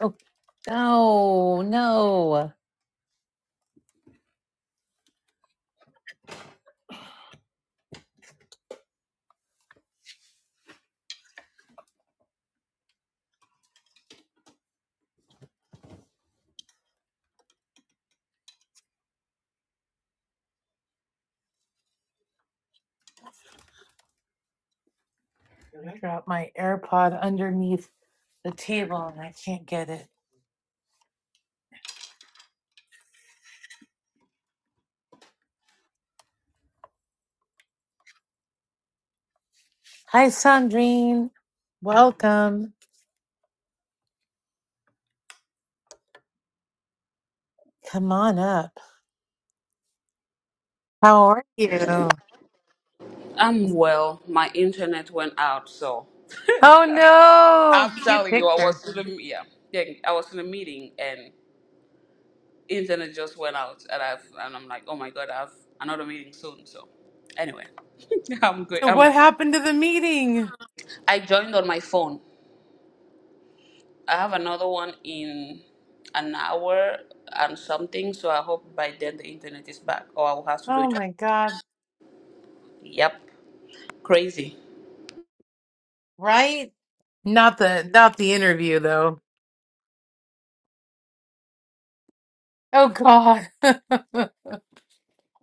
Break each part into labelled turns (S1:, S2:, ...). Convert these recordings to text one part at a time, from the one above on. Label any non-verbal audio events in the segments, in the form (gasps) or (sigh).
S1: Oh no, no. I dropped my AirPod underneath the table and I can't get it. Hi Sandrine. Welcome. Come on up. How are you?
S2: I'm well. My internet went out, so
S1: Oh no,
S2: I'm
S1: cute
S2: telling you, I
S1: picture.
S2: was in a yeah, yeah, I was in a meeting and internet just went out, and I've and I'm like, oh my god, I have another meeting soon. So anyway, (laughs) I'm good.
S1: So
S2: I'm,
S1: what happened to the meeting?
S2: I joined on my phone. I have another one in an hour and something, so I hope by then the internet is back, or I will have to do
S1: Oh
S2: it.
S1: my god.
S2: Yep, crazy.
S1: Right? Not the not the interview though. Oh god. (laughs)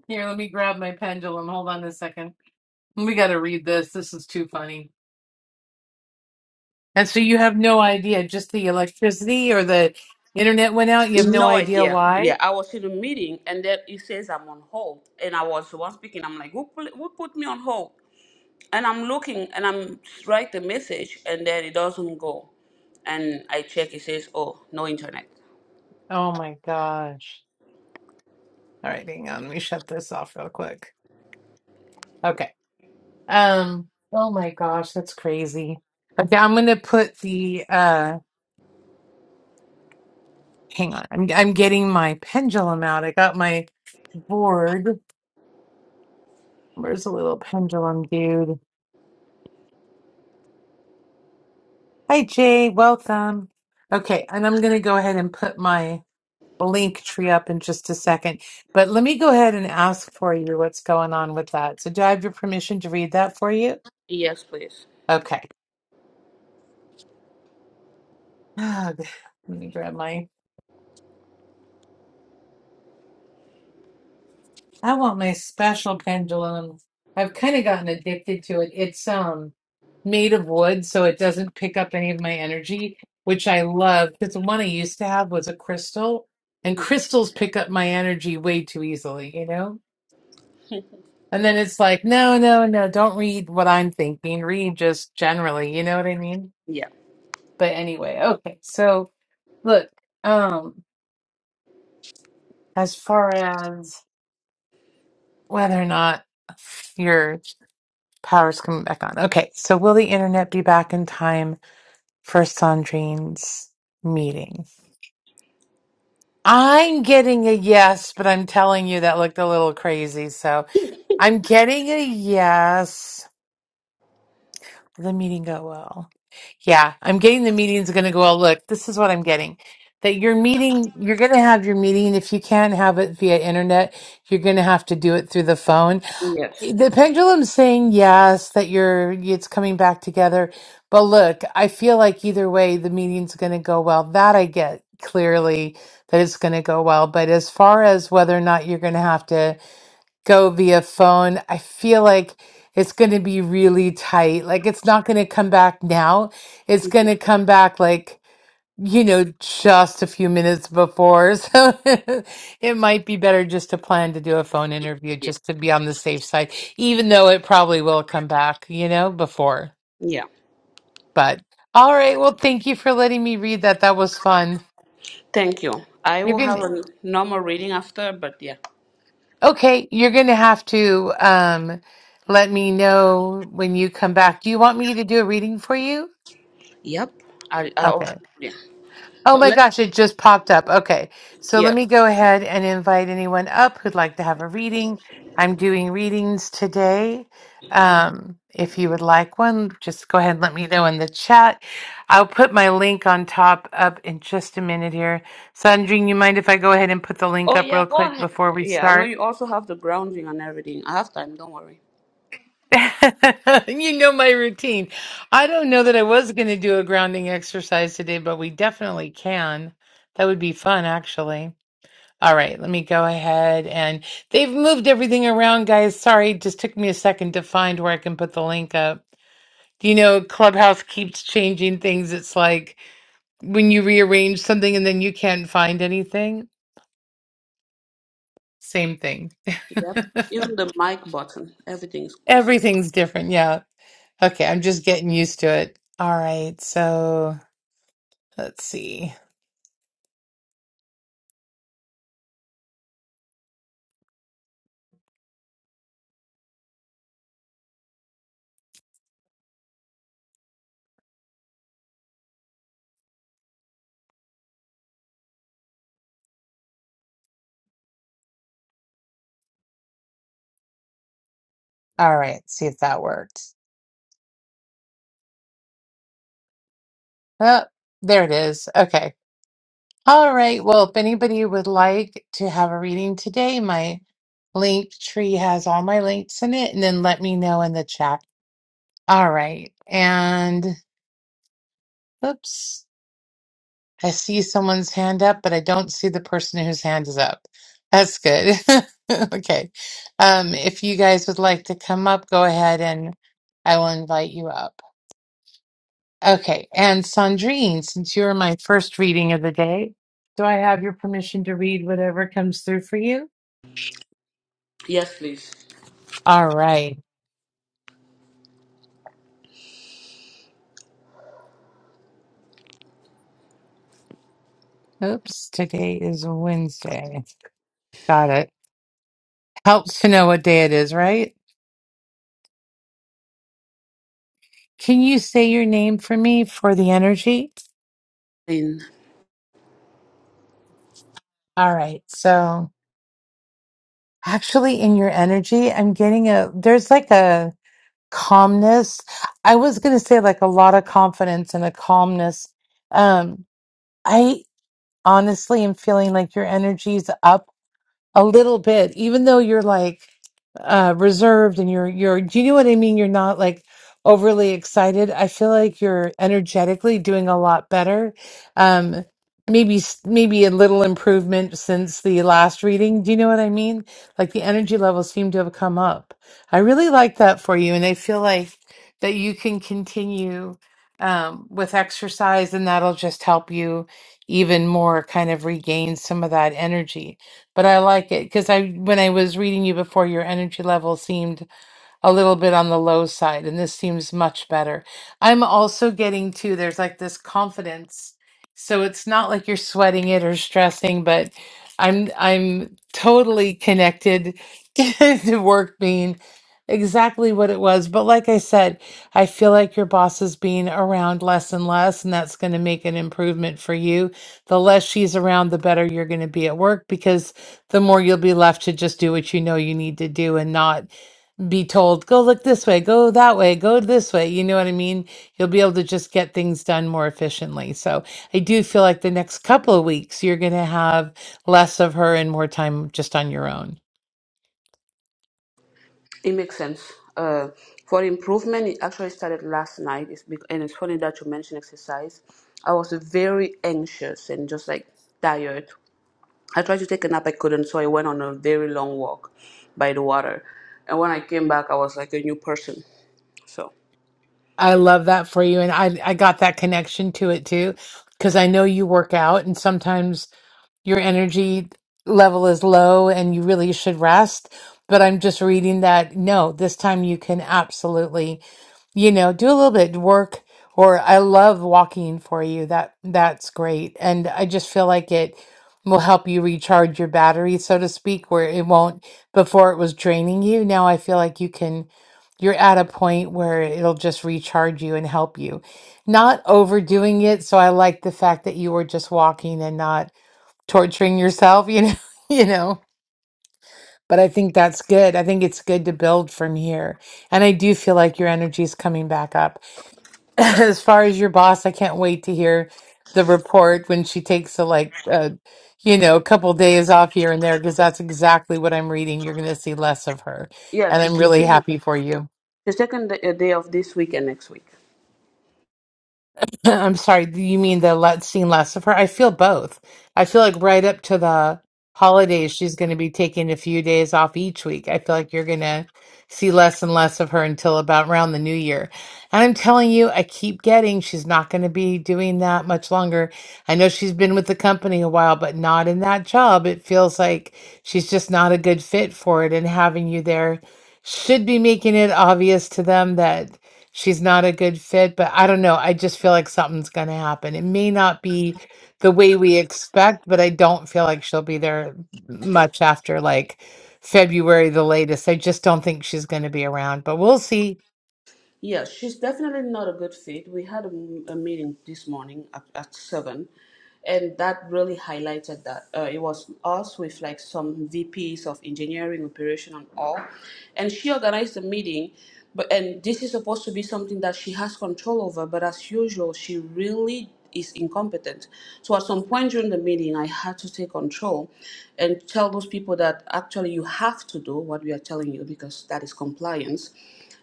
S1: Here, let me grab my pendulum. Hold on a second. We got to read this. This is too funny. And so you have no idea, just the electricity or the internet went out. You have no
S2: No
S1: idea
S2: idea.
S1: why.
S2: Yeah, I was in a meeting and then it says I'm on hold. And I was the one speaking. I'm like, who, pl- who put me on hold? And I'm looking and I'm write the message and then it doesn't go. And I check. It says, oh, no internet.
S1: Oh my gosh. All right, hang on. Let me shut this off real quick. Okay. Um, oh my gosh, that's crazy. Okay, I'm gonna put the uh Hang on. I'm I'm getting my pendulum out. I got my board. Where's the little pendulum dude? Hi Jay, welcome. Okay, and I'm gonna go ahead and put my link tree up in just a second. But let me go ahead and ask for you what's going on with that. So do I have your permission to read that for you?
S2: Yes, please.
S1: Okay. (sighs) Ah, Let me grab my I want my special pendulum. I've kind of gotten addicted to it. It's um made of wood, so it doesn't pick up any of my energy, which I love because the one I used to have was a crystal, and
S2: hmm
S1: crystals pick up my energy way too easily, you know? And then it's like, no, no, no, don't read what I'm thinking. Read just generally, you know what I mean?
S2: Yeah.
S1: But anyway, okay. So look, um, as far as whether or not you're. Power's coming back on. Okay, so will the internet be back in time for Sandrine's meeting? I'm getting a yes, but I'm telling you that looked a little crazy. So I'm getting a yes. The meeting go well. Yeah, I'm getting the meeting's going to go well. Look, this is what I'm getting. That your meeting, you're going to have your meeting. If you can't have it via internet, you're going to have to do it through the phone.
S2: Yes.
S1: The pendulum's saying yes, that you're it's coming back together. But look, I feel like either way the meeting's gonna go well. That I get clearly that it's gonna go well. But as far as whether or not you're gonna have to go via phone, I feel like it's gonna be really tight. Like it's not gonna come back now. It's gonna come back like you know, just a few minutes before. (laughs) So it might be better just to plan to do a phone interview
S2: Yeah.
S1: just to be on the safe side, even though it probably will come back, you know, before.
S2: Yeah.
S1: But all right. Well, thank you for letting me read that. That was fun.
S2: Thank you. I
S1: You're
S2: will
S1: going
S2: have
S1: to,
S2: a normal reading after, but yeah.
S1: okay, you're going to have to um, let me know when you come back. Do you want me to do a reading for you?
S2: Yep. I. I oh,
S1: Okay.
S2: yeah.
S1: Oh
S2: So
S1: my
S2: let.
S1: gosh, it just popped up. Okay. So let
S2: Yeah.
S1: me go ahead and invite anyone up who'd like to have a reading. I'm doing readings today. Um, if you would like one, just go ahead and let me know in the chat. I'll put my link on top up in just a minute here. Sandrine, you mind if I go ahead and put the link
S2: Oh
S1: up
S2: yeah.
S1: real
S2: Go
S1: quick
S2: ahead.
S1: before we
S2: Yeah. I know
S1: start?
S2: you also have the grounding and everything. I have time. Don't worry.
S1: (laughs) you know my routine. I don't know that I was going to do a grounding exercise today, but we definitely can. That would be fun, actually. All right, let me go ahead and they've moved everything around, guys. Sorry, it just took me a second to find where I can put the link up. You know, Clubhouse keeps changing things. It's like when you rearrange something and then you can't find anything, same thing.
S2: Yep.
S1: (laughs)
S2: Even the mic button, everything is squeezed.
S1: Everything's different. Yeah. Okay, I'm just getting used to it. All right, so let's see. All right, see if that worked. Oh, there it is. Okay. All right. Well, if anybody would like to have a reading today, my link tree has all my links in it, and then let me know in the chat. All right. And oops, I see someone's hand up, but I don't see the person whose hand is up. That's good. (laughs) okay. Um, if you guys would like to come up, go ahead and I will invite you up. Okay. And Sandrine, since you are my first reading of the day, do I have your permission to read whatever comes through for you?
S2: Yes, please.
S1: All right. Oops, today is a Wednesday. Got it. Helps to know what day it is, right? Can you say your name for me for the energy?
S2: And
S1: All right. So, actually, in your energy, I'm getting a there's like a calmness. I was going to say like a lot of confidence and a calmness. Um, I honestly am feeling like your energy's up a little bit, even though you're like uh reserved and you're you're do you know what I mean? You're not like overly excited. I feel like you're energetically doing a lot better. Um maybe s- maybe a little improvement since the last reading. Do you know what I mean? Like the energy levels seem to have come up. I really like that for you and I feel like that you can continue um with exercise and that'll just help you even more kind of regain some of that energy but I like it because I when I was reading you before, your energy level seemed a little bit on the low side, and this seems much better. I'm also getting to there's like this confidence. So it's not like you're sweating it or stressing, but I'm I'm totally connected (laughs) to work being exactly what it was. But like I said, I feel like your boss is being around less and less, and that's going to make an improvement for you. The less she's around, the better you're going to be at work because the more you'll be left to just do what you know you need to do and not be told, go look this way, go that way, go this way. You know what I mean? You'll be able to just get things done more efficiently. So I do feel like the next couple of weeks, you're going to have less of her and more time just on your own.
S2: it makes sense. Uh, for improvement, it actually started last night. It's bec- and it's funny that you mentioned exercise. I was very anxious and just like tired. I tried to take a nap, I couldn't, so I went on a very long walk by the water. And when I came back, I was like a new person. So
S1: I love that for you. And I, I got that connection to it too, because I know you work out and sometimes your energy level is low and you really should rest. But I'm just reading that no, this time you can absolutely, you know, do a little bit of work or I love walking for you. That that's great. And I just feel like it will help you recharge your battery, so to speak, where it won't before it was draining you. Now I feel like you can you're at a point where it'll just recharge you and help you. Not overdoing it. So I like the fact that you were just walking and not torturing yourself, you know, (laughs) you know. But I think that's good. I think it's good to build from here. And I do feel like your energy is coming back up. (laughs) As far as your boss, I can't wait to hear the report when she takes a like uh, you know, a couple days off here and there because that's exactly what I'm reading. You're going to see less of her.
S2: yeah,
S1: And
S2: she's
S1: I'm really
S2: taking
S1: happy for you.
S2: she's taking the, a day off this week and next week.
S1: (laughs) (clears throat) I'm sorry, do you mean the let seen less of her? I feel both. I feel like right up to the holidays, she's going to be taking a few days off each week. I feel like you're going to see less and less of her until about around the new year. And I'm telling you, I keep getting she's not going to be doing that much longer. I know she's been with the company a while, but not in that job. It feels like she's just not a good fit for it. And having you there should be making it obvious to them that she's not a good fit, but I don't know. I just feel like something's going to happen. It may not be the way we expect, but I don't feel like she'll be there much after like February, the latest. I just don't think she's going to be around, but we'll see.
S2: Yeah, she's definitely not a good fit. We had a, m- a meeting this morning at, at seven, and that really highlighted that. Uh, it was us with like some VPs of engineering, operation, and all, and she organized the meeting. But and this is supposed to be something that she has control over, but as usual, she really is incompetent. So at some point during the meeting, I had to take control and tell those people that actually you have to do what we are telling you because that is compliance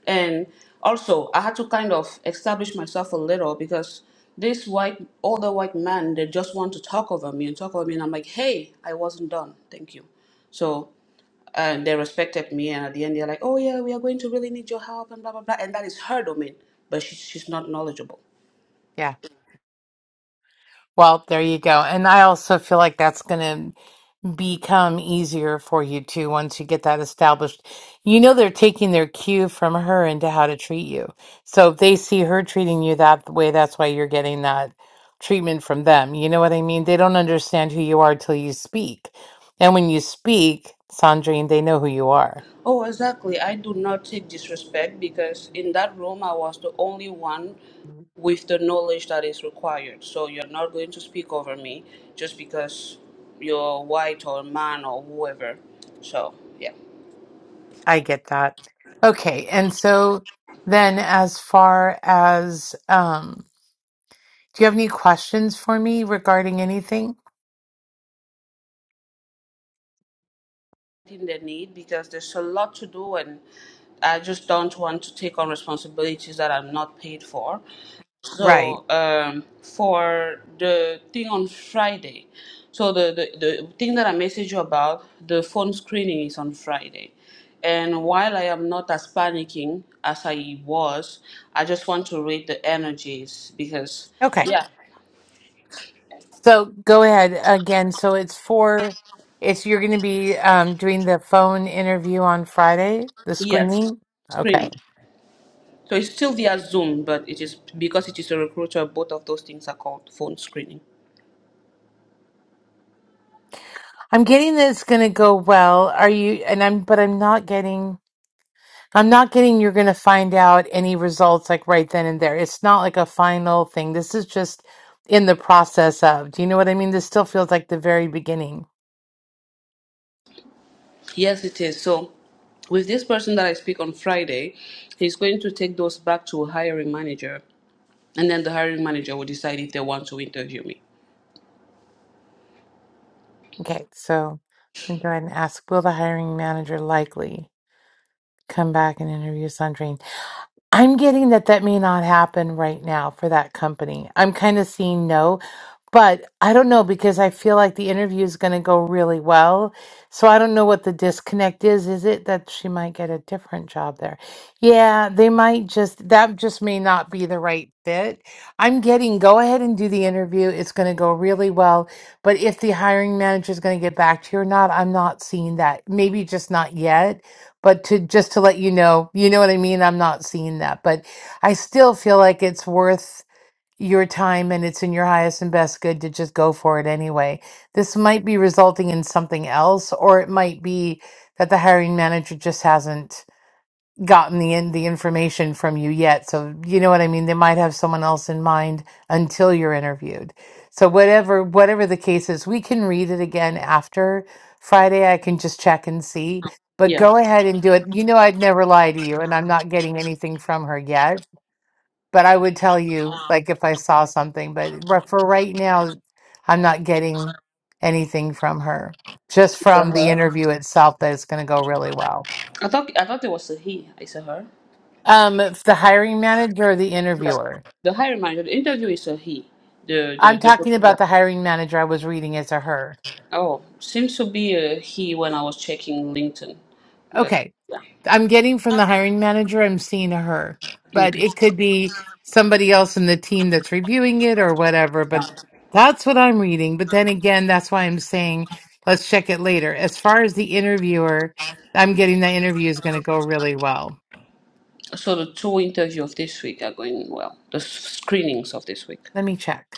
S2: and also I had to kind of establish myself a little because this white older white man they just want to talk over me and talk over me and I'm like hey I wasn't done thank you so and they respected me and at the end they're like oh yeah we are going to really need your help and blah blah blah and that is her domain but she, she's not knowledgeable
S1: Yeah. Well, there you go. And I also feel like that's going to become easier for you too once you get that established. You know they're taking their cue from her into how to treat you. So if they see her treating you that way, that's why you're getting that treatment from them. You know what I mean? They don't understand who you are till you speak. And when you speak, Sandrine, they know who you are.
S2: Oh, exactly. I do not take disrespect because in that room I was the only one with the knowledge that is required. So you're not going to speak over me just because you're white or man or whoever. So, yeah.
S1: I get that. Okay, and so then as far as um do you have any questions for me regarding anything?
S2: In the need because there's a lot to do and I just don't want to take on responsibilities that I'm not paid for.
S1: Right.
S2: so um, for the thing on Friday, so the, the, the thing that I messaged you about, the phone screening is on Friday. And while I am not as panicking as I was, I just want to rate the energies because,
S1: Okay.
S2: yeah,
S1: So go ahead again. So it's for it's you're going to be um, doing the phone interview on Friday, the
S2: yes,
S1: screening. Okay,
S2: screening. So it's still via Zoom, but it is because it is a recruiter, both of those things are called phone screening.
S1: I'm getting that it's going to go well. Are you? And I'm, but I'm not getting. I'm not getting. You're going to find out any results like right then and there. It's not like a final thing. This is just in the process of. Do you know what I mean? This still feels like the very beginning.
S2: Yes, it is. So, with this person that I speak on Friday, he's going to take those back to a hiring manager, and then the hiring manager will decide if they want to interview me.
S1: Okay, so I'm going to go ahead and ask. Will the hiring manager likely come back and interview Sandrine? I'm getting that that may not happen right now for that company. I'm kind of seeing no. But I don't know because I feel like the interview is going to go really well. So I don't know what the disconnect is. Is it that she might get a different job there? Yeah, they might just, that just may not be the right fit. I'm getting go ahead and do the interview. It's going to go really well. But if the hiring manager is going to get back to you or not, I'm not seeing that. Maybe just not yet. But to just to let you know, you know what I mean? I'm not seeing that. But I still feel like it's worth your time and it's in your highest and best good to just go for it anyway. This might be resulting in something else, or it might be that the hiring manager just hasn't gotten the in, the information from you yet. So you know what I mean. They might have someone else in mind until you're interviewed. So whatever whatever the case is, we can read it again after Friday. I can just check and see. But
S2: Yeah,
S1: go ahead and do it. You know I'd never lie to you, and I'm not getting anything from her yet but I would tell you like if I saw something. But ri- for right now, I'm not getting anything from her. Just
S2: it's a
S1: from the
S2: her.
S1: interview itself, that it's going to go really well.
S2: I thought I thought it was a he. It's a her.
S1: Um, if the hiring manager or the interviewer?
S2: The hiring manager. The interview is a he. The
S1: I'm
S2: the the
S1: talking
S2: recruiter.
S1: about the hiring manager. I was reading as a her.
S2: Oh, seems to be a he when I was checking LinkedIn, but
S1: Okay.
S2: yeah.
S1: I'm getting from the hiring manager, I'm seeing her, but
S2: Okay.
S1: it could be somebody else in the team that's reviewing it or whatever.
S2: Yeah.
S1: But that's what I'm reading. But then again, that's why I'm saying let's check it later. As far as the interviewer, I'm getting that interview is going to go really well.
S2: So the two interviews of this week are going well. The s- screenings of this week.
S1: Let me check.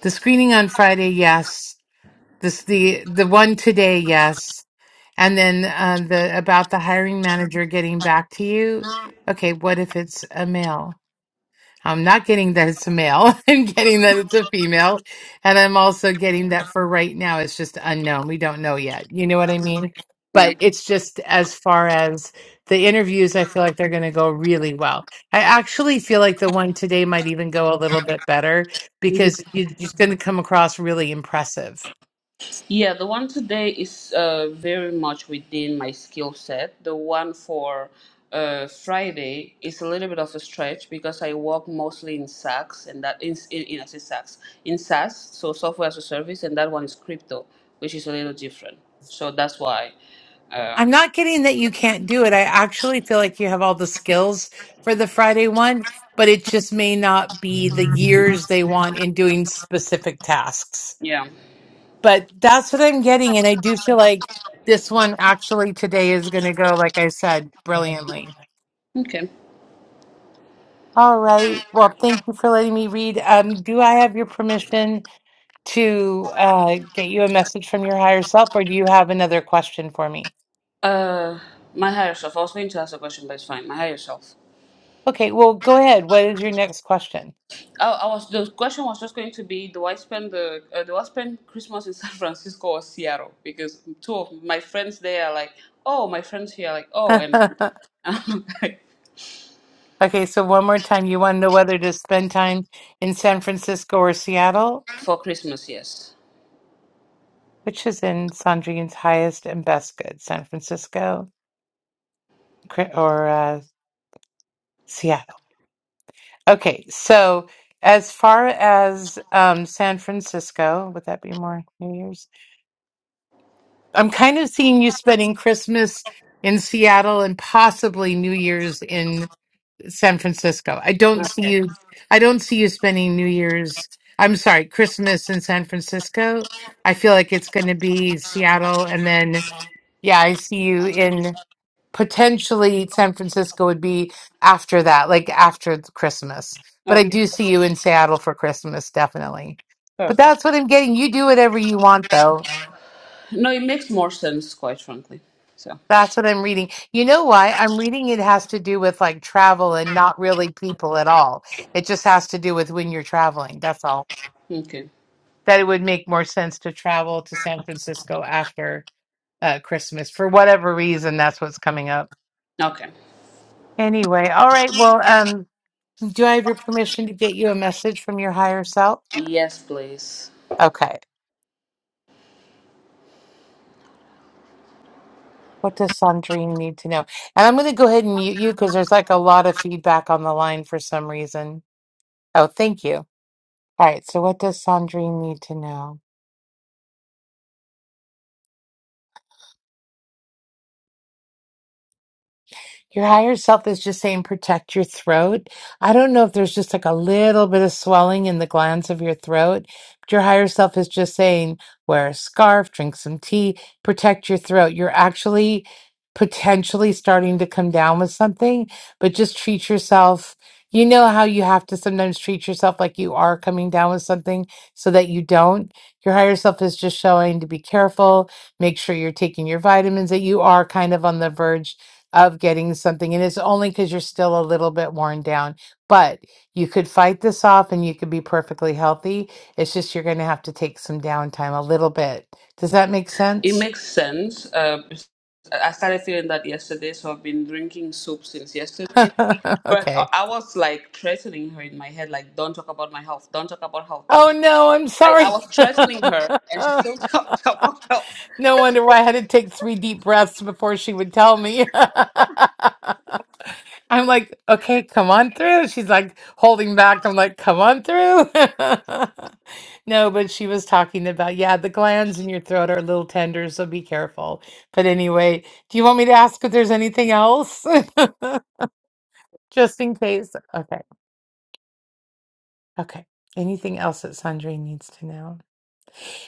S1: The screening on Friday, yes. This the the one today, yes. And then uh, the about the hiring manager getting back to you. Okay, what if it's a male? I'm not getting that it's a male. (laughs) I'm getting that it's a female. And I'm also getting that for right now, it's just unknown. We don't know yet. You know what I mean?
S2: Yeah.
S1: But it's just as far as the interviews, I feel like they're going to go really well. I actually feel like the one today might even go a little bit better because you- you're just going to come across really impressive.
S2: Yeah, the one today is uh, very much within my skill set. The one for uh, Friday is a little bit of a stretch because I work mostly in SaaS and that in in, in I say SaaS in SaaS, so software as a service, and that one is crypto, which is a little different. So that's why, um,
S1: I'm not kidding that you can't do it. I actually feel like you have all the skills for the Friday one, but it just may not be the years they want in doing specific tasks.
S2: yeah,
S1: But that's what I'm getting. And I do feel like this one actually today is going to go, like I said, brilliantly.
S2: okay.
S1: All right. Well, thank you for letting me read. Um, do I have your permission to uh, get you a message from your higher self, or do you have another question for me?
S2: Uh, my higher self. I was going to ask a question, but it's fine. My higher self.
S1: Okay. Well, go ahead. What is your next question?
S2: Oh, I was the question was just going to be do I spend the uh, do I spend Christmas in (laughs) San Francisco or Seattle? Because two of my friends there are like, oh, my friends here are like, oh, and
S1: (laughs)
S2: (laughs) like,
S1: Okay, so one more time, you want to know whether to spend time in San Francisco or Seattle,
S2: for Christmas, yes.
S1: which is in Sandrine's highest and best good, San Francisco cri- or uh, Seattle. Okay, so as far as um, San Francisco, would that be more New Year's? I'm kind of seeing you spending Christmas in Seattle and possibly New Year's San Francisco. I don't see
S2: Okay.
S1: you. I don't see you spending New Year's. I'm sorry, Christmas in San Francisco. I feel like it's going to be Seattle, and then yeah, I see you in potentially San Francisco would be after that, like after th- Christmas. But I
S2: Okay.
S1: do see you in Seattle for Christmas, definitely. But
S2: Perfect.
S1: that's what I'm getting. You do whatever you want, though.
S2: No, it makes more sense, quite frankly. So
S1: That's what I'm reading. You know why? I'm reading it has to do with like travel and not really people at all. It just has to do with when you're traveling. That's all.
S2: okay.
S1: That it would make more sense to travel to San Francisco after uh, Christmas. For whatever reason, that's what's coming up.
S2: Okay.
S1: Anyway, all right. Well, um, do I have your permission to get you a message from your higher self?
S2: Yes, please.
S1: Okay. What does Sandrine need to know? And I'm going to go ahead and mute you because there's like a lot of feedback on the line for some reason. Oh, thank you. All right, so what does Sandrine need to know? Your higher self is just saying protect your throat. I don't know if there's just like a little bit of swelling in the glands of your throat. But your higher self is just saying wear a scarf, drink some tea, protect your throat. You're actually potentially starting to come down with something, but just treat yourself. You know how you have to sometimes treat yourself like you are coming down with something so that you don't. Your higher self is just showing to be careful, make sure you're taking your vitamins, that you are kind of on the verge of getting something and it's only because you're still a little bit worn down but you could fight this off and you could be perfectly healthy it's just you're going to have to take some downtime a little bit does that make
S2: It
S1: sense
S2: makes sense. Uh, I started feeling that yesterday, so I've been drinking soup since yesterday.
S1: (laughs)
S2: But
S1: okay
S2: I was like threatening her in my head, like, don't talk about my health, don't talk about health, don't talk
S1: oh
S2: about
S1: no i'm
S2: like I
S1: sorry
S2: was threatening her,
S1: (laughs)
S2: and she still (laughs) talked about health.
S1: no wonder why i had to take three deep breaths before she would tell me (laughs) I'm like, okay, come on through. She's like holding back. I'm like, come on through. (laughs) no, but she was talking about, yeah, the glands in your throat are a little tender, so be careful. But anyway, do you want me to ask if there's anything else? (laughs) Just in case. Okay. Okay. Anything else that Sandrine needs to know?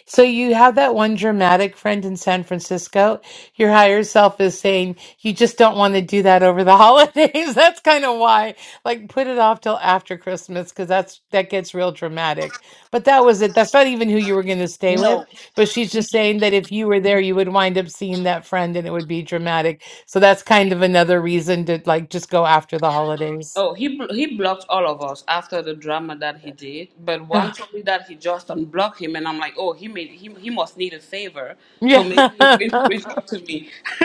S1: So you have that one dramatic friend in San Francisco. Your higher self is saying you just don't want to do that over the (laughs) holidays. That's kind of why, like, put it off till after Christmas because that's that gets real dramatic. But that was it. That's not even who you were going to stay with.
S2: No.
S1: But she's just saying that if you were there, you would wind up seeing that friend, and it would be dramatic. So that's kind of another reason to like just go after the holidays. (sighs)
S2: Oh, he bl- he blocked all of us after the drama that he did. But one
S1: Ah,
S2: told me that he just unblocked him, and I'm like, oh, he made he he must need a favor, so maybe he's
S1: Yeah.
S2: going to
S1: (laughs)
S2: reach out to me. (laughs)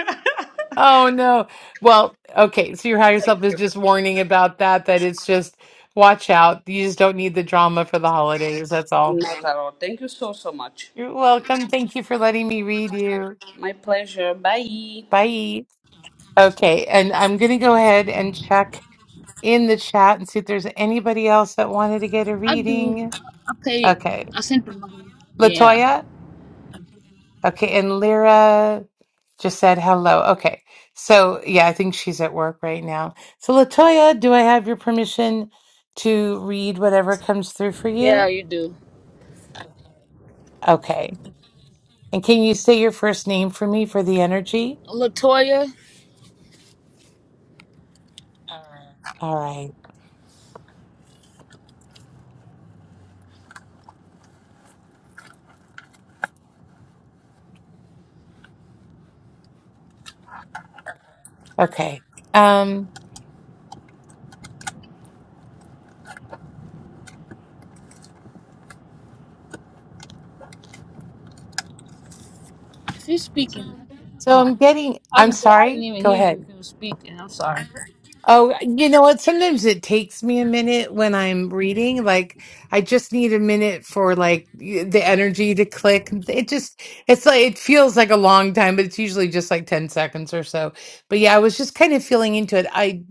S1: Oh no. Well, okay, so your higher
S2: Thank
S1: self is
S2: you,
S1: just warning about that, that it's just watch out. You just don't need the drama for the holidays. That's all.
S2: not at all. Thank you so so much.
S1: You're welcome. Thank you for letting me read you.
S2: My pleasure. Bye.
S1: Bye. Okay, and I'm gonna go ahead and check in the chat and see if there's anybody else that wanted to get a
S3: I do.
S1: reading.
S3: I pay.
S1: Okay.
S3: I sent the money. Yeah.
S1: Latoya? Okay, and Lyra just said hello. Okay, so yeah, I think she's at work right now. So, Latoya, do I have your permission to read whatever comes through for
S3: Yeah,
S1: you?
S3: you do.
S1: Okay, and can you say your first name for me for the energy?
S3: Latoya,
S1: All right. Okay. Um.
S3: if you're speaking,
S1: So
S3: oh,
S1: I'm getting.
S3: I was
S1: I'm
S3: going say I didn't
S1: sorry.
S3: even
S1: Go
S3: hear you
S1: ahead.
S3: if you were speaking. I'm sorry.
S1: Oh, you know what? Sometimes it takes me a minute when I'm reading. Like, I just need a minute for like y- the energy to click. It just, it's like, it feels like a long time, but it's usually just like 10 seconds or so. But yeah, I was just kind of feeling into it. I,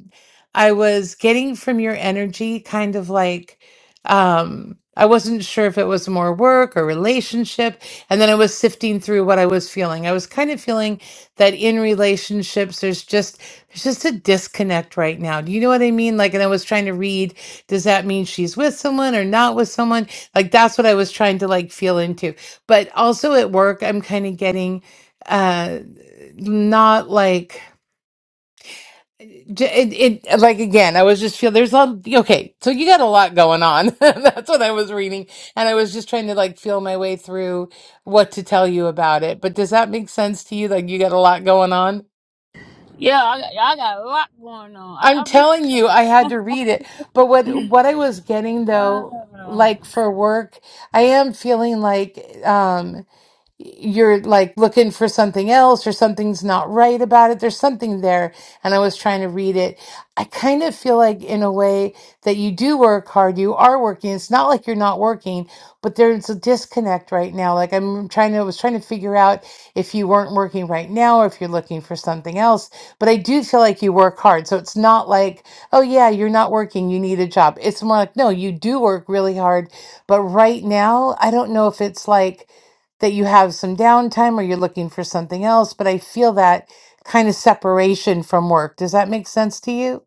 S1: I was getting from your energy kind of like, um, I wasn't sure if it was more work or relationship. And then I was sifting through what I was feeling. I was kind of feeling that in relationships, there's just, there's just a disconnect right now. Do you know what I mean? Like, and I was trying to read, does that mean she's with someone or not with someone? Like, that's what I was trying to like feel into. But also at work, I'm kind of getting uh not like j- it, it uh, like again i was just feel there's a lot okay so you got a lot going on (laughs) that's what i was reading and i was just trying to like feel my way through what to tell you about it but does that make sense to you like you got a lot going on
S3: Yeah, I got, I got a lot going on. I,
S1: I'm
S3: I really,
S1: telling you, I had to read it. But what what I was getting though,
S3: uh,
S1: like for work, I am feeling like um you're like looking for something else or something's not right about it. There's something there. And I was trying to read it. I kind of feel like, in a way, that you do work hard, you are working. It's not like you're not working, but there's a disconnect right now. Like I'm trying to, I was trying to figure out if you weren't working right now or if you're looking for something else. But I do feel like you work hard. So it's not like, oh, yeah, you're not working, you need a job. It's more like, no, you do work really hard. But right now, I don't know if it's like, that you have some downtime or you're looking for something else, but I feel that kind of separation from work. Does that make sense to you?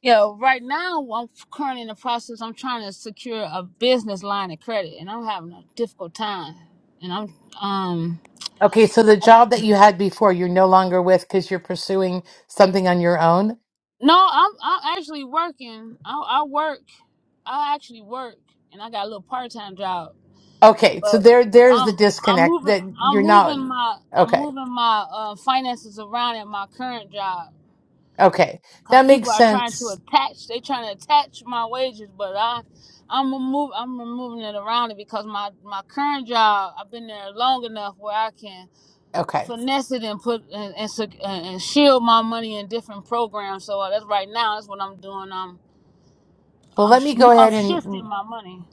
S3: yeah, right now I'm currently in the process. I'm trying to secure a business line of credit, and I'm having a difficult time. And I'm um
S1: Okay, so the job that you had before, you're no longer with because you're pursuing something on your own.
S3: no, I'm I'm actually working. I I work. I actually work, and I got a little part time job.
S1: Okay, so
S3: but
S1: there there's
S3: I'm
S1: the
S3: I'm
S1: disconnect
S3: moving
S1: that
S3: I'm
S1: you're not
S3: moving my I'm
S1: okay.
S3: moving my uh, finances around at my current job
S1: Okay.
S3: because
S1: That
S3: people
S1: makes
S3: are trying to
S1: sense.
S3: attach they trying to attach my wages but I I'm move I'm moving it around it because my my current job I've been there long enough where I can
S1: Okay.
S3: finesse it and put and and, sec- and shield my money in different programs so uh, that's right now that's what I'm doing I'm
S1: Well,
S3: I'm
S1: let me
S3: sh-
S1: go
S3: I'm
S1: ahead and
S3: shifting my money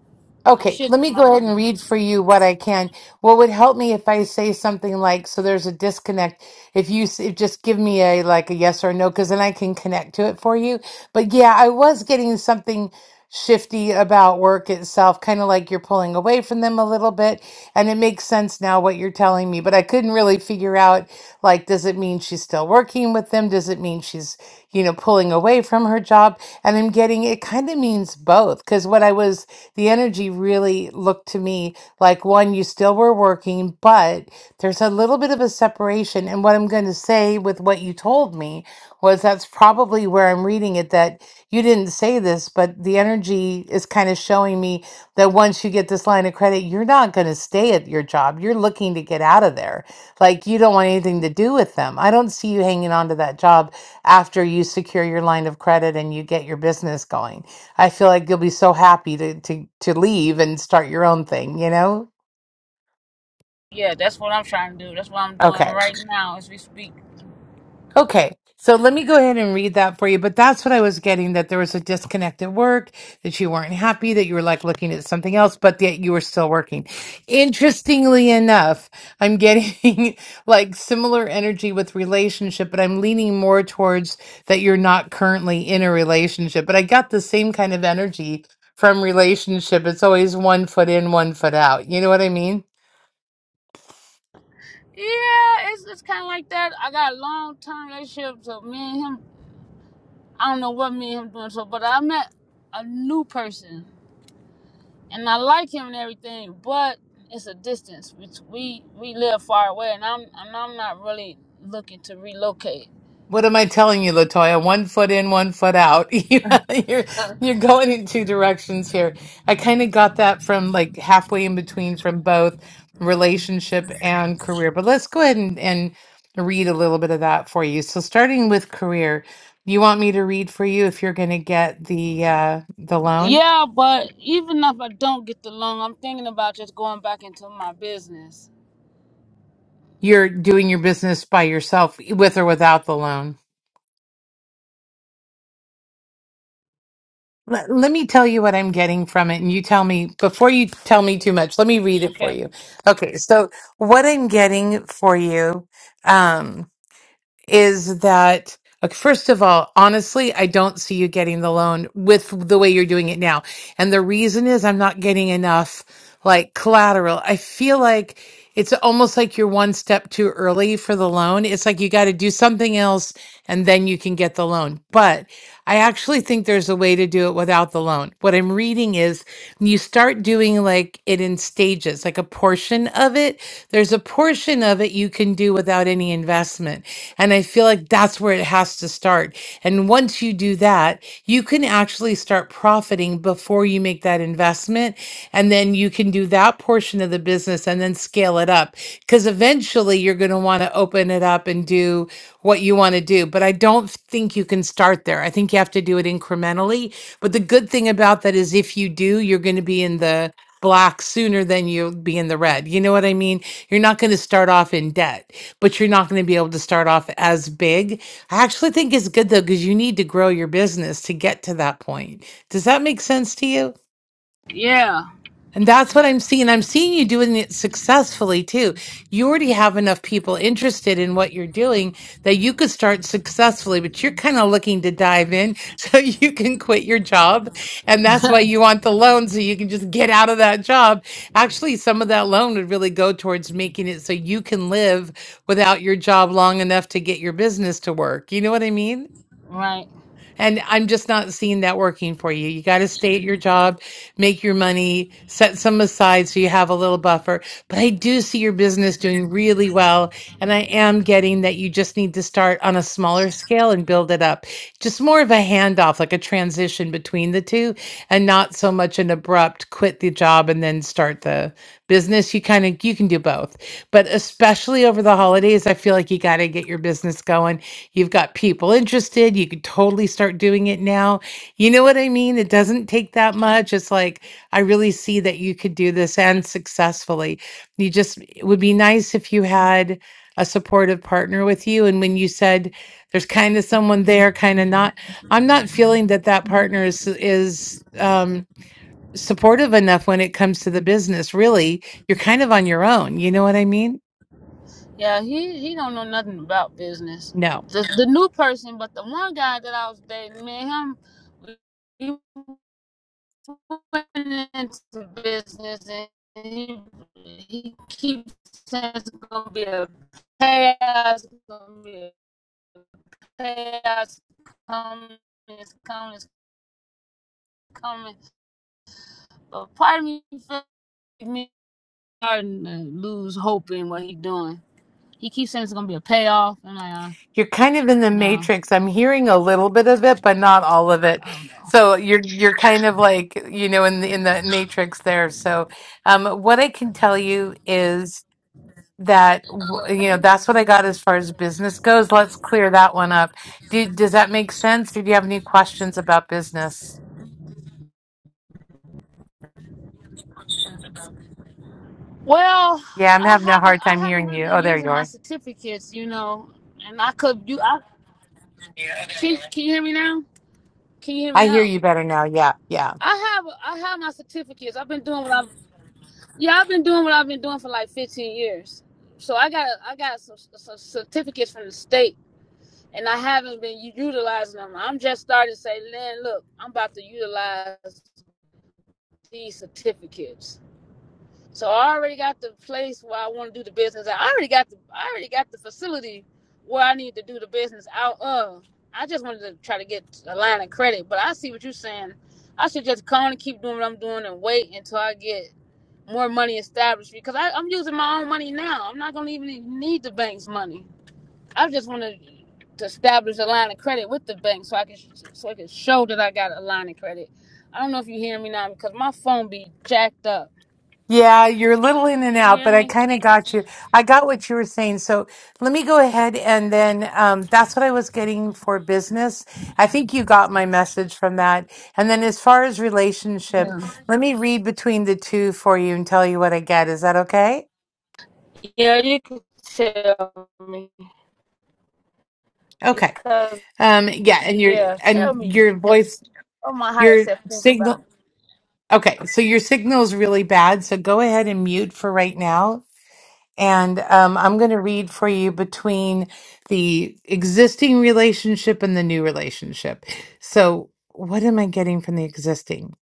S3: I'm
S1: Okay, let
S3: shifting
S1: me
S3: my
S1: go ahead
S3: money
S1: and read for you what I can. What would help me if I say something like, so there's a disconnect. If you s- if just give me a like a yes or no, because then I can connect to it for you. But yeah, I was getting something shifty about work itself, kind of like you're pulling away from them a little bit. And it makes sense now what you're telling me, but I couldn't really figure out like, does it mean she's still working with them? Does it mean she's, you know, pulling away from her job? And I'm getting it kind of means both because what I was, the energy really looked to me like one, you still were working, but there's a little bit of a separation. And what I'm going to say with what you told me was that's probably where I'm reading it that you didn't say this, but the energy is kind of showing me that once you get this line of credit, you're not going to stay at your job. You're looking to get out of there. Like you don't want anything to do with them. I don't see you hanging on to that job after you secure your line of credit and you get your business going. I feel like you'll be so happy to to to leave and start your own thing, you know?
S3: Yeah, that's what I'm trying to do. That's what I'm doing
S1: Okay.
S3: right now as we speak.
S1: Okay, so let me go ahead and read that for you. But that's what I was getting that there was a disconnect at work, that you weren't happy, that you were like looking at something else, but that you were still working. Interestingly enough, I'm getting (laughs) like similar energy with relationship, but I'm leaning more towards that you're not currently in a relationship. But I got the same kind of energy from relationship. It's always one foot in, one foot out. You know what I mean?
S3: Yeah, it's it's kind of like that. I got a long term relationship, so me and him. I don't know what me and him doing. So, but I met a new person, and I like him and everything, but it's a distance. Which we we live far away, and I'm and I'm not really looking to relocate.
S1: What am I telling you, Latoya? One foot in, one foot out. (laughs) You know, you're you're going in two directions here. I kind of got that from like halfway in between from both relationship and career. But let's go ahead and, and read a little bit of that for you. So starting with career, you want me to read for you if you're going to get the uh, the loan?
S3: Yeah, but even if I don't get the loan, I'm thinking about just going back into my business.
S1: You're doing your business by yourself, with or without the loan. Let, let me tell you what I'm getting from it, and you tell me before you tell me too much. Let me read it for
S3: Okay.
S1: you. Okay, so what I'm getting for you um, is that okay, first of all, honestly, I don't see you getting the loan with the way you're doing it now, and the reason is I'm not getting enough like collateral. I feel like it's almost like you're one step too early for the loan. It's like you got to do something else and then you can get the loan. But I actually think there's a way to do it without the loan. What I'm reading is you start doing like it in stages, like a portion of it. There's a portion of it you can do without any investment. And I feel like that's where it has to start. And once you do that, you can actually start profiting before you make that investment. And then you can do that portion of the business and then scale it up. Because eventually you're going to want to open it up and do what you want to do. But I don't think you can start there. I think you have to do it incrementally. But the good thing about that is if you do, you're going to be in the black sooner than you'll be in the red. You know what I mean? You're not going to start off in debt, but you're not going to be able to start off as big. I actually think it's good though, because you need to grow your business to get to that point. Does that make sense to you?
S3: Yeah.
S1: And that's what I'm seeing. I'm seeing you doing it successfully too. You already have enough people interested in what you're doing that you could start successfully, but you're kind of looking to dive in (laughs) so you can quit your job. And that's why you want the loan so you can just get out of that job. Actually, some of that loan would really go towards making it so you can live without your job long enough to get your business to work. You know what I mean?
S3: Right.
S1: And I'm just not seeing that working for you. You got to stay at your job, make your money, set some aside so you have a little buffer. But I do see your business doing really well. And I am getting that you just need to start on a smaller scale and build it up. Just more of a handoff, like a transition between the two, and not so much an abrupt quit the job and then start the business you kind of you can do both but especially over the holidays i feel like you got to get your business going you've got people interested you could totally start doing it now you know what i mean it doesn't take that much it's like i really see that you could do this and successfully you just it would be nice if you had a supportive partner with you and when you said there's kind of someone there kind of not i'm not feeling that that partner is is um supportive enough when it comes to the business, really, you're kind of on your own. You know what I mean?
S3: Yeah, he he don't know nothing about business.
S1: No,
S3: The the new person, but the one guy that I was dating, man, him he went into business and he he keeps saying it's gonna be a chaos, it's gonna be a chaos coming, it's coming, it's coming. But part of me feels like me starting to lose hope in what he doing. He keeps saying it's gonna be a payoff, and I,
S1: you're kind of in the
S3: nah,
S1: matrix. I'm hearing a little bit of it, but not all of it.
S3: I don't know.
S1: So you're you're kind of like you know in the in the matrix there. So um, what I can tell you is that w- you know that's what I got as far as business goes. Let's clear that one up. Do, does that make sense? Or do you have any questions about business?
S3: Well,
S1: Yeah, I'm
S3: I
S1: having a
S3: haven't
S1: hard
S3: I
S1: time
S3: haven't
S1: hearing
S3: really
S1: you.
S3: been
S1: Oh, there
S3: using
S1: you
S3: my
S1: are.
S3: certificates, you know, and I could you I can, can you hear me now? Can you hear me
S1: I hear
S3: now?
S1: you better now. Yeah, yeah.
S3: I have I have my certificates. I've been doing what I've yeah I've been doing what I've been doing for like 15 years. So I got I got some, some certificates from the state, and I haven't been utilizing them. I'm just starting to say, Lynn, look, I'm about to utilize these certificates. So I already got the place where I want to do the business. I already got the I already got the facility where I need to do the business out of. I just wanted to try to get a line of credit, but I see what you're saying. I should just come and keep doing what I'm doing and wait until I get more money established because I, I'm using my own money now. I'm not gonna even need the bank's money. I just want to to establish a line of credit with the bank so I can so I can show that I got a line of credit. I don't know if you hear me now because my phone be jacked up.
S1: Yeah, you're a little in and
S3: Can you
S1: out,
S3: hear
S1: but I
S3: me?
S1: kind of got you. I got what you were saying. So let me go ahead and then um, that's what I was getting for business. I think you got my message from that. And then as far as relationship,
S3: Yeah.
S1: let me read between the two for you and tell you what I get. Is that okay?
S3: Yeah, you can tell me
S1: Okay.
S3: because
S1: Um, yeah, and your
S3: yeah, tell
S1: and
S3: me.
S1: your voice,
S3: What my higher
S1: your
S3: self think about
S1: signal.
S3: it.
S1: Okay, so your signal's really bad. So go ahead and mute for right now. And um, I'm going to read for you between the existing relationship and the new relationship. So, what am I getting from the existing?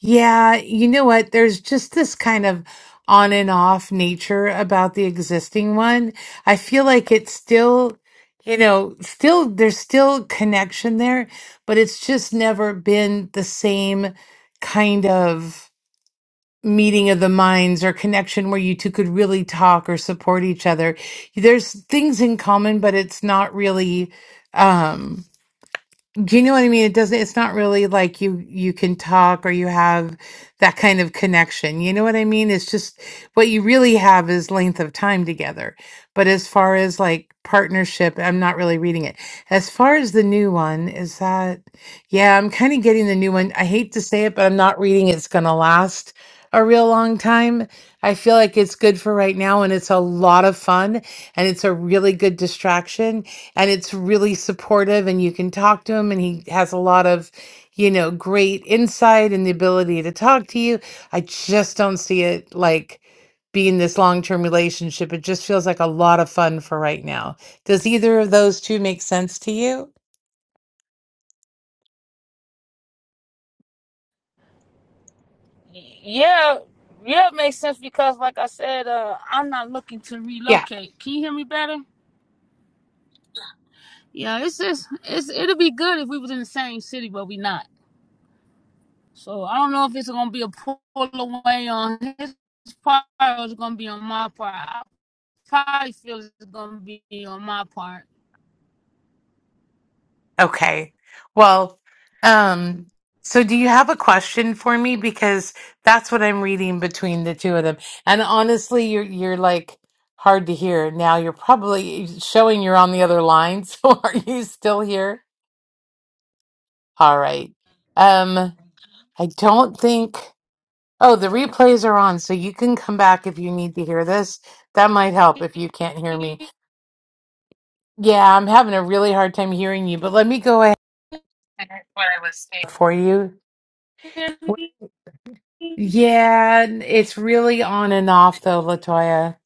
S1: Yeah, you know what? There's just this kind of on and off nature about the existing one. I feel like it's still, you know, still, there's still connection there, but it's just never been the same kind of meeting of the minds or connection where you two could really talk or support each other. There's things in common, but it's not really. Um, do you know what I mean? It doesn't, it's not really like you you can talk or you have that kind of connection. You know what I mean? It's just what you really have is length of time together. But as far as like partnership, I'm not really reading it. As far as the new one, is that yeah, I'm kind of getting the new one. I hate to say it, but I'm not reading it's gonna last a real long time. I feel like it's good for right now and it's a lot of fun and it's a really good distraction and it's really supportive and you can talk to him and he has a lot of you know great insight and the ability to talk to you i just don't see it like being this long-term relationship it just feels like a lot of fun for right now does either of those two make sense to you
S3: Y- Yeah, yeah, it makes sense because like I said, uh, I'm not looking to
S1: Yeah.
S3: relocate. Can you hear me better? Yeah, it's just it's it'll be good if we was in the same city, but we not. So I don't know if it's gonna be a pull away on his part or it's gonna be on my part. I probably feel it's gonna be on my part.
S1: Okay. Well, um, so do you have a question for me? Because that's what I'm reading between the two of them. And honestly, you're you're like hard to hear. Now you're probably showing you're on the other line, (laughs) so are you still here? All right. Um, I don't think oh, the replays are on, so you can come back if you need to hear this. That might help if you can't hear me. Yeah, I'm having a really hard time hearing you, but let me go ahead and what I was saying for you. Yeah, it's really on and off though, Latoya.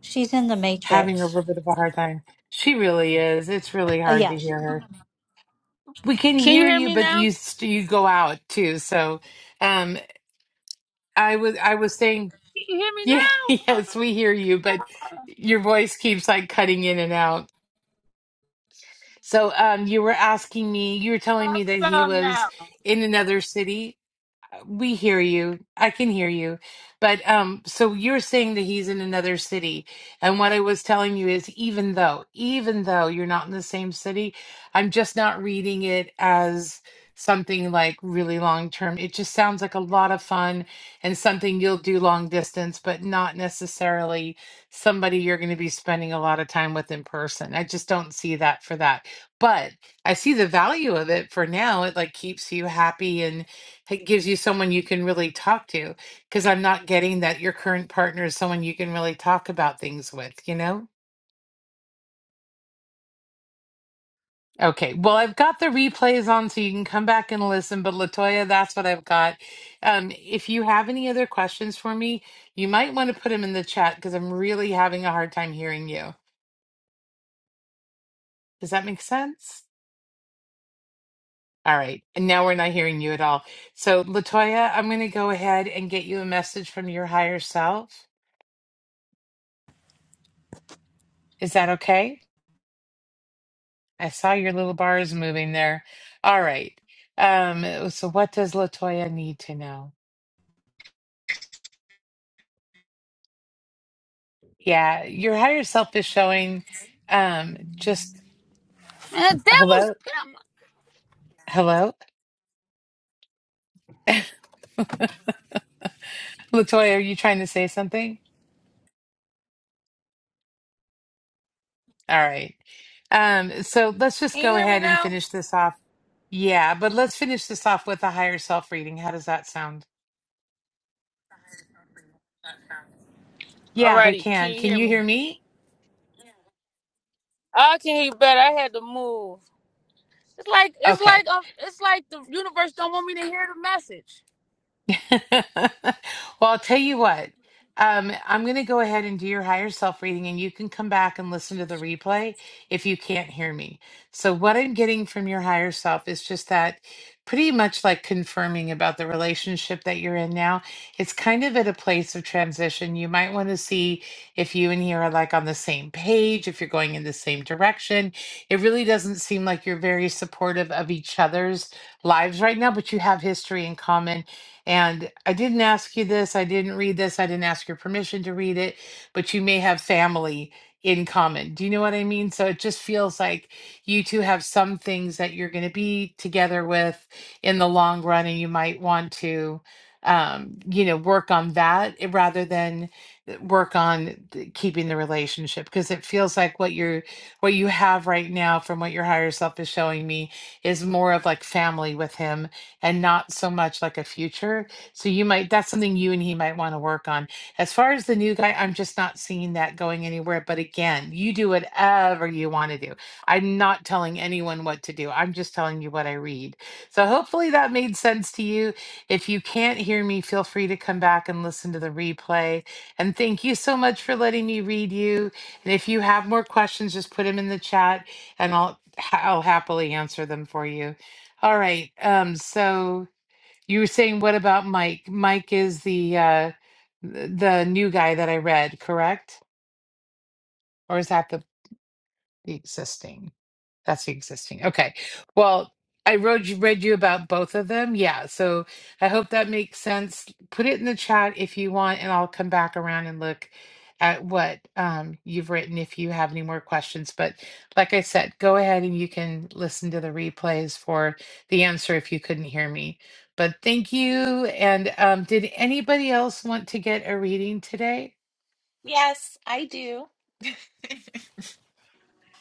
S4: She's in the
S1: Having a
S4: Matrix.
S1: little bit of a hard time. She really is. It's really
S4: Oh,
S1: hard to
S4: yes.
S1: hear her. We can
S3: Can you
S1: hear
S3: hear
S1: you,
S3: me
S1: but
S3: now?
S1: you st- you go out too. So, um, I was I was saying,
S3: Can you hear me
S1: yeah, (laughs)
S3: now?
S1: yes, we hear you, but your voice keeps like cutting in and out. So, um, you were asking me, you were telling
S3: How
S1: me that he
S3: about
S1: was
S3: now? And
S1: in another city we hear you. I can hear you. But um so you're saying that he's in another city. And what I was telling you is even though even though you're not in the same city, I'm just not reading it as something like really long term. It just sounds like a lot of fun and something you'll do long distance, but not necessarily somebody you're going to be spending a lot of time with in person. I just don't see that for that. But I see the value of it for now. It like keeps you happy and it gives you someone you can really talk to because I'm not getting that your current partner is someone you can really talk about things with, you know? Okay, well, I've got the replays on so you can come back and listen, but Latoya, that's what I've got. Um, if you have any other questions for me, you might want to put them in the chat because I'm really having a hard time hearing you. Does that make sense? All right, and now we're not hearing you at all. So, Latoya, I'm going to go ahead and get you a message from your higher self. Is that okay? I saw your little bars moving there. All right. Um, oh, so what does Latoya need to know? Yeah, your higher self is showing um just
S3: devil's.
S1: hello,
S3: Get out my-
S1: hello. (laughs) Latoya, are you trying to say something? All right. Um, so let's just
S3: Can you
S1: go
S3: hear me
S1: ahead and
S3: now?
S1: finish this off. Yeah, but let's finish this off with a higher self reading. How does that sound? Yeah, we
S3: Alrighty, can
S1: can.
S3: you
S1: Can
S3: hear
S1: you hear
S3: me?
S1: me?
S3: I can hear you better. I had to move. It's like it's
S1: Okay.
S3: like um, it's like the universe don't want me to hear the message.
S1: (laughs) well, I'll tell you what. Um, I'm going to go ahead and do your higher self reading, and you can come back and listen to the replay if you can't hear me. So, what I'm getting from your higher self is just that pretty much like confirming about the relationship that you're in now. It's kind of at a place of transition. You might want to see if you and he are like on the same page, if you're going in the same direction. It really doesn't seem like you're very supportive of each other's lives right now, but you have history in common and I didn't ask you this, I didn't read this, I didn't ask your permission to read it, but you may have family in common. Do you know what I mean? So it just feels like you two have some things that you're going to be together with in the long run, and you might want to, um, you know, work on that eh, rather than eh, work on th- keeping the relationship because it feels like what you're what you have right now from what your higher self is showing me is more of like family with him and not so much like a future. So you might that's something you and he might want to work on. As far as the new guy, I'm just not seeing that going anywhere. But again, you do whatever you want to do. I'm not telling anyone what to do. I'm just telling you what I read. So hopefully that made sense to you. If you can't hear me, feel free to come back and listen to the replay. And thank you so much for letting me read you. And if you have more questions, just put them in the chat and I'll I'll happily answer them for you. All right. Um, so you were saying what about Mike? Mike is the uh th- the new guy that I read, correct? Or is that the the existing? That's the existing. Okay. Well, I wrote you read you about both of them. Yeah. So I hope that makes sense. Put it in the chat if you want, and I'll come back around and look at what um, you've written if you have any more questions. But like I said, go ahead and you can listen to the replays for the answer if you couldn't hear me. But thank you. And um, did anybody else want to get a reading today?
S5: Yes, I do.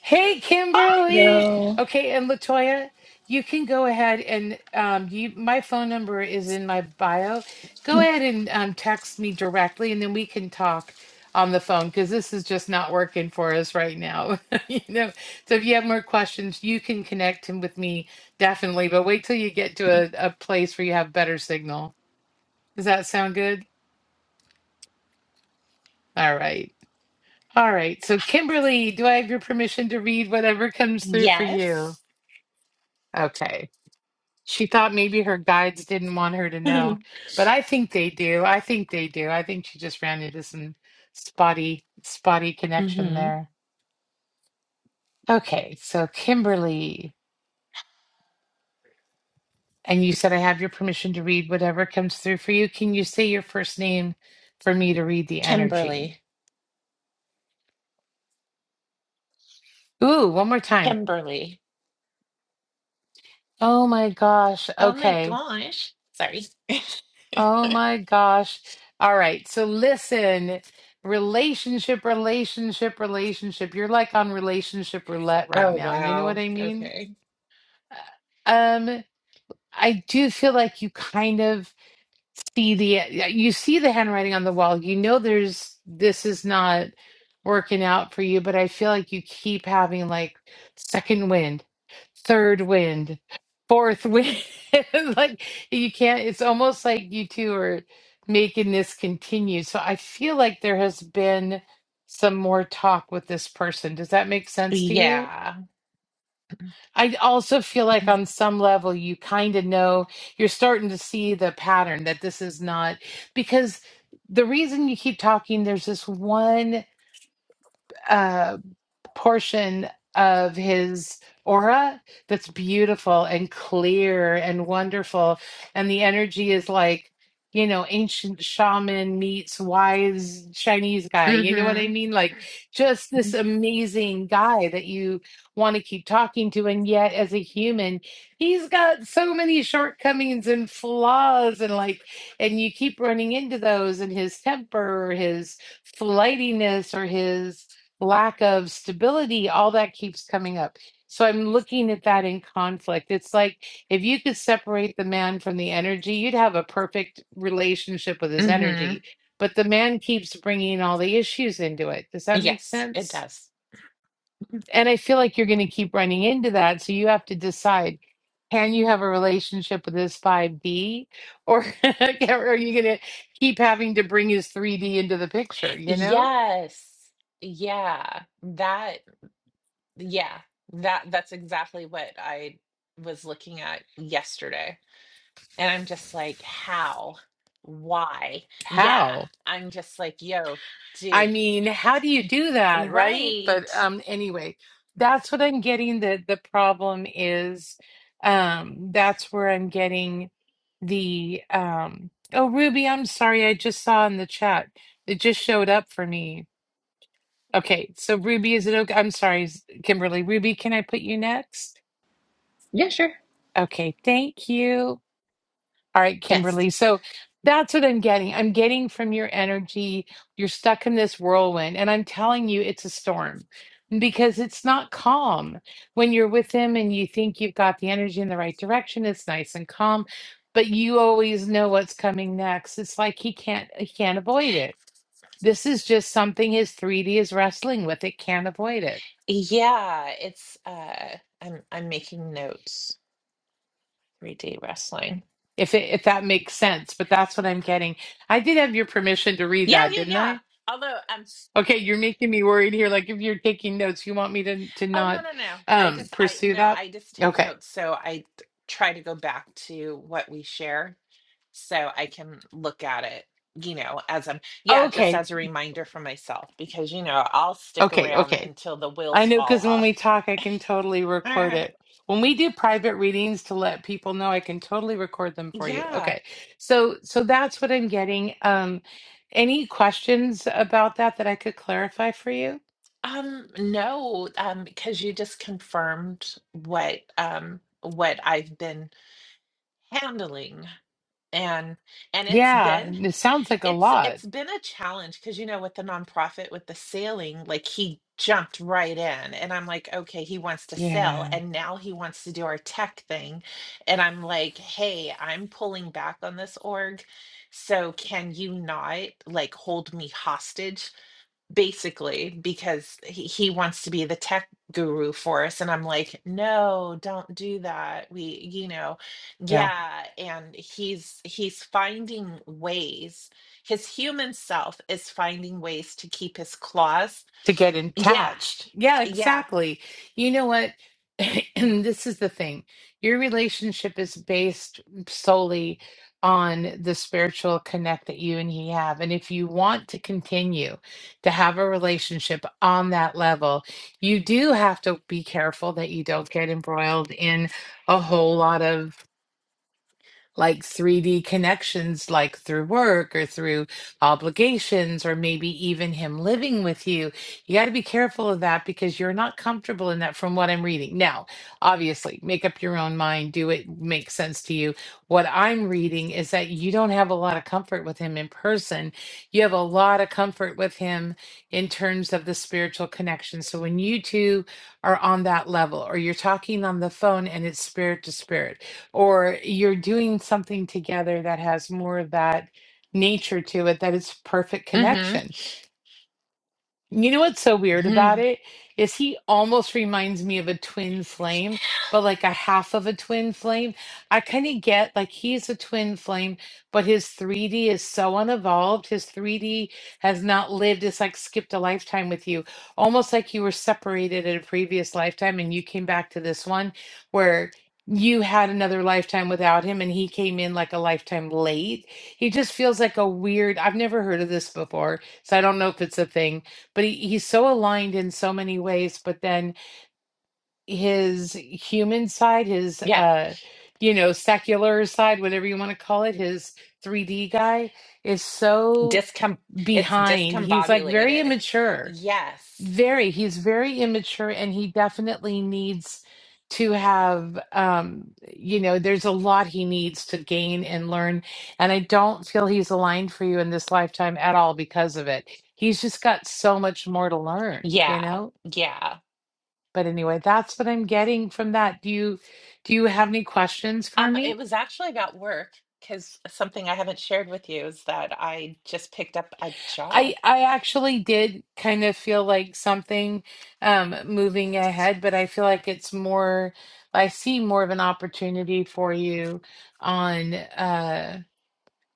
S1: Hey, Kimberly.
S6: So,
S1: Okay, and Latoya, you can go ahead and um, you, my phone number is in my bio. Go ahead and um, text me directly, and then we can talk on the phone because this is just not working for us right now. (laughs) you know, so if you have more questions, you can connect him with me definitely. But wait till you get to a, a place where you have better signal. Does that sound good? All right. All right. So, Kimberly, do I have your permission to read whatever comes through for you?
S5: Yes. (laughs)
S1: Okay. She thought maybe her guides didn't want her to know, but I think they do. I think they do. I think she just ran into some spotty, spotty connection
S5: Mm-hmm.
S1: there. Okay, so Kimberly, and you said I have your permission to read whatever comes through for you. Can you say your first name for me to read the energy?
S5: Kimberly.
S1: Ooh, one more time.
S5: Kimberly.
S1: Oh my gosh.
S5: Oh my
S1: Okay.
S5: gosh. Sorry. (laughs)
S1: Oh my gosh. All right. So listen, relationship, relationship, relationship. You're like on relationship roulette right
S5: Oh,
S1: now. You know what
S5: wow.
S1: I mean?
S5: Okay.
S1: Uh, Um, I do feel like you kind of see the yeah, you see the handwriting on the wall. You know there's this is not working out for you, but I feel like you keep having like second wind, third wind, fourth wind. (laughs) like you can't it's almost like you two are making this continue. So I feel like there has been some more talk with this person. Does that make sense to you?
S5: Yeah.
S1: I also feel like on some level you kind of know you're starting to see the pattern that this is not because the reason you keep talking there's this one uh, portion of his aura that's beautiful and clear and wonderful. And the energy is like, you know, ancient shaman meets wise Chinese guy. You know what I
S5: Mm-hmm.
S1: mean? Like, just this amazing guy that you want to keep talking to. And yet, as a human, he's got so many shortcomings and flaws. And like, and you keep running into those and his temper or his flightiness or his lack of stability, all that keeps coming up. So I'm looking at that in conflict. It's like if you could separate the man from the energy, you'd have a perfect relationship with his
S5: Mm-hmm.
S1: energy. But the man keeps bringing all the issues into it. Does that make
S5: Yes, it
S1: sense?
S5: does.
S1: And I feel like you're going to keep running into that. So you have to decide can you have a relationship with this 5D or (laughs) are you going to keep having to bring his 3D into the picture? You know,
S5: Yes. Yeah. That yeah. That that's exactly what I was looking at yesterday. And I'm just like, how? Why? Yeah.
S1: how?
S5: I'm just like, yo,
S1: I
S5: dude,
S1: mean, how do you do that, right? But
S5: right.
S1: um anyway, that's what I'm getting the the problem is um that's where I'm getting the um oh Ruby, I'm sorry, I just saw in the chat. It just showed up for me. Okay, so Ruby, is it okay? I'm sorry, s- Kimberly. Ruby, can I put you next?
S6: yeah, sure.
S1: Okay, thank you. All right,
S5: Yes.
S1: Kimberly. So that's what I'm getting. I'm getting from your energy, you're stuck in this whirlwind. And I'm telling you, it's a storm because it's not calm. When you're with him and you think you've got the energy in the right direction, it's nice and calm, but you always know what's coming next. It's like he can't he can't avoid it. This is just something his 3D is wrestling with. It can't avoid it.
S5: Yeah, it's uh I'm I'm making notes. 3D wrestling.
S1: If it if that makes sense, but that's what I'm getting. I did have your permission to read
S5: Yeah,
S1: that,
S5: yeah,
S1: didn't
S5: yeah.
S1: I?
S5: Although um
S1: Okay, you're making me worried here. Like if you're taking notes, you want me to to
S5: oh
S1: not
S5: no no no. I
S1: um
S5: just I
S1: pursue
S5: no,
S1: that?
S5: I just take
S1: Okay.
S5: notes so I t- try to go back to what we share so I can look at it, you know, as I'm, yeah, just
S1: Okay.
S5: as a reminder for myself, because, you know, I'll stick
S1: Okay,
S5: around
S1: okay.
S5: until the
S1: I
S5: wheels
S1: know
S5: fall
S1: because when
S5: off.
S1: we talk, I can totally record
S5: (laughs)
S1: it. When we do private readings to let people know, I can totally record them for you.
S5: yeah.
S1: Okay. So so that's what I'm getting. Um any questions about that that I could clarify for you?
S5: Um, no, um, because you just confirmed what, um, what I've been handling and, and it's
S1: Yeah,
S5: been
S1: it sounds like a
S5: It's
S1: lot.
S5: it's been a challenge because you know with the nonprofit with the sailing, like he jumped right in and I'm like, okay, he wants to sell
S1: Yeah.
S5: and now he wants to do our tech thing. And I'm like, hey, I'm pulling back on this org. So can you not like hold me hostage basically because he, he wants to be the tech guru for us and i'm like no don't do that we you know
S1: Yeah.
S5: yeah and he's he's finding ways his human self is finding ways to keep his claws
S1: to get
S5: yeah
S1: attached. Yeah,
S5: yeah
S1: exactly. You know what? (clears throat) and this is the thing your relationship is based solely on the spiritual connect that you and he have. And if you want to continue to have a relationship on that level, you do have to be careful that you don't get embroiled in a whole lot of like 3D connections, like through work or through obligations, or maybe even him living with you. You got to be careful of that because you're not comfortable in that from what I'm reading. Now, obviously, make up your own mind, do it make sense to you. What I'm reading is that you don't have a lot of comfort with him in person, you have a lot of comfort with him in terms of the spiritual connection. So when you two are on that level, or you're talking on the phone and it's spirit to spirit or you're doing something together that has more of that nature to it that is perfect
S5: mm-hmm,
S1: connection you know what's so weird about
S5: hmm
S1: it is he almost reminds me of a twin flame, but like a half of a twin flame. I kind of get like he's a twin flame, but his 3D is so unevolved. His 3D has not lived. It's like skipped a lifetime with you, almost like you were separated in a previous lifetime and you came back to this one where you had another lifetime without him and he came in like a lifetime late. He just feels like a weird, I've never heard of this before, so I don't know if it's a thing but he, he's so aligned in so many ways but then his human side his
S5: yeah
S1: uh you know secular side whatever you want to call it his 3d guy is so
S5: discom it's
S1: behind he's like very
S5: discombobulated
S1: immature
S5: yes
S1: very he's very immature and he definitely needs to have um you know there's a lot he needs to gain and learn and i don't feel he's aligned for you in this lifetime at all because of it he's just got so much more to learn you
S5: yeah
S1: know
S5: yeah
S1: but anyway that's what i'm getting from that do you do you have any questions for
S5: Um,
S1: me
S5: it was actually about work because something I haven't shared with you is that I just picked up a
S1: I
S5: job
S1: I actually did kind of feel like something um moving ahead, but I feel like it's more I see more of an opportunity for you on uh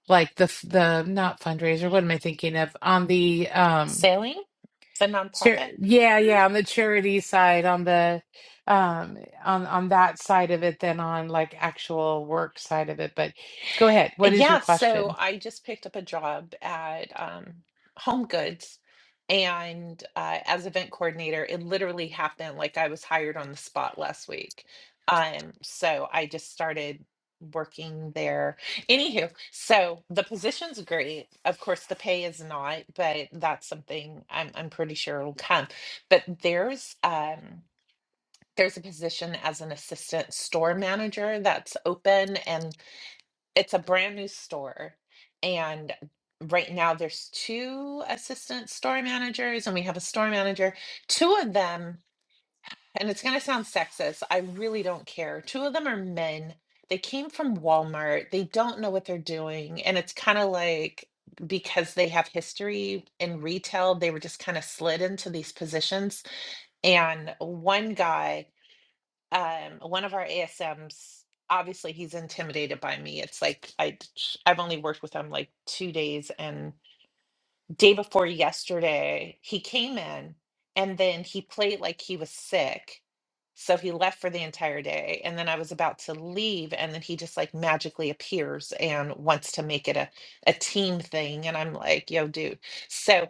S1: like the f- the not fundraiser, what am I thinking of? On the um
S5: sailing. It's a
S1: char
S5: nonprofit.
S1: yeah, yeah, on the charity side, on the um on on that side of it than on like actual work side of it. But go ahead. What is your
S5: Yeah, so
S1: question?
S5: I just picked up a job at um, Home Goods, and uh, as event coordinator, it literally happened like I was hired on the spot last week. Um, so I just started working there. Anywho, so the position's great. Of course, the pay is not, but that's something I'm I'm pretty sure it'll come. But there's um there's a position as an assistant store manager that's open, and it's a brand new store and right now there's two assistant store managers and we have a store manager two of them and it's going to sound sexist i really don't care two of them are men they came from walmart they don't know what they're doing and it's kind of like because they have history in retail they were just kind of slid into these positions and one guy um one of our ASMs obviously he's intimidated by me. It's like I, I've only worked with him like 2 days and day before yesterday he came in and then he played like he was sick. So he left for the entire day and then I was about to leave and then he just like magically appears and wants to make it a a team thing and I'm like, "Yo, dude." So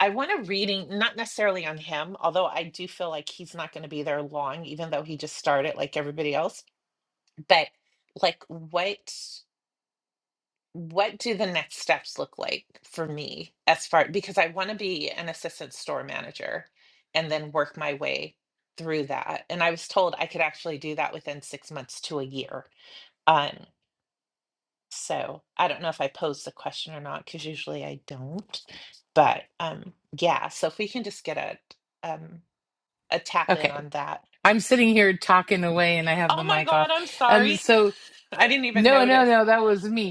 S5: I want a reading, not necessarily on him, although I do feel like he's not going to be there long, even though he just started like everybody else. But like, what what do the next steps look like for me as far because I want to be an assistant store manager and then work my way through that. And I was told I could actually do that within six months to a year. um, so I don't know if I posed the question or not because usually I don't. But um, yeah, so if we can just get a um, a tap in
S1: Okay.
S5: on that.
S1: I'm sitting here talking away and I have the
S5: Oh my
S1: mic
S5: God,
S1: off.
S5: I'm
S1: Um,
S5: sorry.
S1: so
S5: (laughs) I
S1: eh,
S5: didn't even
S1: no, no,
S5: notice.
S1: no, that was me.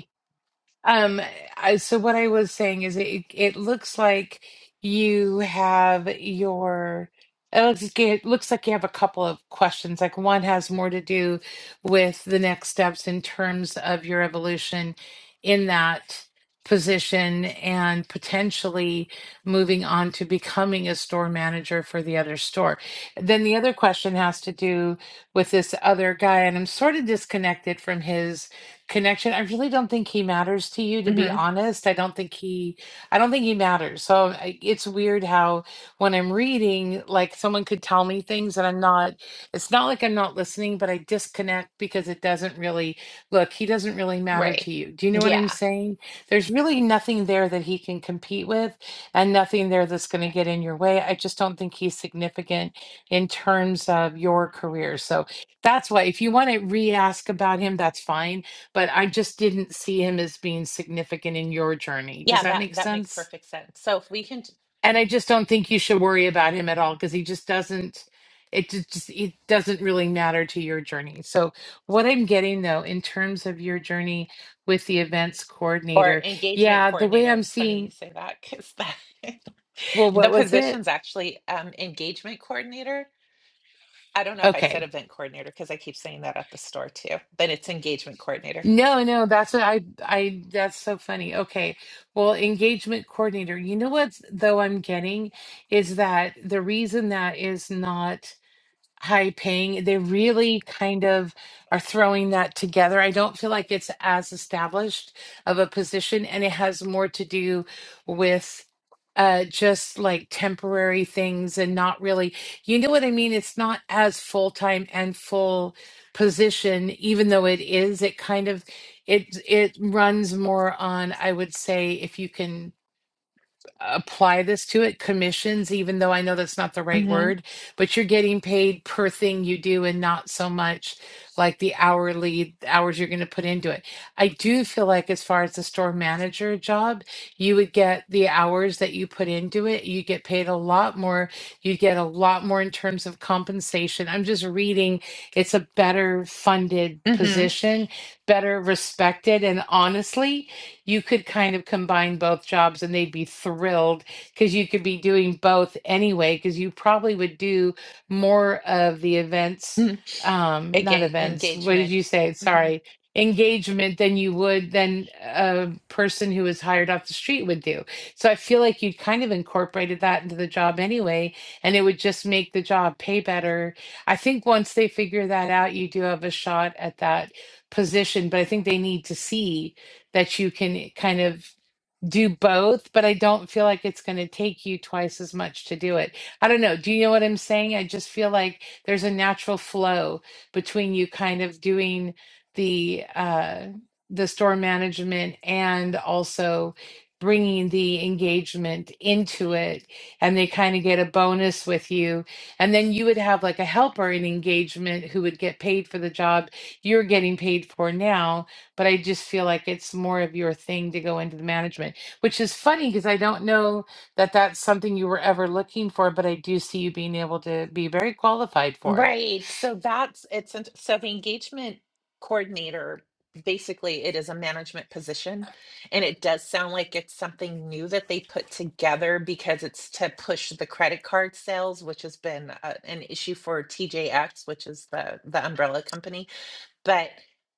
S1: Um, I, so what I was saying is it it looks like you have your it looks, like- it looks like you have a couple of questions. Like one has more to do with the next steps in terms of your evolution in that position and potentially moving on to becoming a store manager for the other store. Then the other question has to do with this other guy, and I'm sort of disconnected from his connection. I really don't think he matters to you, to be
S5: hmm
S1: honest. I don't think he, I don't think he matters. So I- it's weird how when I'm reading, like someone could tell me things and I'm not, it's not like I'm not listening, but I disconnect because it doesn't really, look, he doesn't really matter
S5: Right.
S1: to you. Do you know what I'm
S5: Yeah.
S1: saying? There's really nothing there that he can compete with and nothing there that's going to get in your way. I just don't think he's significant in terms of your career. So that's why if you want to re ask about him, that's fine but I just didn't see him as being significant in your journey. Does
S5: Yeah,
S1: that
S5: that
S1: make
S5: that makes
S1: sense?
S5: perfect sense. So if we can t-
S1: And I just don't think you should worry about him at all because he just doesn't. It ju- just it doesn't really matter to your journey. So what I'm getting though, in terms of your journey with the events
S5: or
S1: coordinator,
S5: engagement
S1: yeah, the way
S5: coordinator,
S1: I'm
S5: it's funny you
S1: seeing.
S5: say that because that (laughs)
S1: Well, what
S5: the
S1: was it?
S5: position's actually um, engagement coordinator. I don't know if I said
S1: Okay.
S5: event coordinator because I keep saying that at the store too, but it's engagement coordinator.
S1: No, no, that's what I I that's so funny. Okay. Well, engagement coordinator. You know what though I'm getting is that the reason that is not high paying. They really kind of are throwing that together. I don't feel like it's as established of a position, and it has more to do with uh just like temporary things and not really you know what i mean it's not as full-time and full position even though it is it kind of it it runs more on i would say if you can apply this to it commissions even though i know that's not the right
S5: hmm
S1: word but you're getting paid per thing you do and not so much like the hourly hours you're going to put into it i do feel like as far as the store manager job you would get the hours that you put into it you get paid a lot more you get a lot more in terms of compensation i'm just reading it's a better funded
S5: hmm
S1: position better respected and honestly you could kind of combine both jobs and they'd be thrilled because you could be doing both anyway, because you probably would do more of the events,
S5: Hmm.
S1: um, not
S5: Again,
S1: events, what did
S5: engagement.
S1: you say?
S5: Mhm.
S1: Sorry, engagement than you would than a person who was hired off the street would do. So I feel like you'd kind of incorporated that into the job anyway, and it would just make the job pay better. I think once they figure that out, you do have a shot at that position, but I think they need to see that you can kind of do both, but I don't feel like it's going to take you twice as much to do it. I don't know. Do you know what I'm saying? I just feel like there's a natural flow between you kind of doing the uh the store management and also bringing the engagement into it and they kind of get a bonus with you and then you would have like a helper in engagement who would get paid for the job you're getting paid for now but I just feel like it's more of your thing to go into the management which is funny because I don't know that that's something you were ever looking for, but I do see you being able to be very qualified for it.
S5: Right. So that's it's an- so the engagement coordinator basically it is a management position and it does sound like it's something new that they put together because it's to push the credit card sales which has been uh, an issue for TJX which is the the umbrella company but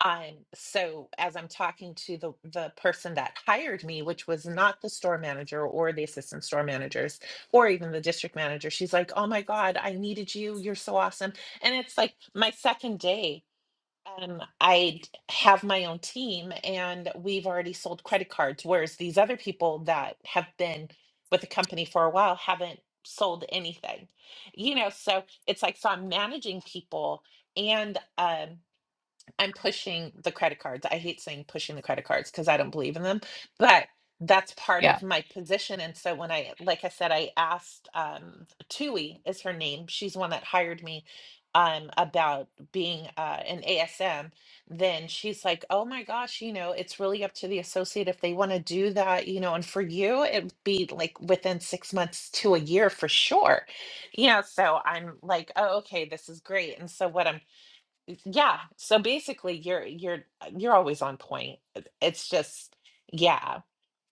S5: um so as i'm talking to the the person that hired me which was not the store manager or the assistant store managers or even the district manager she's like oh my god i needed you you're so awesome and it's like my second day um i d- have my own team and we've already sold credit cards whereas these other people that have been with the company for a while haven't sold anything you know so it's like so i'm managing people and um I'm pushing the credit cards. I hate saying pushing the credit cards because I don't believe in them, but that's part
S1: Yeah.
S5: of my position. And so when I, like I said, I asked um, Tui is her name. She's the one that hired me um, about being uh, an ASM. Then she's like, "Oh my gosh, you know, it's really up to the associate if they want to do that, you know. And for you, it'd be like within six months to a year for sure, you know." So I'm like, "Oh, okay, this is great." And so what I'm yeah so basically you're you're uh, you're always on point It- it's just yeah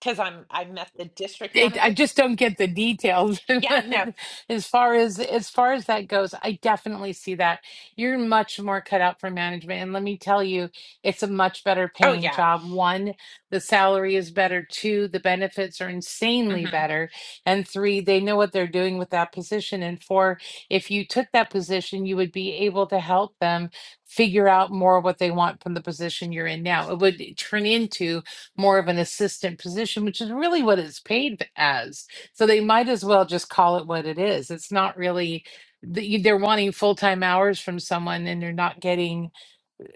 S5: because i'm i met the district
S1: it, I
S5: manager
S1: just don't get the details
S5: yeah no
S1: (laughs) as far as as far as that goes. I definitely see that you're much more cut out for management, and let me tell you, it's a much better
S5: oh
S1: paying
S5: yeah
S1: job. One, the salary is better. Two, the benefits are insanely
S5: hmm
S1: better, and three, they know what they're doing with that position. And four, if you took that position, you would be able to help them figure out more what they want from the position you're in now. It would turn into more of an assistant position, which is really what it's paid as. So they might as well just call it what it is. It's not really, the- you- they're wanting full-time hours from someone and they're not getting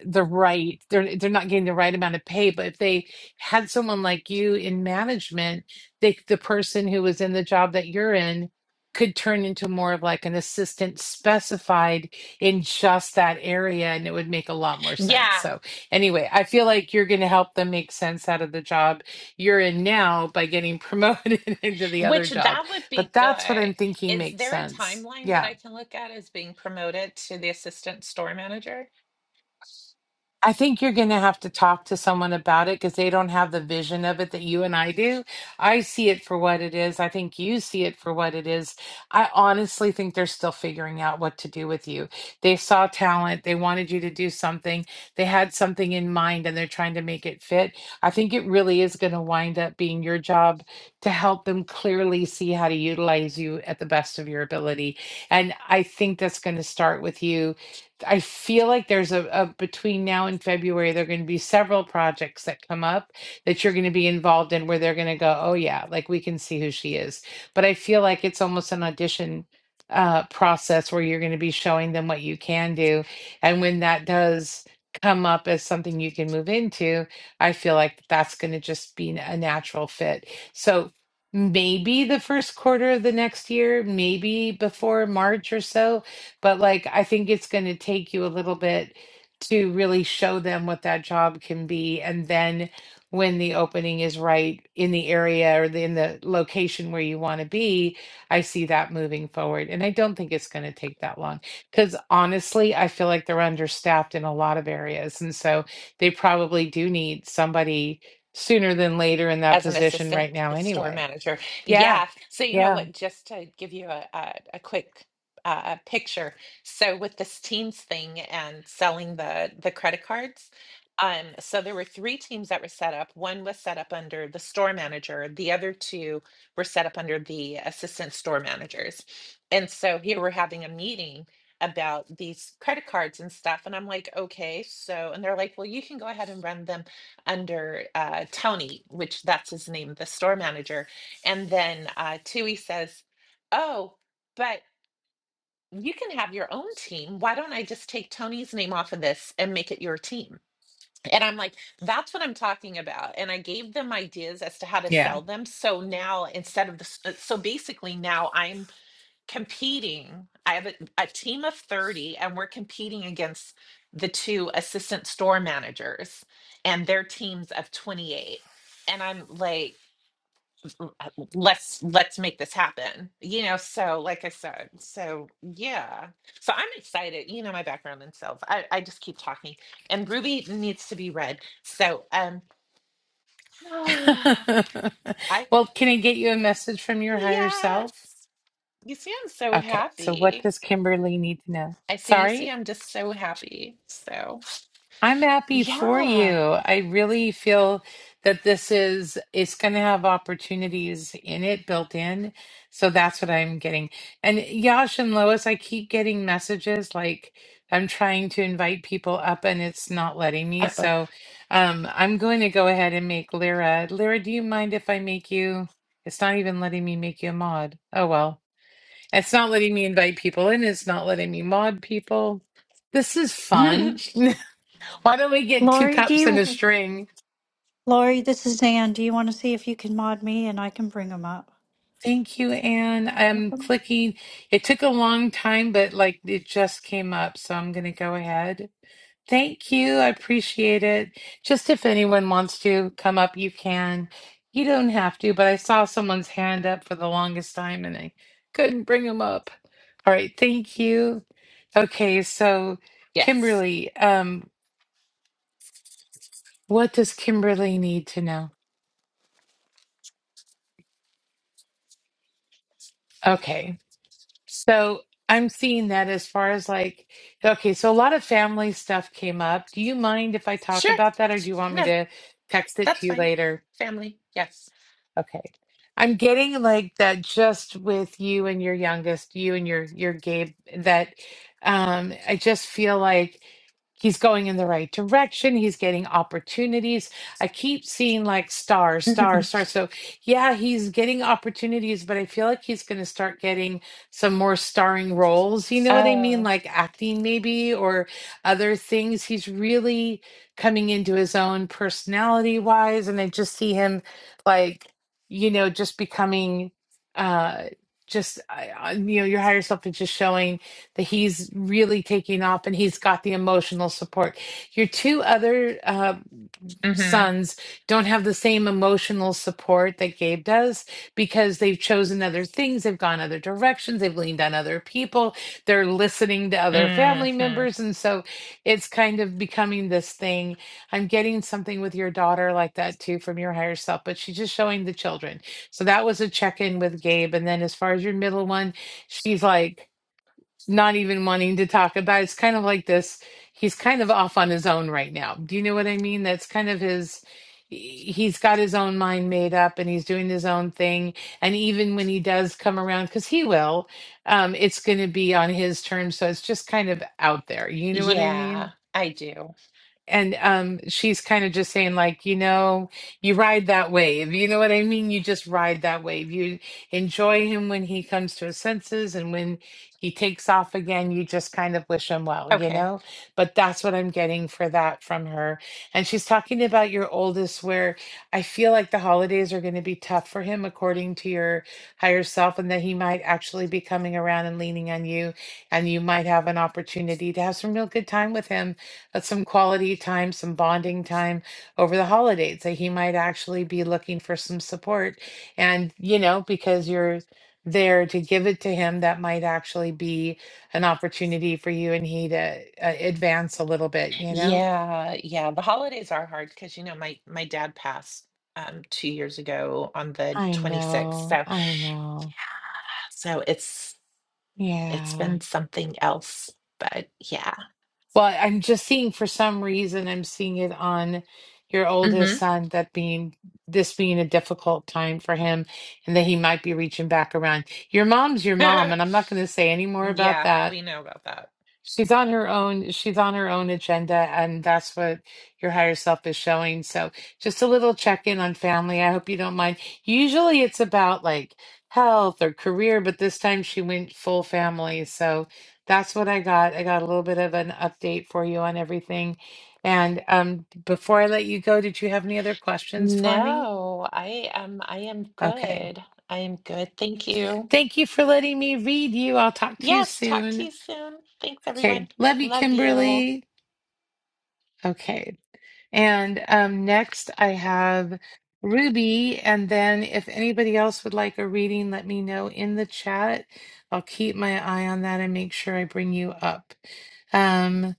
S1: the right they're they're not getting the right amount of pay but if they had someone like you in management they the person who was in the job that you're in could turn into more of like an assistant specified in just that area and it would make a lot more sense
S5: yeah
S1: so Anyway, I feel like you're going to help them make sense out of the job you're in now by getting promoted (laughs) into the other
S5: which
S1: job.
S5: that would be
S1: But that's what I'm
S5: good
S1: thinking
S5: is
S1: makes
S5: there a
S1: sense.
S5: timeline that
S1: Yeah.
S5: i can look at as being promoted to the assistant store manager
S1: I think you're going to have to talk to someone about it because they don't have the vision of it that you and I do. I see it for what it is. I think you see it for what it is. I honestly think they're still figuring out what to do with you. They saw talent, they wanted you to do something, they had something in mind, and they're trying to make it fit. I think it really is going to wind up being your job to help them clearly see how to utilize you at the best of your ability. And I think that's going to start with you I feel like there's a, a between now and February, there are going to be several projects that come up that you're going to be involved in where they're going to go, oh, yeah, like we can see who she is. But I feel like it's almost an audition uh, process where you're going to be showing them what you can do. And when that does come up as something you can move into, I feel like that's going to just be a natural fit. So maybe the first quarter of the next year, maybe before March or so, but like I think it's going to take you a little bit to really show them what that job can be and then when the opening is right in the area or the, in the location where you want to be i see that moving forward and i don't think it's going to take that long because honestly i feel like they're understaffed in a lot of areas and so they probably do need somebody sooner than later in that
S5: as an
S1: position right
S5: assistant
S1: now
S5: store
S1: anyway
S5: manager.
S1: yeah
S5: Yeah. So you know
S1: yeah
S5: what? Just to give you a a, a quick uh, picture. So with this teams thing and selling the the credit cards. Um, so there were three teams that were set up. One was set up under the store manager. The other two were set up under the assistant store managers. And so here we're having a meeting about these credit cards and stuff. And I'm like, okay, so, and they're like, well, you can go ahead and run them under uh, Tony, which that's his name, the store manager. And then uh, Tui says, Oh, but you can have your own team. Why don't I just take Tony's name off of this and make it your team? And I'm like, that's what I'm talking about. And I gave them ideas as to how to
S1: yeah
S5: sell them. So now instead of the, s- uh, so basically now I'm competing. I have a, a team of 30, and we're competing against the two assistant store managers and their teams of 28. And I'm like, "L- uh, let's let's make this happen. You know, so like I said, so yeah. So I'm excited. You know my background in sales. I, I just keep talking. And Ruby needs to be read. So um
S1: (laughs)
S5: (sighs) I
S1: well, can I get you a message from your higher self?
S5: yes. You see, I'm so
S1: Okay, so what
S5: happy.
S1: does Kimberly need to know?
S5: I see. You see,
S1: Sorry?
S5: I'm just so happy. So,
S1: I'm happy for you.
S5: yeah.
S1: I really feel that this is, it's going to have opportunities in it built in. So that's what I'm getting. And Yash and Lois, I keep getting messages like I'm trying to invite people up and it's not letting me.
S5: Uh-oh.
S1: So um, I'm going to go ahead and make Lyra. Lyra, do you mind if I make you? It's not even letting me make you a mod. Oh, well. It's not letting me invite people in. It's not letting me mod people. This is
S5: (laughs)
S1: fun. (laughs) Why don't we get two
S4: Lori, do
S1: cups and a
S4: you,
S1: string?
S4: Lori, this is Ann. Do you want to see if you can mod me and I can bring them up?
S1: Thank you, Anne. I'm clicking. It took a long time, but like it just came up, so I'm gonna go ahead. Thank you. I appreciate it. Just if anyone wants to come up, you can. You don't have to, but I saw someone's hand up for the longest time and I couldn't bring them up. All right, thank you. Okay, so
S5: yes.
S1: Kimberly, um, what does Kimberly need to know? Okay. So I'm seeing that as far as like, okay, so a lot of family stuff came up. Do you mind if I talk
S5: Sure.
S1: about that or do you want me
S5: No,
S1: to text it
S5: that's
S1: to you
S5: fine.
S1: later?
S5: Family. Yes.
S1: Okay. I'm getting like that just with you and your youngest, you and your your Gabe, that um I just feel like he's going in the right direction. He's getting opportunities. I keep seeing like stars,
S5: (laughs) oh.
S1: stars, stars. So yeah, he's getting opportunities, but I feel like he's gonna start getting some more starring roles. You know what I mean?
S5: mm
S1: Like acting maybe or other things. He's really coming into his own personality wise, and I just see him like you know, just becoming, uh, just I, I- you know, your higher self is just showing that he's really taking off and he's got the emotional support. Your two other uh,
S5: Mhm.
S1: sons don't have the same emotional support that Gabe does because they've chosen other things, they've gone other directions, they've leaned on other people, they're listening to other family
S5: mm Mhm.
S1: members, and so it's kind of becoming this thing I'm getting something with your daughter like that too from your higher self, but she's just showing the children. So that was a check in with Gabe. And then as far as your middle one, she's like not even wanting to talk about it. It's kind of like this. He's kind of off on his own right now. Do you know what I mean? That's kind of his. he- He's got his own mind made up and he's doing his own thing. And even when he does come around, because he will, um, it's going to be on his terms. So it's just kind of out there. You know what I mean?
S5: Yeah, I do.
S1: And um, she's kind of just saying, like, you know, you ride that wave. You know what I mean? You just ride that wave. You enjoy him when he comes to his senses, and when he takes off again, you just kind of wish him well, you
S5: Okay.
S1: know? But that's what I'm getting for that from her. And she's talking about your oldest, where I feel like the holidays are going to be tough for him, according to your higher self, and that he might actually be coming around and leaning on you, and you might have an opportunity to have some real good time with him uh, some quality time, some bonding time over the holidays that he might actually be looking for some support. And, you know, because you're there to give it to him, that might actually be an opportunity for you and he to uh, advance a little bit, you know?
S5: Yeah, yeah. The holidays are hard because you know my my dad passed um 2 years ago on the
S1: I
S5: 26th.
S1: know.
S5: So
S1: I know.
S5: so it's it's
S1: Yeah.
S5: been something else. But yeah.
S1: Well, I'm just seeing for some reason I'm seeing it on your oldest
S5: mm
S1: son that being this being a difficult time for him and that he might be reaching back around. Your mom's your mom,
S5: Mhm.
S1: and
S5: (laughs)
S1: I'm not going to say any more about
S5: yeah,
S1: that.
S5: we know about that.
S1: She's on her own, she's on her own agenda, and that's what your higher self is showing. So, just a little check in on family. I hope you don't mind. Usually it's about like health or career, but this time she went full family. So, that's what I got. I got a little bit of an update for you on everything. And um, before I let you go, did you have any other questions for me?
S5: No, I am I am
S1: Okay.
S5: good. I am good. Thank you.
S1: Thank you for letting me read you. I'll talk to you
S5: Yes, talk to
S1: soon.
S5: you soon. Thanks everyone.
S1: Okay. Love you,
S5: Love you.
S1: Kimberly. Okay. And um, next, I have Ruby. And then, if anybody else would like a reading, let me know in the chat. I'll keep my eye on that and make sure I bring you up. Um,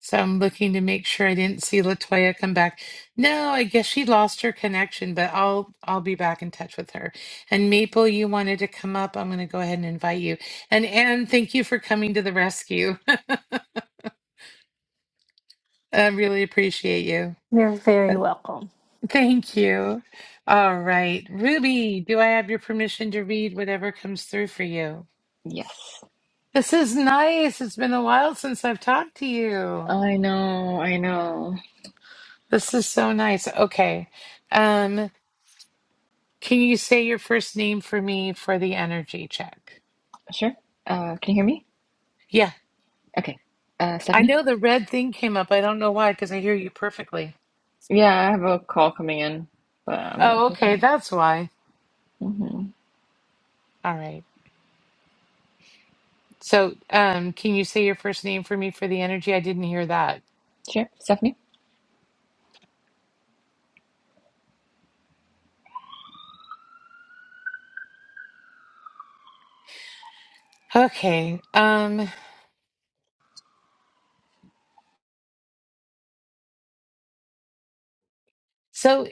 S1: so I'm looking to make sure I didn't see Latoya come back. No, I guess she lost her connection, but I'll I'll be back in touch with her. And Maple, you wanted to come up. I'm going to go ahead and invite you. And Anne, thank you for coming to the rescue. (laughs) I really appreciate you.
S4: You're very welcome.
S1: Thank you. All right. Ruby, do I have your permission to read whatever comes through for you?
S6: Yes.
S1: This is nice. It's been a while since I've talked to you.
S6: I know, I know.
S1: This is so nice. Okay. Um, can you say your first name for me for the energy check?
S6: Sure. Uh, can you hear me?
S1: Yeah.
S6: Okay. Uh,
S1: I
S6: Stephanie?
S1: know the red thing came up. I don't know why, because I hear you perfectly.
S6: Yeah, I have a call coming in, but I'm not
S1: Oh,
S6: taking
S1: okay.
S6: it.
S1: That's why.
S6: hmm
S1: All right. So, um, can you say your first name for me for the energy? I didn't hear that.
S6: Sure. Stephanie?
S1: Okay. Um, So.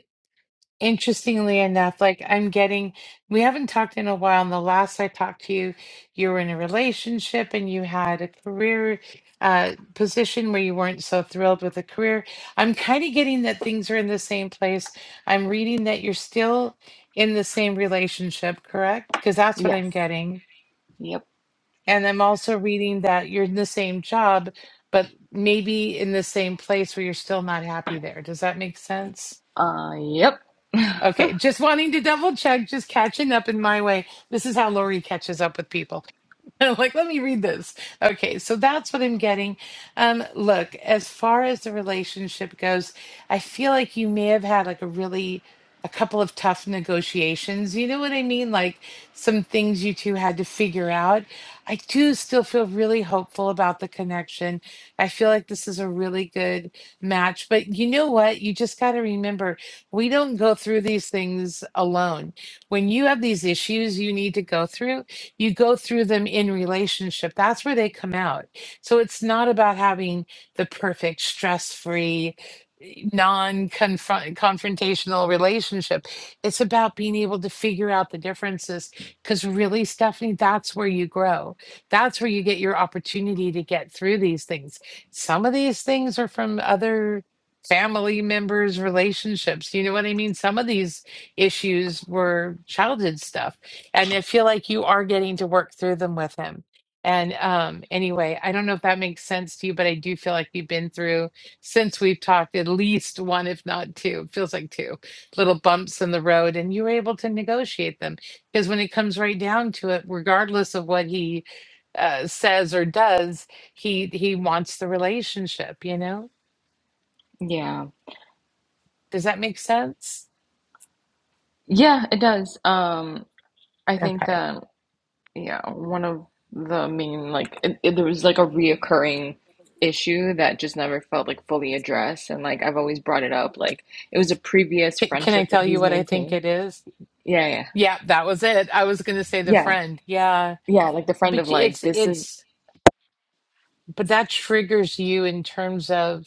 S1: Interestingly enough, like I'm getting, we haven't talked in a while. And the last I talked to you, you were in a relationship and you had a career uh, position where you weren't so thrilled with the career. I'm kind of getting that things are in the same place. I'm reading that you're still in the same relationship, correct? Because that's what
S6: Yes.
S1: I'm getting.
S6: Yep.
S1: And I'm also reading that you're in the same job, but maybe in the same place where you're still not happy there. Does that make sense?
S6: Uh, yep. (laughs)
S1: Okay, just wanting to double check, just catching up in my way. This is how Lori catches up with people. (laughs) I'm like, let me read this. Okay, so that's what I'm getting. Um, look, as far as the relationship goes, I feel like you may have had like a really a couple of tough negotiations. You know what I mean? Like some things you two had to figure out. I do still feel really hopeful about the connection. I feel like this is a really good match, but you know what? You just got to remember we don't go through these things alone. When you have these issues you need to go through, you go through them in relationship. That's where they come out. So it's not about having the perfect stress free, non confrontational relationship. It's about being able to figure out the differences. Because really, Stephanie, that's where you grow. That's where you get your opportunity to get through these things. Some of these things are from other family members relationships you know what i mean some of these issues were childhood stuff and I feel like you are getting to work through them with him. And um, anyway, I don't know if that makes sense to you, but I do feel like you've been through since we've talked at least one, if not two, it feels like two little bumps in the road, and you were able to negotiate them. Because when it comes right down to it, regardless of what he uh, says or does, he he wants the relationship. You know,
S6: Yeah.
S1: does that make sense?
S6: Yeah, it does. Um, I think
S1: Okay.
S6: that. Yeah, one of the main like it, it- there was like a reoccurring issue that just never felt like fully addressed, and like I've always brought it up. Like it was a previous
S1: C- Can I
S6: friendship that
S1: tell you
S6: he's
S1: what I think
S6: maintained.
S1: it is?
S6: Yeah, yeah,
S1: Yeah, that was it. I was going to say the
S6: yeah,
S1: friend. Yeah
S6: yeah. Like the friend of
S1: But
S6: like
S1: it's
S6: this is,
S1: it's but that triggers you in terms of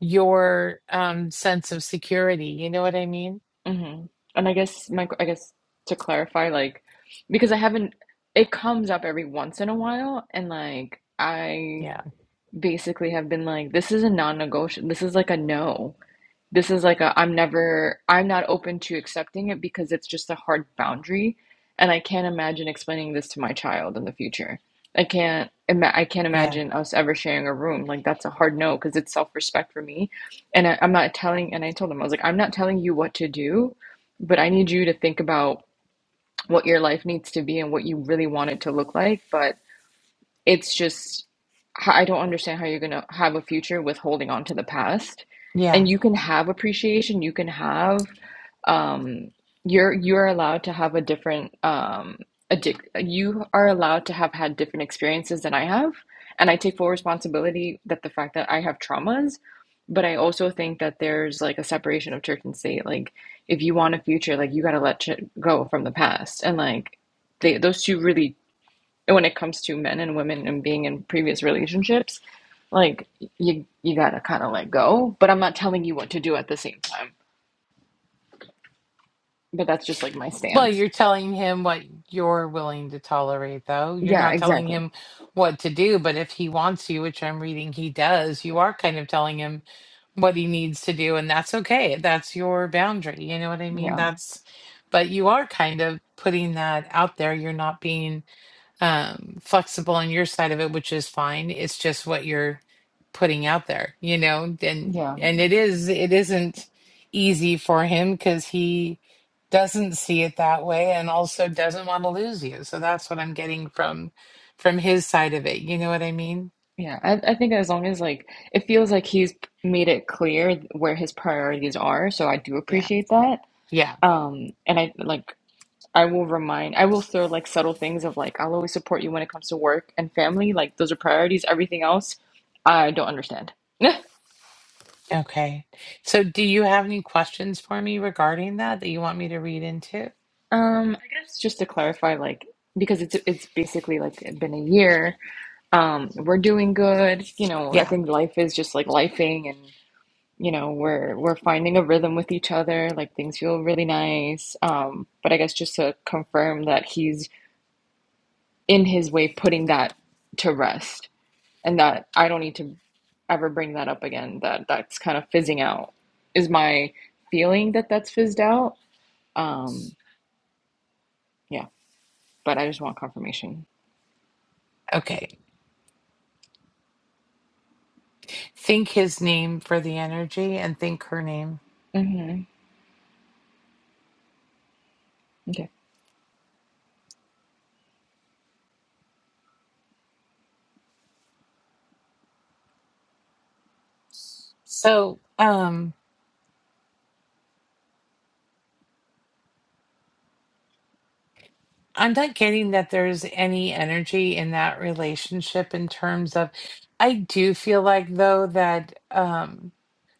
S1: your um sense of security. You know what I mean?
S6: hmm And I guess my I guess to clarify, like because I haven't, it comes up every once in a while, and like I
S1: Yeah.
S6: basically have been like this is a non-negotiable. This is like a no. This is like a I'm never I'm not open to accepting it because it's just a hard boundary and I can't imagine explaining this to my child in the future. I can't ima- I can't
S1: Yeah.
S6: imagine us ever sharing a room. Like that's a hard no because it's self-respect for me. And I, I'm not telling and I told him I was like I'm not telling you what to do, but I need you to think about what your life needs to be and what you really want it to look like, but it's just I I don't understand how you're going to have a future with holding on to the past.
S1: Yeah.
S6: And you can have appreciation, you can have um you're you're allowed to have a different um addic you are allowed to have had different experiences than I have. And I take full responsibility that the fact that I have traumas, but I also think that there's like a separation of church and state. Like if you want a future, like you got to let ch go from the past. And like they, those two really when it comes to men and women and being in previous relationships, like you you gotta kind of let go. But I'm not telling you what to do at the same time. But that's just like my
S1: Well,
S6: stance.
S1: you're telling him what you're willing to tolerate though. You're
S6: Yeah,
S1: not telling
S6: exactly.
S1: him what to do, but if he wants you, which I'm reading he does, you are kind of telling him what he needs to do and that's okay. That's your boundary. You know what I mean?
S6: Yeah,
S1: That's but you are kind of putting that out there. You're not being um flexible on your side of it which is fine it's just what you're putting out there you know and
S6: yeah,
S1: and it is it isn't easy for him because he doesn't see it that way and also doesn't want to lose you so that's what i'm getting from from his side of it you know what i mean
S6: yeah. I I think as long as like it feels like he's made it clear where his priorities are, so I do
S1: yeah
S6: appreciate that.
S1: yeah
S6: Um, and I like I will remind I will throw like subtle things of like I'll always support you when it comes to work and family. Like those are priorities. Everything else, I don't understand. (laughs)
S1: okay so do you have any questions for me regarding that that you want me to read into
S6: Um, I guess just to clarify, like because it's it's basically like been a year. Um, we're doing good. You know, I
S1: yeah
S6: think life is just like lifing, and you know, we're we're finding a rhythm with each other. Like things feel really nice. Um, but I guess just to confirm that he's in his way putting that to rest, and that I don't need to ever bring that up again. That that's kind of fizzing out. Is my feeling that that's fizzed out? Um, yeah, but I just want confirmation.
S1: okay think his name for the energy and think her name
S6: hmm Okay.
S1: So, um, I'm not getting that there's any energy in that relationship in terms of, I do feel like though that um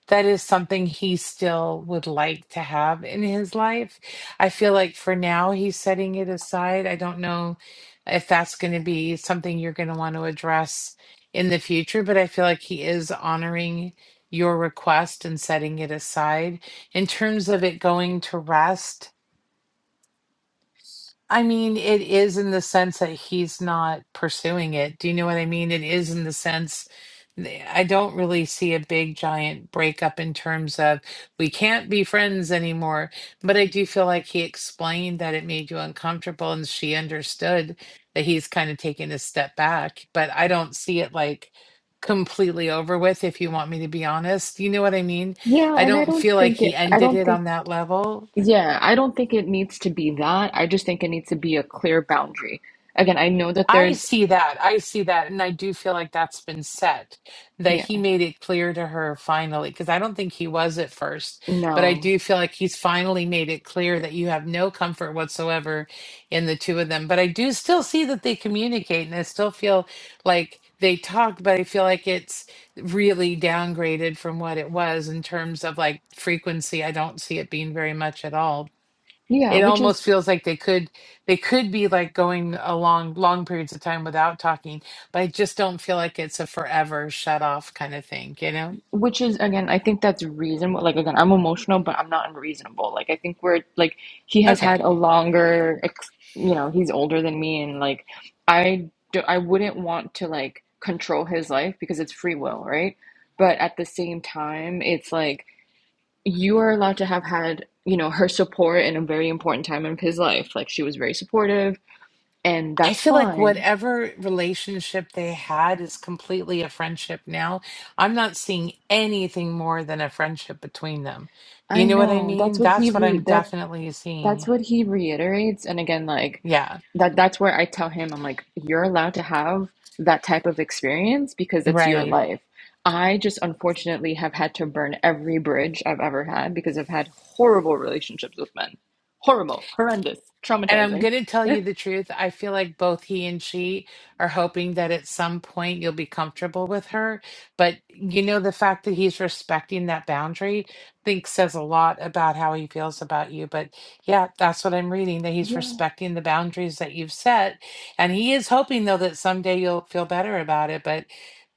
S1: that is something he still would like to have in his life. I feel like for now he's setting it aside. I don't know if that's going to be something you're going to want to address in the future, but I feel like he is honoring your request and setting it aside. In terms of it going to rest, I mean, it is in the sense that he's not pursuing it. Do you know what I mean? It is in the sense I don't really see a big giant breakup in terms of we can't be friends anymore. But I do feel like he explained that it made you uncomfortable and she understood that he's kind of taking a step back. But I don't see it like completely over with, if you want me to be honest. You know what I mean?
S6: Yeah,
S1: I
S6: and I
S1: don't
S6: don't
S1: feel like
S6: think
S1: he
S6: it, I
S1: ended
S6: don't
S1: it
S6: think,
S1: on that level
S6: yeah, I don't think it needs to be that. I just think it needs to be a clear boundary. Again, I know that
S1: I
S6: there's,
S1: see that. I see that. And I do feel like that's been set, that
S6: yeah,
S1: he made it clear to her finally, because I don't think he was at first, but I
S6: no.
S1: do feel like he's finally made it clear that you have no comfort whatsoever in the two of them. But I do still see that they communicate and I still feel like they talk, but I feel like it's really downgraded from what it was in terms of like frequency. I don't see it being very much at all,
S6: Yeah,
S1: it
S6: which
S1: almost
S6: is,
S1: feels like they could they could be like going along long periods of time without talking but i just don't feel like it's a forever shut off kind of thing you know
S6: which is, again, I think that's reasonable. Like, again, I'm emotional, but I'm not unreasonable. Like, I think we're, like, he has had
S1: okay
S6: a longer, ex you know, he's older than me, and, like, I do, I wouldn't want to, like, control his life because it's free will, right? But at the same time, it's like, you are allowed to have had, you know, her support in a very important time of his life. Like she was very supportive, and
S1: i
S6: that's
S1: feel like
S6: fine.
S1: whatever relationship they had is completely a friendship now i'm not seeing anything more than a friendship between them
S6: I
S1: you know what i
S6: know. That's
S1: mean
S6: what he
S1: that's what
S6: re
S1: i'm
S6: that
S1: definitely
S6: that's
S1: seeing
S6: what he reiterates. And again, like
S1: yeah
S6: that that's where I tell him, I'm like, you're allowed to have that type of experience because it's your
S1: right
S6: life. I just unfortunately have had to burn every bridge I've ever had because I've had horrible relationships with men. Horrible, horrendous,
S1: And I'm
S6: traumatizing.
S1: going to tell
S6: (laughs)
S1: you the truth. I feel like both he and she are hoping that at some point you'll be comfortable with her. But, you know, the fact that he's respecting that boundary, I think says a lot about how he feels about you. But yeah, that's what I'm reading that he's
S6: Yeah.
S1: respecting the boundaries that you've set. And he is hoping, though, that someday you'll feel better about it. But,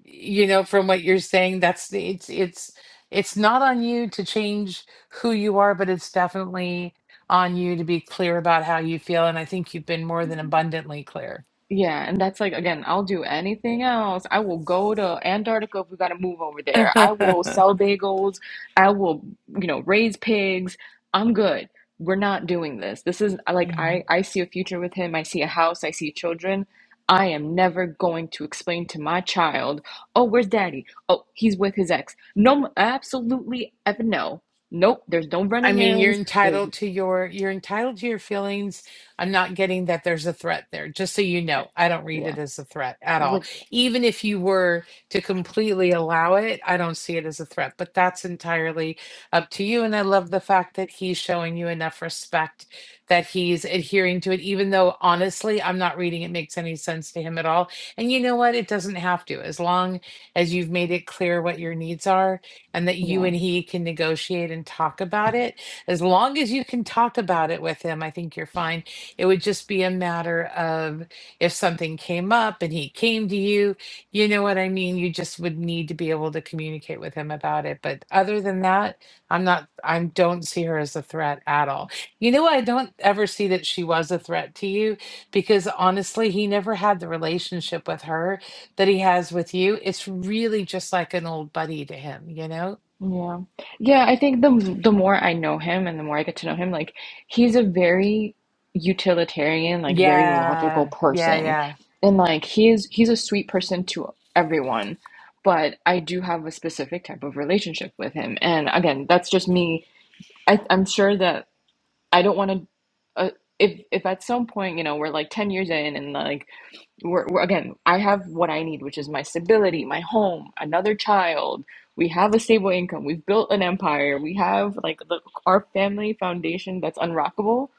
S1: you know, from what you're saying, that's the, it's, it's, it's not on you to change who you are, but it's definitely on you to be clear about how you feel. And I think you've been more than abundantly clear.
S6: Yeah, and that's like again, I'll do anything else. I will go to Antarctica if we got to move over there. I
S1: (laughs)
S6: will sell bagels. I will, you know, raise pigs. I'm good. We're not doing this. This is like
S1: yeah
S6: I I see a future with him. I see a house, I see children. I am never going to explain to my child, "Oh, where's daddy? Oh, he's with his ex." No, absolutely ever no. Nope, there's no
S1: I
S6: running
S1: mean, you're
S6: errands. There's
S1: entitled to your you're entitled to your feelings. I'm not getting that there's a threat there. Just so you
S6: eh,
S1: know, I don't read
S6: yeah.
S1: it as a threat at all.
S6: What's
S1: Even if you were to completely allow it, I don't see it as a threat, but that's entirely up to you and I love the fact that he's showing you enough respect that he's adhering to it even though honestly, I'm not reading it makes any sense to him at all. And you know what? It doesn't have to as long as you've made it clear what your needs are and that you
S6: yeah.
S1: and he can negotiate and talk about it. As long as you can talk about it with him, I think you're fine. It would just be a matter of if something came up and he came to you, you know what I mean? You just would need to be able to communicate with him about it. But other than that, I'm not, I don't see her as a threat at all. You know, I don't ever see that she was a threat to you because honestly, he never had the relationship with her that he has with you, it's really just like an old buddy to him, you know?
S6: Yeah. Yeah, I think the the more I know him and the more I get to know him, like he's a very utilitarian, like very logical
S1: Yeah, yeah,
S6: person.
S1: yeah.
S6: And like he is he's a sweet person to everyone, but I do have a specific type of relationship with him. And again, that's just me. I I'm sure that I don't want to uh, if if at some point, you know, we're like 10 years in and like we're, we're- again, I have what I need, which is my stability, my home, another child. We have a stable income. We've built an empire. We have like the, our family foundation that's unrockable.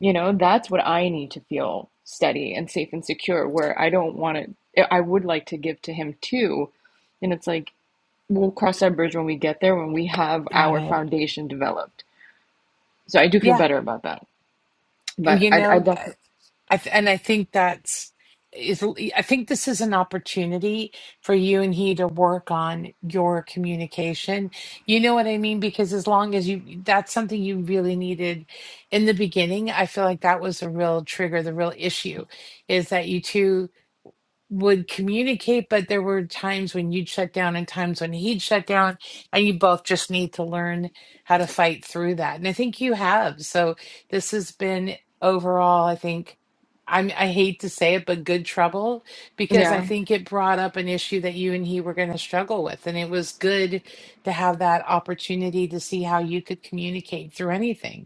S6: You know, that's what I need to feel steady and safe and secure, where I don't want to, eh, I would like to give to him too. And it's like, we'll cross that bridge when we get there, when we have
S1: Got
S6: our
S1: it.
S6: foundation developed. So I do feel
S1: Yeah.
S6: better about that.
S1: And,
S6: But
S1: You
S6: I, I
S1: know, I,
S6: definitely,
S1: I th- and I think that's is I think this is an opportunity for you and he to work on your communication. You know what I mean? Because as long as you that's something you really needed in the beginning, I feel like that was a real trigger, the real issue is that you two would communicate, but there were times when you'd shut down and times when he'd shut down, and you both just need to learn how to fight through that. And I think you have. So this has been overall, I think I'm I hate to say it, but good trouble because I
S6: yeah,
S1: think it brought up an issue that you and he were going to struggle with. And it was good to have that opportunity to see how you could communicate through anything.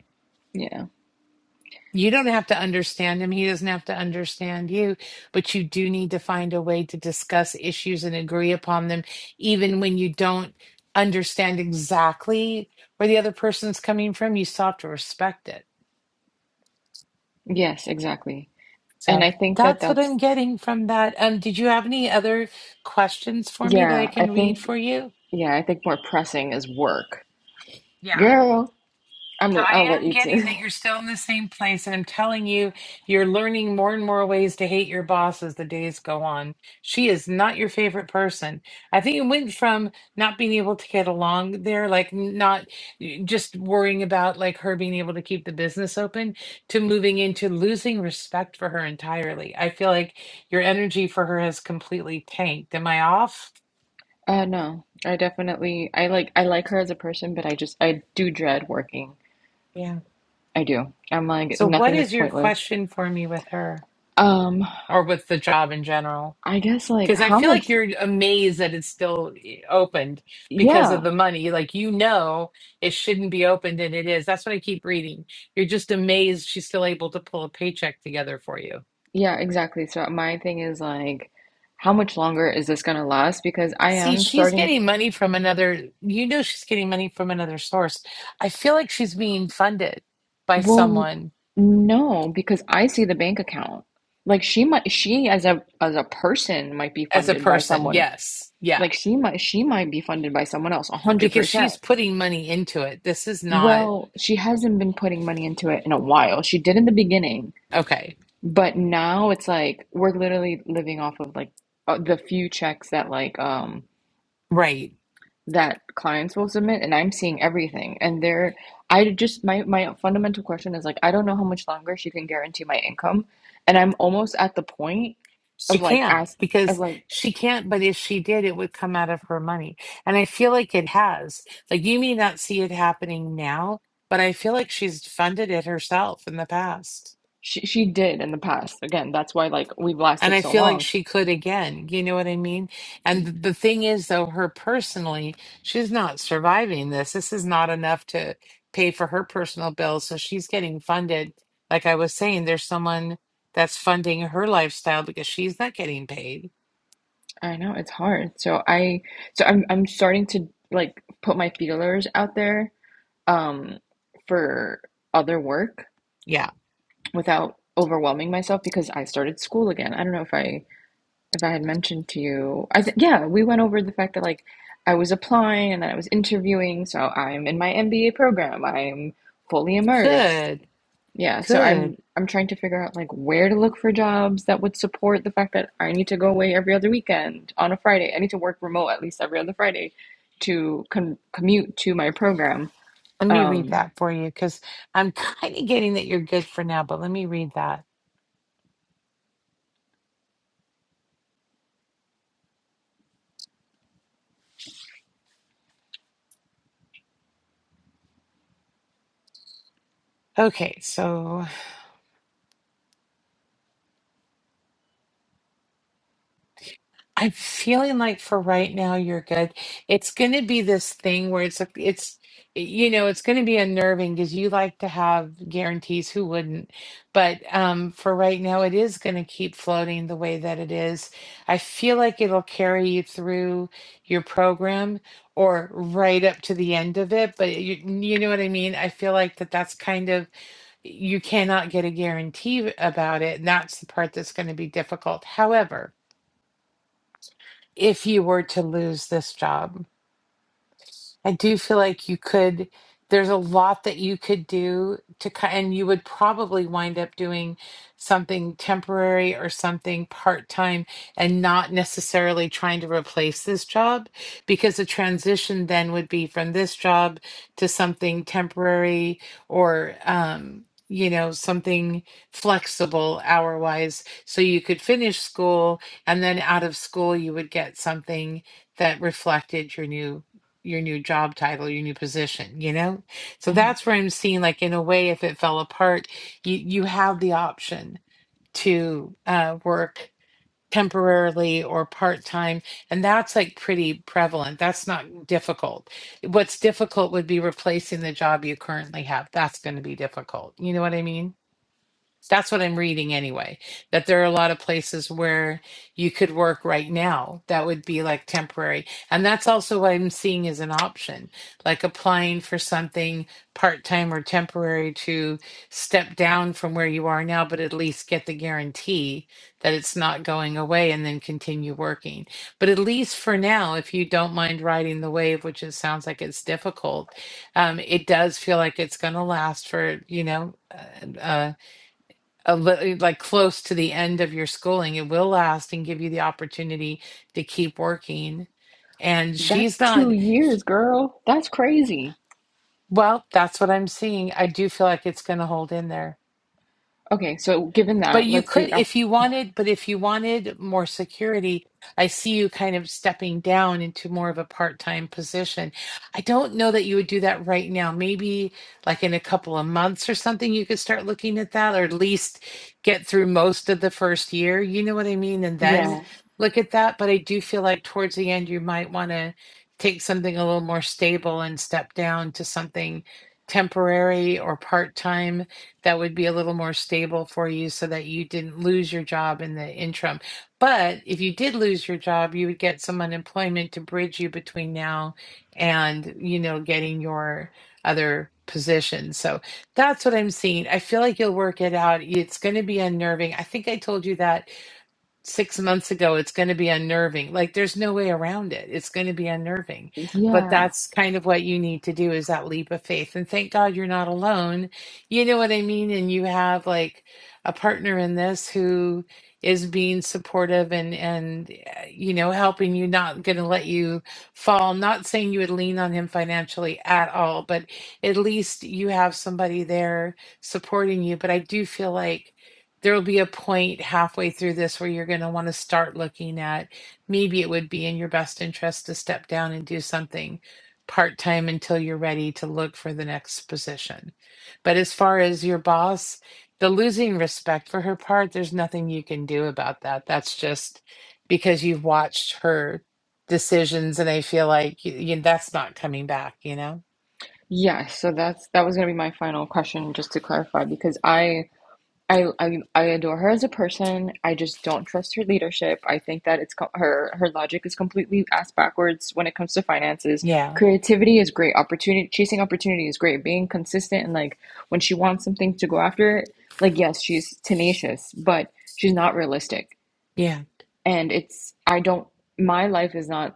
S6: yeah.
S1: You don't have to understand him. He doesn't have to understand you, but you do need to find a way to discuss issues and agree upon them, even when you don't understand exactly where the other person's coming from. You still have to respect it.
S6: Yes, exactly. And
S1: So
S6: I think that
S1: that's what
S6: that's
S1: I'm getting from that. Um, did you have any other questions for me that I
S6: Yeah, I
S1: can read
S6: think
S1: for you?
S6: yeah, I think more pressing is work. Girl,
S1: So
S6: I'm
S1: I
S6: I'll let
S1: am
S6: you t
S1: getting that you're still in the same place, and I'm telling you, you're learning more and more ways to hate your boss as the days go on. She is not your favorite person. I think it went from not being able to get along there, like not just worrying about like her being able to keep the business open, to moving into losing respect for her entirely. I feel like your energy for her has completely tanked. Am I off?
S6: (laughs) Uh no. I definitely I like I like her as a person, but I just I do dread working.
S1: Yeah.
S6: I do. I'm like
S1: So what
S6: nothing is
S1: is your
S6: pointless.
S1: question for me with her
S6: Um
S1: or with the job in general?
S6: I guess like
S1: Because I
S6: how
S1: feel like
S6: much
S1: you're amazed that it's still opened because of
S6: yeah.
S1: the money. Like, you know, it shouldn't be opened and it is. That's what I keep reading. You're just amazed she's still able to pull a paycheck together for you.
S6: Yeah, exactly. So my thing is like how much longer is this gonna last? Because I
S1: See,
S6: am
S1: she's
S6: starting
S1: getting money from another, you know, she's getting money from another source. I feel like she's being funded by
S6: Well,
S1: someone
S6: n- no, because I see the bank account. Like she might, she as a as a person might be
S1: as a
S6: funded by
S1: person.
S6: someone.
S1: Yes. Yeah.
S6: Like she might, she might be funded by someone else, a hundred
S1: Because
S6: percent.
S1: she's putting money into it. This is not
S6: Well, she hasn't been putting money into it in a while. She did in the beginning,
S1: okay.
S6: but now it's like we're literally living off of like uh, the few checks that like um
S1: Right.
S6: that clients will submit and I'm seeing everything and they're I just my my fundamental question is like I don't know how much longer she can guarantee my income and I'm almost at the point
S1: She
S6: of like
S1: can't
S6: ask of
S1: because
S6: like
S1: she can't, but if she did, it would come out of her money. And I feel like it has. Like you may not see it happening now, but I feel like she's funded it herself in the past.
S6: she she did in the past again that's why like we've
S1: And
S6: lasted
S1: I
S6: so
S1: feel like
S6: long
S1: she could again. You know what I mean? And th- the thing is, though, her personally, she's not surviving this. This is not enough to pay for her personal bills. So she's getting funded. Like I was saying, there's someone that's funding her lifestyle because she's not getting paid.
S6: I know it's hard so I so I'm I'm starting to like put my feelers out there um for other work
S1: Yeah.
S6: without overwhelming myself because I started school again I don't know if I if I had mentioned to you, I th yeah, we went over the fact that like I was applying and then I was interviewing, so I'm in my MBA program. I'm fully immersed.
S1: Good.
S6: Yeah, so
S1: Good.
S6: I'm I'm trying to figure out like where to look for jobs that would support the fact that I need to go away every other weekend on a Friday. I need to work remote at least every other Friday to con commute to my program.
S1: Let me read
S6: Um,
S1: that for you because I'm (laughs) kind of getting that you're good for now, but let me read that. Okay, so I'm feeling like for right now you're good. It's going to be this thing where it's it's you know it's going to be unnerving because you like to have guarantees. Who wouldn't? But um, for right now, it is going to keep floating the way that it is. I feel like it'll carry you through your program or right up to the end of it. But you you know what I mean? I feel like that that's kind of you cannot get a guarantee about it. And that's the part that's going to be difficult. However if you were to lose this job? I do feel like you could, there's a lot that you could do to, ki- and you would probably wind up doing something temporary or something part time and not necessarily trying to replace this job because the transition then would be from this job to something temporary or, um, you know, something flexible hour wise. So you could finish school and then out of school, you would get something that reflected your new your new job title, your new position, you know? So
S6: hmm
S1: that's where I'm seeing like in a way if it fell apart, you you have the option to uh work temporarily or part-time and that's like pretty prevalent. That's not difficult. What's difficult would be replacing the job you currently have. That's going to be difficult. You know what I mean? That's what I'm reading anyway, that there are a lot of places where you could work right now that would be like temporary. And that's also what I'm seeing as an option, like applying for something part time or temporary to step down from where you are now, but at least get the guarantee that it's not going away and then continue working. But at least for now, if you don't mind riding the wave, which it sounds like it's difficult, um, it does feel like it's going to last for, you know, uh, uh, a li- eh, like close to the end of your schooling it will last and give you the opportunity to keep working and she's
S6: that's
S1: not
S6: two years, girl. That's crazy.
S1: well that's what i'm seeing i do feel like it's going to hold in there
S6: Okay, so given
S1: But
S6: that,
S1: you
S6: let's
S1: could,
S6: be, uh,
S1: if you wanted, but if you wanted more security, I see you kind of stepping down into more of a part-time position. I don't know that you would do that right now. Maybe like in a couple of months or something, you could start looking at that, or at least get through most of the first year. You know what I mean? And then
S6: yeah,
S1: look at that. But I do feel like towards the end, you might want to take something a little more stable and step down to something temporary or part-time that would be a little more stable for you so that you didn't lose your job in the interim. But if you did lose your job, you would get some unemployment to bridge you between now and, you know, getting your other position. So that's what I'm seeing. I feel like you'll work it out. It's going to be unnerving. I think I told you that six months ago it's going to be unnerving like there's no way around it it's going to be unnerving but
S6: yeah.
S1: that's kind of what you need to do is that leap of faith and thank god you're not alone you know what i mean and you have like a partner in this who is being supportive and and uh, you know helping you not going to let you fall not saying you would lean on him financially at all but at least you have somebody there supporting you but i do feel like there will be a point halfway through this where you're going to want to start looking at maybe it would be in your best interest to step down and do something part time until you're ready to look for the next position. But as far as your boss, the losing respect for her part, there's nothing you can do about that. That's just because you've watched her decisions and I feel like y y- that's not coming back, you know?
S6: Yeah, so that's that was gonna be my final question, just to clarify, because I I I, I adore her as a person. I just don't trust her leadership. I think that it's co- her her logic is completely ass backwards when it comes to finances.
S1: Yeah.
S6: Creativity is great. Opportunity chasing opportunity is great. Being consistent and like when she wants something to go after it, like yes, she's tenacious, but she's not realistic.
S1: Yeah.
S6: And it's I don't my life is not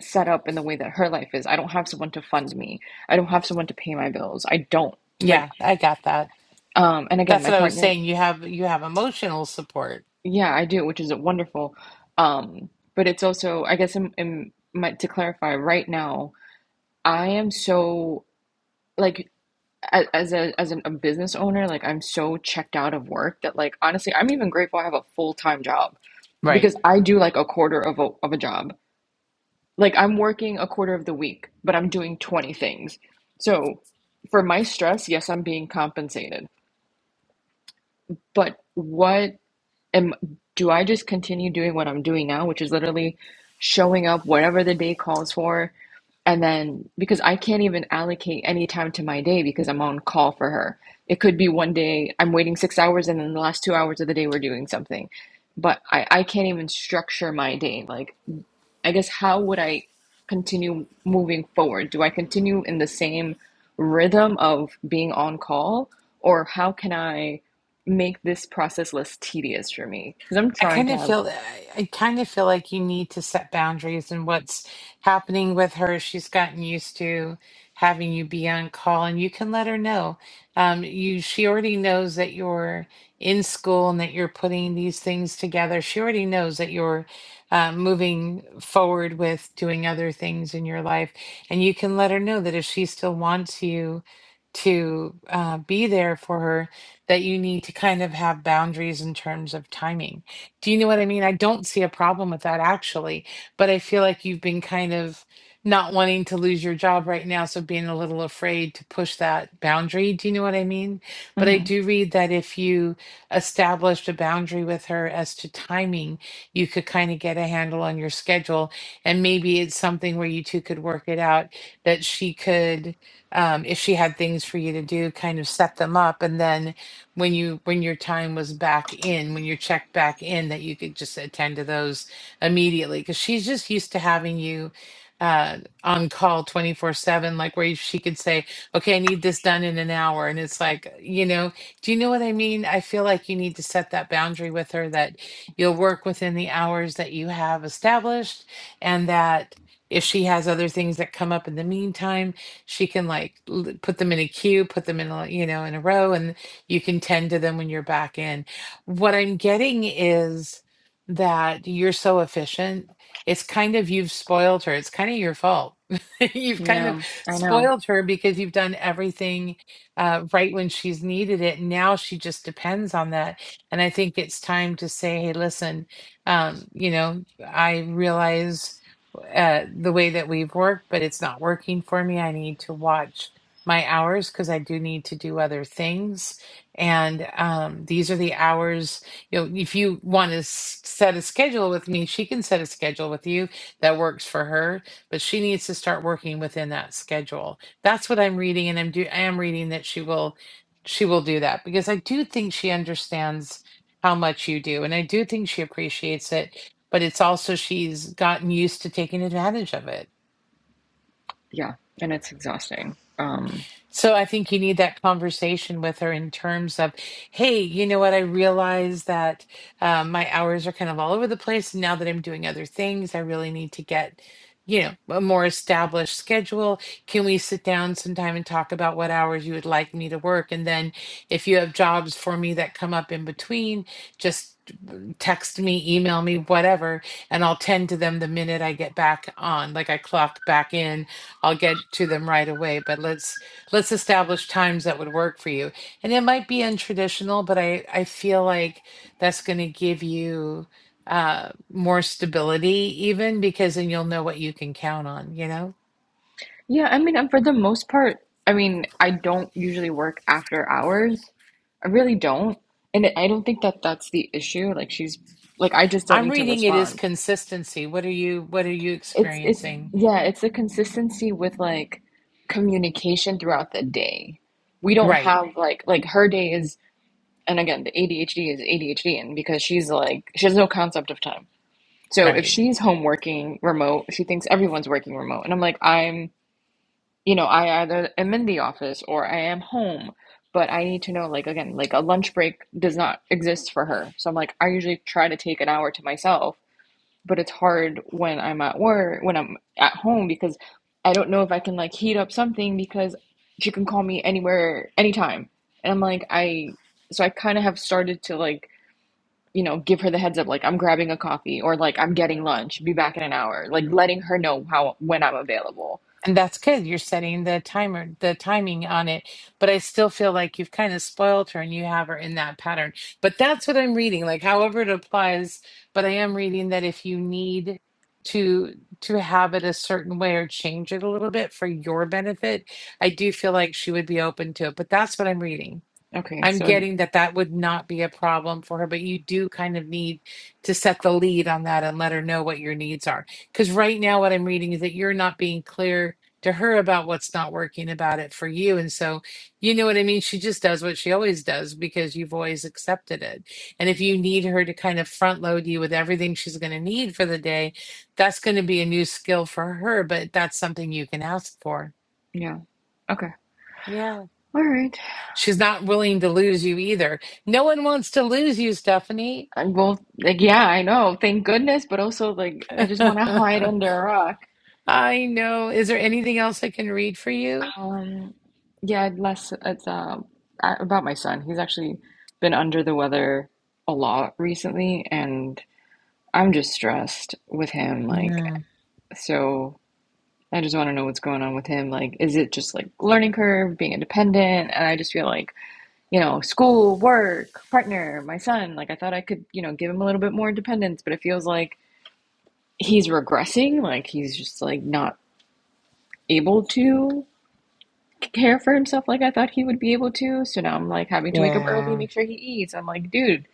S6: set up in the way that her life is. I don't have someone to fund me. I don't have someone to pay my bills. I don't like
S1: Yeah, I got that.
S6: um and again,
S1: That's
S6: my
S1: what I was
S6: partner,
S1: saying. You have you have emotional support
S6: yeah, I do, which is wonderful. Um but it's also I guess in, in my, to clarify right now, I am so like as a as a business owner, like I'm so checked out of work that like honestly, I'm even grateful I have a full-time job
S1: right
S6: because I do like a quarter of a of a job. like I'm working a quarter of the week, but I'm doing 20 things. So for my stress, yes, I'm being compensated. But what am do I just continue doing what I'm doing now, which is literally showing up whatever the day calls for and then because I can't even allocate any time to my day because I'm on call for her. It could be one day I'm waiting 6 hours and then the last 2 hours of the day we're doing something. But I I can't even structure my day. Like I guess how would I continue moving forward? Do I continue in the same rhythm of being on call, or how can I make this process less tedious for me? Because I'm
S1: I
S6: trying
S1: kind
S6: to
S1: of
S6: have,
S1: feel I I kind of feel like you need to set boundaries and what's happening with her. is She's gotten used to having you be on call and you can let her know. Um, you she already knows that you're in school and that you're putting these things together. She already knows that you're uh, moving forward with doing other things in your life. And you can let her know that if she still wants you to uh, be there for her, that you need to kind of have boundaries in terms of timing do you know what I mean? I don't see a problem with that actually, but I feel like you've been kind of not wanting to lose your job right now, so being a little afraid to push that boundary. Do you know what I mean? But I
S6: Mhm.
S1: do read that if you established a boundary with her as to timing, you could kind of get a handle on your schedule. And maybe it's something where you two could work it out that she could, um, if she had things for you to do, kind of set them up. And then when you when your time was back in, when you checked back in, that you could just attend to those immediately because she's just used to having you uh on call 24 7 like where you- she could say okay i need this done in an hour and it's like uh, you know do you know what i mean i feel like you need to set that boundary with her that you'll work within the hours that you have established and that if she has other things that come up in the meantime she can like l- put them in a queue put them in a you know in a row and you can tend to them when you're back in. What I'm getting is that you're so efficient. It's kind of you've spoiled her. It's kind of your fault. (laughs) you've kind of
S6: yeah, I know,
S1: spoiled her because you've done everything uh, right when she's needed it. Now she just depends on that. And I think it's time to say, hey, listen, um, you know, I realize uh, the way that we've worked, but it's not working for me. I need to watch my hours because I do need to do other things and um, these are the hours you know if you want to s- set a schedule with me she can set a schedule with you that works for her but she needs to start working within that schedule that's what i'm reading and i'm do i am reading that she will she will do that because i do think she understands how much you do and i do think she appreciates it but it's also she's gotten used to taking advantage of it
S6: yeah, and it's exhausting. Um,
S1: So I think you need that conversation with her in terms of, hey, you know what? I realize that um, my hours are kind of all over the place. Now that I'm doing other things, I really need to get, you know, a more established schedule. Can we sit down sometime and talk about what hours you would like me to work? And then if you have jobs for me that come up in between, just text me, email me, whatever, and I'll tend to them the minute I get back on. Like I clock back in, I'll get to them right away. But let's let's establish times that would work for you. And it might be untraditional, but I, I feel like that's going to give you uh, more stability, even because then you'll know what you can count on, you know?
S6: yeah, I mean, i for the most part, I mean, I don't usually work after hours. I really don't, and I don't think that that's the issue. Like she's, like I just don't
S1: I'm
S6: need to
S1: reading it
S6: respond.
S1: as consistency. What are you what are you
S6: It's it's
S1: experiencing?
S6: yeah, it's the consistency with like communication throughout the day. We don't
S1: Right,
S6: have like like her day is and again, the ADHD is ADHD and because she's like she has no concept of time. So if
S1: right.
S6: she's home working remote, she thinks everyone's working remote. And I'm like, I'm you know, I either am in the office or I am home, but I need to know like again, like a lunch break does not exist for her. So I'm like, I usually try to take an hour to myself but it's hard when I'm at work, when I'm at home, because I don't know if I can like heat up something because she can call me anywhere, anytime. And I'm like, I, so I kind of have started to like, you know, give her the heads up, like I'm grabbing a coffee or like I'm getting lunch, be back in an hour, like letting her know how, when I'm available.
S1: And that's good. You're setting the timer, the timing on it. But I still feel like you've kind of spoiled her and you have her in that pattern. But that's what I'm reading, like however it applies. But I am reading that if you need to to have it a certain way or change it a little bit for your benefit, I do feel like she would be open to it. But that's what I'm reading.
S6: Okay.
S1: I'm
S6: So
S1: getting that that would not be a problem for her, but you do kind of need to set the lead on that and let her know what your needs are. Because right now, what I'm reading is that you're not being clear to her about what's not working about it for you. And so, you know what I mean? She just does what she always does because you've always accepted it. And if you need her to kind of front load you with everything she's going to need for the day, that's going to be a new skill for her, but that's something you can ask for.
S6: yeah. Okay.
S1: Yeah.
S6: All right.
S1: She's not willing to lose you either. No one wants to lose you, Stephanie.
S6: I'm both like, yeah, I know. Thank goodness. But also like,
S1: (laughs)
S6: I just want to hide
S1: I
S6: under a rock.
S1: know. Is there anything else I can read for you?
S6: Um, yeah, less it's uh, a- about my son. He's actually been under the weather a lot recently, and I'm just stressed with him. Like,
S1: Yeah.
S6: so I just want to know what's going on with him. Like, is it just like learning curve, being independent? And I just feel like, you know, school, work, partner, my son. Like, I thought I could, you know, give him a little bit more independence, but it feels like he's regressing. Like, he's just like not able to. care for himself like I thought he would be able to. So now I'm like having to wake up early,
S1: Yeah.
S6: make sure he eats. I'm like, dude,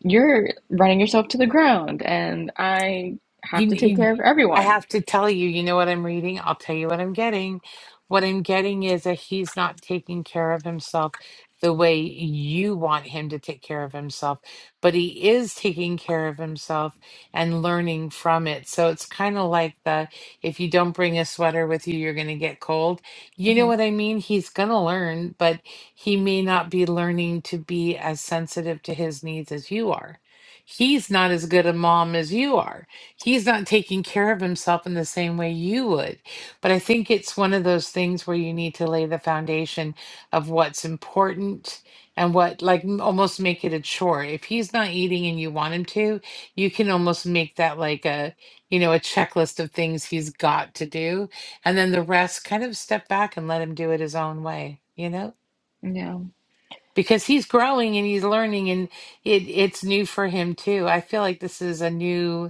S6: you're running yourself to the ground, and I
S1: You,
S6: have to take
S1: you,
S6: care of
S1: I
S6: everyone.
S1: have to tell you, you know what I'm reading? I'll tell you what I'm getting. What I'm getting is that he's not taking care of himself the way you want him to take care of himself, but he is taking care of himself and learning from it. So it's kind of like the if you don't bring a sweater with you, you're going to get cold. You know
S6: hmm
S1: what I mean? He's going to learn, but he may not be learning to be as sensitive to his needs as you are. He's not as good a mom as you are he's not taking care of himself in the same way you would. But I think it's one of those things where you need to lay the foundation of what's important and what, like, m- almost make it a chore. If he's not eating and you want him to, you can almost make that like a, you know, a checklist of things he's got to do. And then the rest kind of step back and let him do it his own way, you know?
S6: Yeah,
S1: Because he's growing and he's learning and it it's new for him too. I feel like this is a new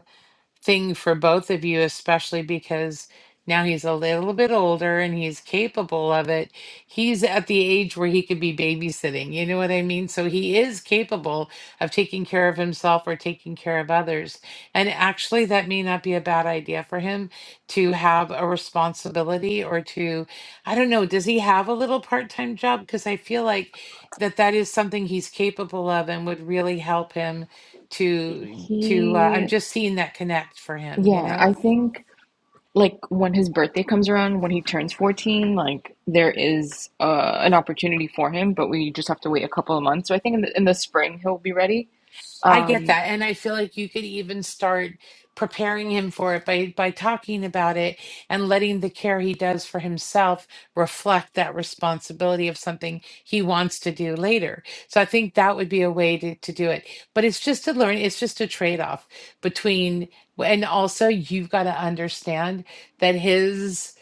S1: thing for both of you, especially because now he's a little bit older and he's capable of it. He's at the age where he could be babysitting, you know what I mean? So he is capable of taking care of himself or taking care of others. And actually, that may not be a bad idea for him to have a responsibility or to, I don't know, does he have a little part time job? Because I feel like that that is something he's capable of and would really help him to to uh, i'm
S6: he,
S1: just seeing that connect for him you
S6: yeah, I
S1: know
S6: think like when his birthday comes around, when he turns 14, like there is uh, an opportunity for him, but we just have to wait a couple of months. So I think in the, in the spring he'll be ready.
S1: i get
S6: Um,
S1: that and i feel like you could even start preparing him for it by by talking about it and letting the care he does for himself reflect that responsibility of something he wants to do later so i think that would be a way to, to do it but it's just to learn it's just a trade-off between and also you've got to understand that his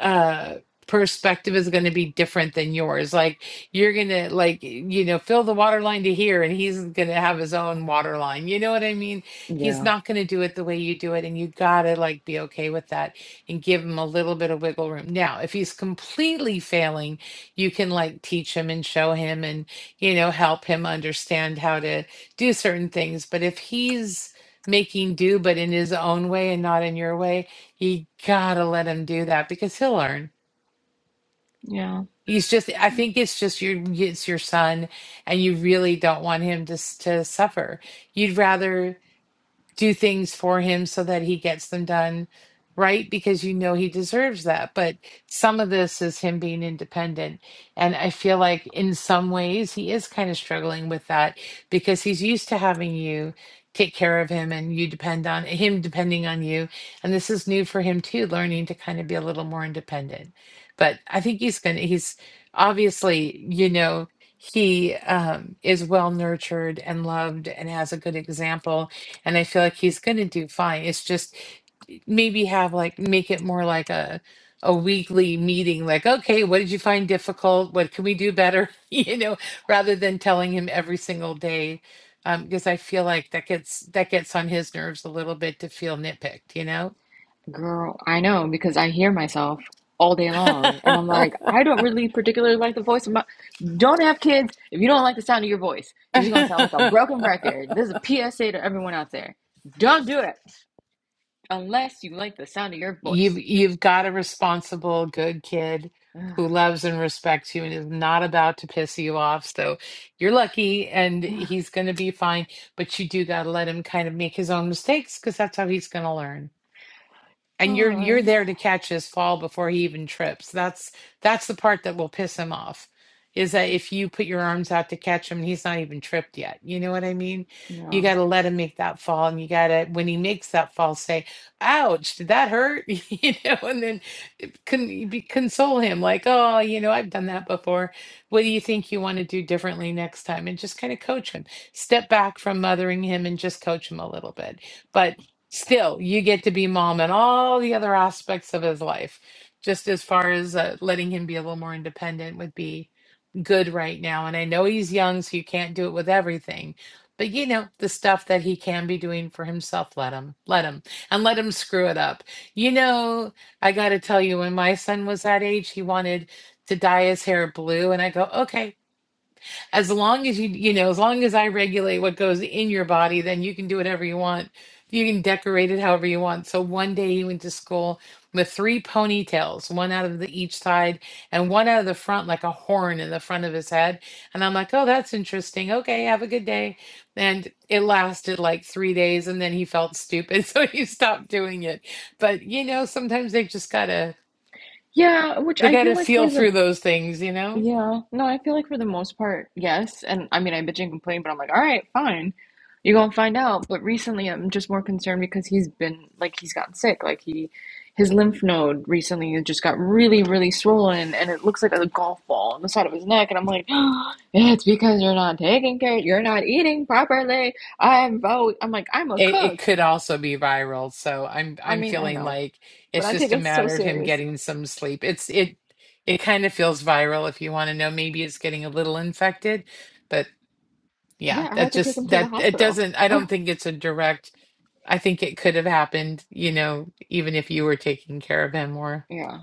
S1: uh perspective is going to be different than yours like you're gonna like you know fill the water line to here and he's gonna have his own water line you know what i mean he's
S6: yeah,
S1: not gonna do it the way you do it and you gotta like be okay with that and give him a little bit of wiggle room now if he's completely failing you can like teach him and show him and you know help him understand how to do certain things but if he's making do but in his own way and not in your way you gotta let him do that because he'll learn
S6: yeah.
S1: He's just, I think it's just your, it's your son, and you really don't want him to s- to suffer. You'd rather do things for him so that he gets them done right because you know he deserves that but some of this is him being independent and i feel like in some ways he is kind of struggling with that because he's used to having you take care of him and you depend on him depending on you and this is new for him too learning to kind of be a little more independent but i think he's gonna he's obviously you know he um, is well nurtured and loved and has a good example and I feel like he's going to do fine. It's just eh, maybe have like make it more like a a weekly meeting like okay what did you find difficult what can we do better (laughs) you know rather than telling him every single day um because I feel like that gets that gets on his nerves a little bit to feel nitpicked you know
S6: Girl, I know because I hear myself all day long and I'm like, I don't really particularly like the voice of my don't have kids if you don't like the sound of your voice because you're gonna sound like a
S1: (laughs)
S6: broken record. This is a PSA to everyone out there. Don't do it unless you like the sound of your
S1: You've
S6: voice.
S1: you've got a responsible, good kid
S6: (sighs)
S1: who loves and respects you and is not about to piss you off. So you're lucky and he's going to be fine, but you do got to let him kind of make his own mistakes because that's how he's going to learn and
S6: All
S1: you're you're
S6: right.
S1: there to catch his fall before he even trips that's that's the part that will piss him off is that if you put your arms out to catch him and he's not even tripped yet you know what i mean you
S6: Yeah.
S1: got to let him make that fall and you got to when he makes that fall say ouch did that hurt (laughs) you know and then can you be console him like oh you know i've done that before what do you think you want to do differently next time and just kind of coach him step back from mothering him and just coach him a little bit but still you get to be mom and all the other aspects of his life just as far as uh, letting him be a little more independent would be good right now and i know he's young so you can't do it with everything but you know the stuff that he can be doing for himself let him let him and let him screw it up you know i got to tell you when my son was that age he wanted to dye his hair blue and i go okay as long as you you know as long as i regulate what goes in your body then you can do whatever you want you can decorate it however you want so one day he went to school with three ponytails one out of the each side and one out of the front like a horn in the front of his head and i'm like oh that's interesting okay have a good day and it lasted like three days and then he felt stupid (laughs) so he stopped doing it but you know sometimes they just gotta
S6: Yeah, which
S1: they
S6: I feel
S1: gotta
S6: like
S1: feel
S6: for the
S1: through those things you know
S6: Yeah, no, I feel like for the most part, yes. And I mean, I bitch and complain, but I'm like, all right, fine. You're gonna find out. But recently, I'm just more concerned because he's been like he's gotten sick. Like he, his lymph node recently just got really, really swollen, and it looks like a golf ball on the side of his neck. And I'm like, (gasps) it's because you're not taking care, you're not eating properly. I'm vote. I'm like, I'm a
S1: It it
S6: cook.
S1: could also be viral, so I'm
S6: I
S1: I'm
S6: mean, I
S1: feeling
S6: know,
S1: like
S6: but
S1: it's
S6: I take
S1: just a
S6: it so
S1: matter of him
S6: serious.
S1: getting some sleep. It's it it kind of feels viral if you want to know. Maybe it's getting a little infected, but
S6: Yeah,
S1: yeah,
S6: I had
S1: that
S6: to take him
S1: just
S6: to the
S1: that it
S6: hospital.
S1: doesn't I
S6: (laughs)
S1: don't think it's a direct I think it could have happened, you know, even if you were taking care of him or
S6: Yeah.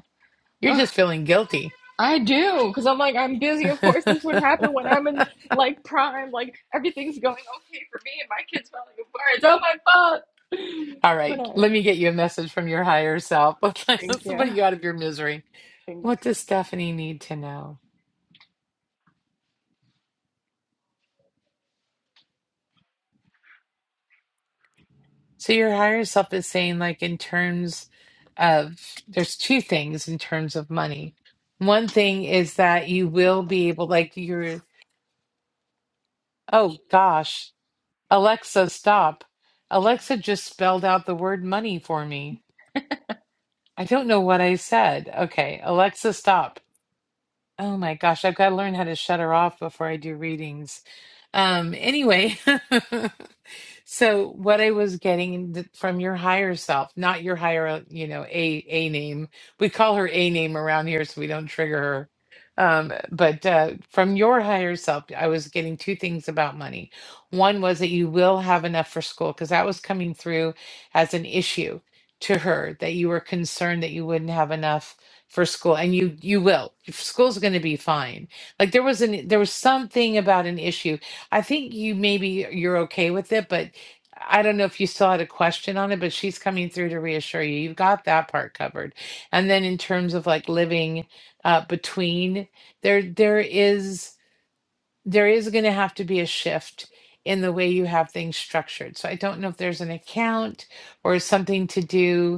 S1: you're
S6: (sighs)
S1: just feeling guilty.
S6: I do, because I'm like, I'm
S1: (laughs)
S6: busy. Of course, this would happen when I'm in like prime, like everything's going okay for me and my kids falling apart. Oh my fuck. (sighs) (laughs)
S1: All
S6: But I
S1: right, let me get you a message from your higher self. (laughs)
S6: think
S1: Let's put
S6: yeah,
S1: you out of your misery.
S6: Thanks.
S1: What does Stephanie need to know? So your higher self is saying, like, in terms of, there's two things in terms of money. One thing is that you will be able, like, you're, oh gosh, Alexa, stop. Alexa just spelled out the word money for me. I don't know what I said. Okay, Alexa, stop. Oh my gosh, I've got to learn how to shut her off before I do readings. Um, anyway, (laughs) So what I was getting th- from your higher self, not your higher, you know, a a name. We call her a name around here, so we don't trigger her. Um, but uh, from your higher self, I was getting two things about money. One was that you will have enough for school because that was coming through as an issue to her that you were concerned that you wouldn't have enough for school, and you you will. Your School's going to be fine. Like there was an there was something about an issue. I think you maybe you're okay with it, but I don't know if you still had a question on it, but she's coming through to reassure you. You've got that part covered. And then in terms of like living uh, between, there there is there is going to have to be a shift in the way you have things structured. So I don't know if there's an account or something to do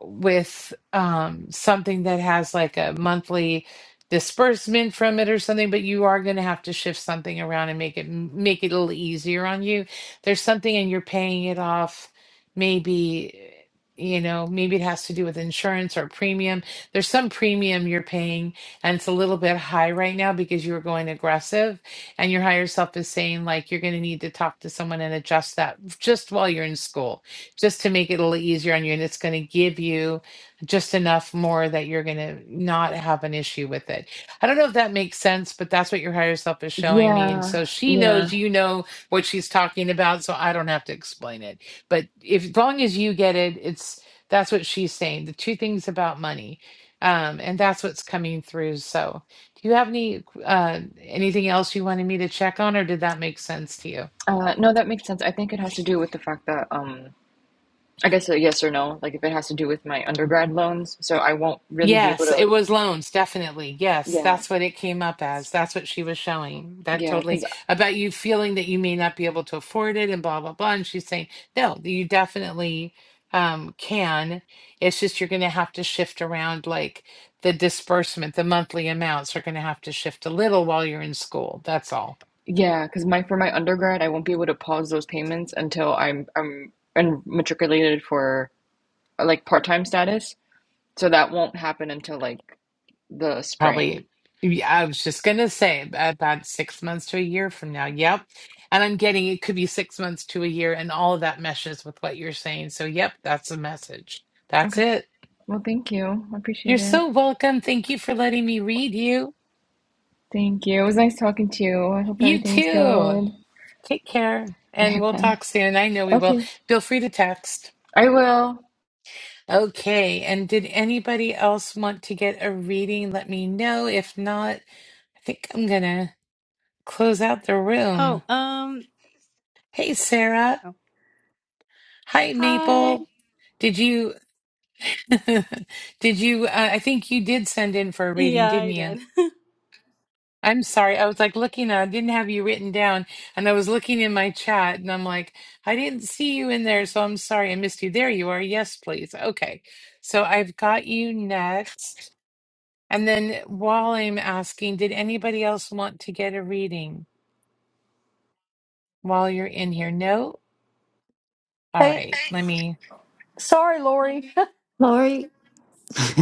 S1: with um, something that has like a monthly disbursement from it or something, but you are going to have to shift something around and make it make it a little easier on you. There's something, and you're paying it off. Maybe you know, maybe it has to do with insurance or premium. There's some premium you're paying, and it's a little bit high right now because you were going aggressive, and your higher self is saying like you're going to need to talk to someone and adjust that just while you're in school just to make it a little easier on you. And it's going to give you just enough more that you're going to not have an issue with it. I don't know if that makes sense, but that's what your higher self is showing me. And
S6: Yeah,
S1: so she
S6: yeah.
S1: knows you know what she's talking about. So I don't have to explain it. But if as long as you get it, it's that's what she's saying. The two things about money. Um, and that's what's coming through. So do you have any uh anything else you wanted me to check on, or did that make sense to you?
S6: Uh, no, that makes sense. I think it has to do with the fact that, um, I guess a yes or no, like if it has to do with my undergrad loans, so I won't really be able
S1: Yes, it
S6: to,
S1: was loans, definitely. Yes,
S6: yeah,
S1: that's what it came up as. That's what she was showing. That
S6: yeah,
S1: totally
S6: because
S1: about you feeling that you may not be able to afford it and blah blah blah. And she's saying, no, you definitely um can. It's just you're gonna have to shift around like the disbursement, the monthly amounts are gonna have to shift a little while you're in school. That's all.
S6: yeah, because my for my undergrad, I won't be able to pause those payments until I'm I'm I'm matriculated for. like part-time status. So that won't happen until like the spring.
S1: Probably, yeah, I was just gonna say about six months to a year from now. Yep. And I'm getting it could be six months to a year, and all of that meshes with what you're saying. So, yep, that's a message. That's
S6: Okay.
S1: it.
S6: Well, thank you. I
S1: You're
S6: appreciate it.
S1: so welcome. Thank you for letting me read you.
S6: Thank you. It was nice talking to you. I hope
S1: You
S6: everything's
S1: too.
S6: good.
S1: Take care, and
S6: (laughs)
S1: we'll
S6: Bye.
S1: talk soon. I know we will.
S6: Okay.
S1: Feel free to text.
S6: I will.
S1: Okay. And did anybody else want to get a reading? Let me know. If not, I think I'm gonna close out the room.
S7: Oh, um,
S1: Hey, Sarah.
S7: oh,
S1: Hi,
S7: hi.
S1: Maple. Did you, (laughs) did you, uh, I think you did send in for a reading,
S7: Yeah,
S1: didn't
S7: I
S1: you?
S7: did. (laughs)
S1: I'm sorry. I was like looking, I didn't have you written down, and I was looking in my chat, and I'm like, I didn't see you in there,
S7: Mm.
S1: so I'm sorry I missed you. There you are. Yes, please. Okay. So I've got you next. And then while I'm asking, did anybody else want to get a reading while you're in here? No? All
S8: Hey,
S1: right. Let me.
S8: sorry, Lori. (laughs)
S4: Lori, (laughs)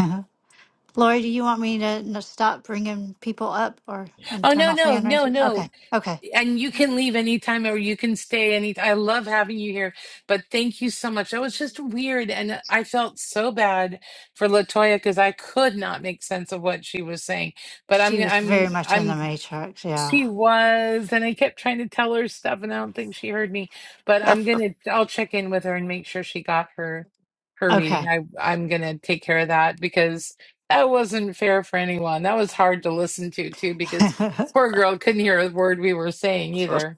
S4: Lori, do you want me to n- stop bringing people up or and
S1: Oh,
S4: turn
S1: no,
S4: off
S1: no,
S4: hand
S1: no,
S4: raising?
S1: no.
S4: Okay. Okay.
S1: and you can leave anytime or you can stay any i love having you here but thank you so much that was just weird and i felt so bad for latoya because i could not make sense of what she was saying but
S4: She
S1: i'm
S4: was very
S1: i'm
S4: much in the
S1: i'm
S4: Matrix. Yeah.
S1: she was, and I kept trying to tell her stuff, and I don't think she heard me. But
S4: (laughs)
S1: I'm gonna, I'll check in with her and make sure she got her her reading.
S4: okay.
S1: I I'm gonna take care of that because that wasn't fair for anyone. That was hard to listen to too, because
S4: (laughs)
S1: poor girl couldn't hear a word we were saying either.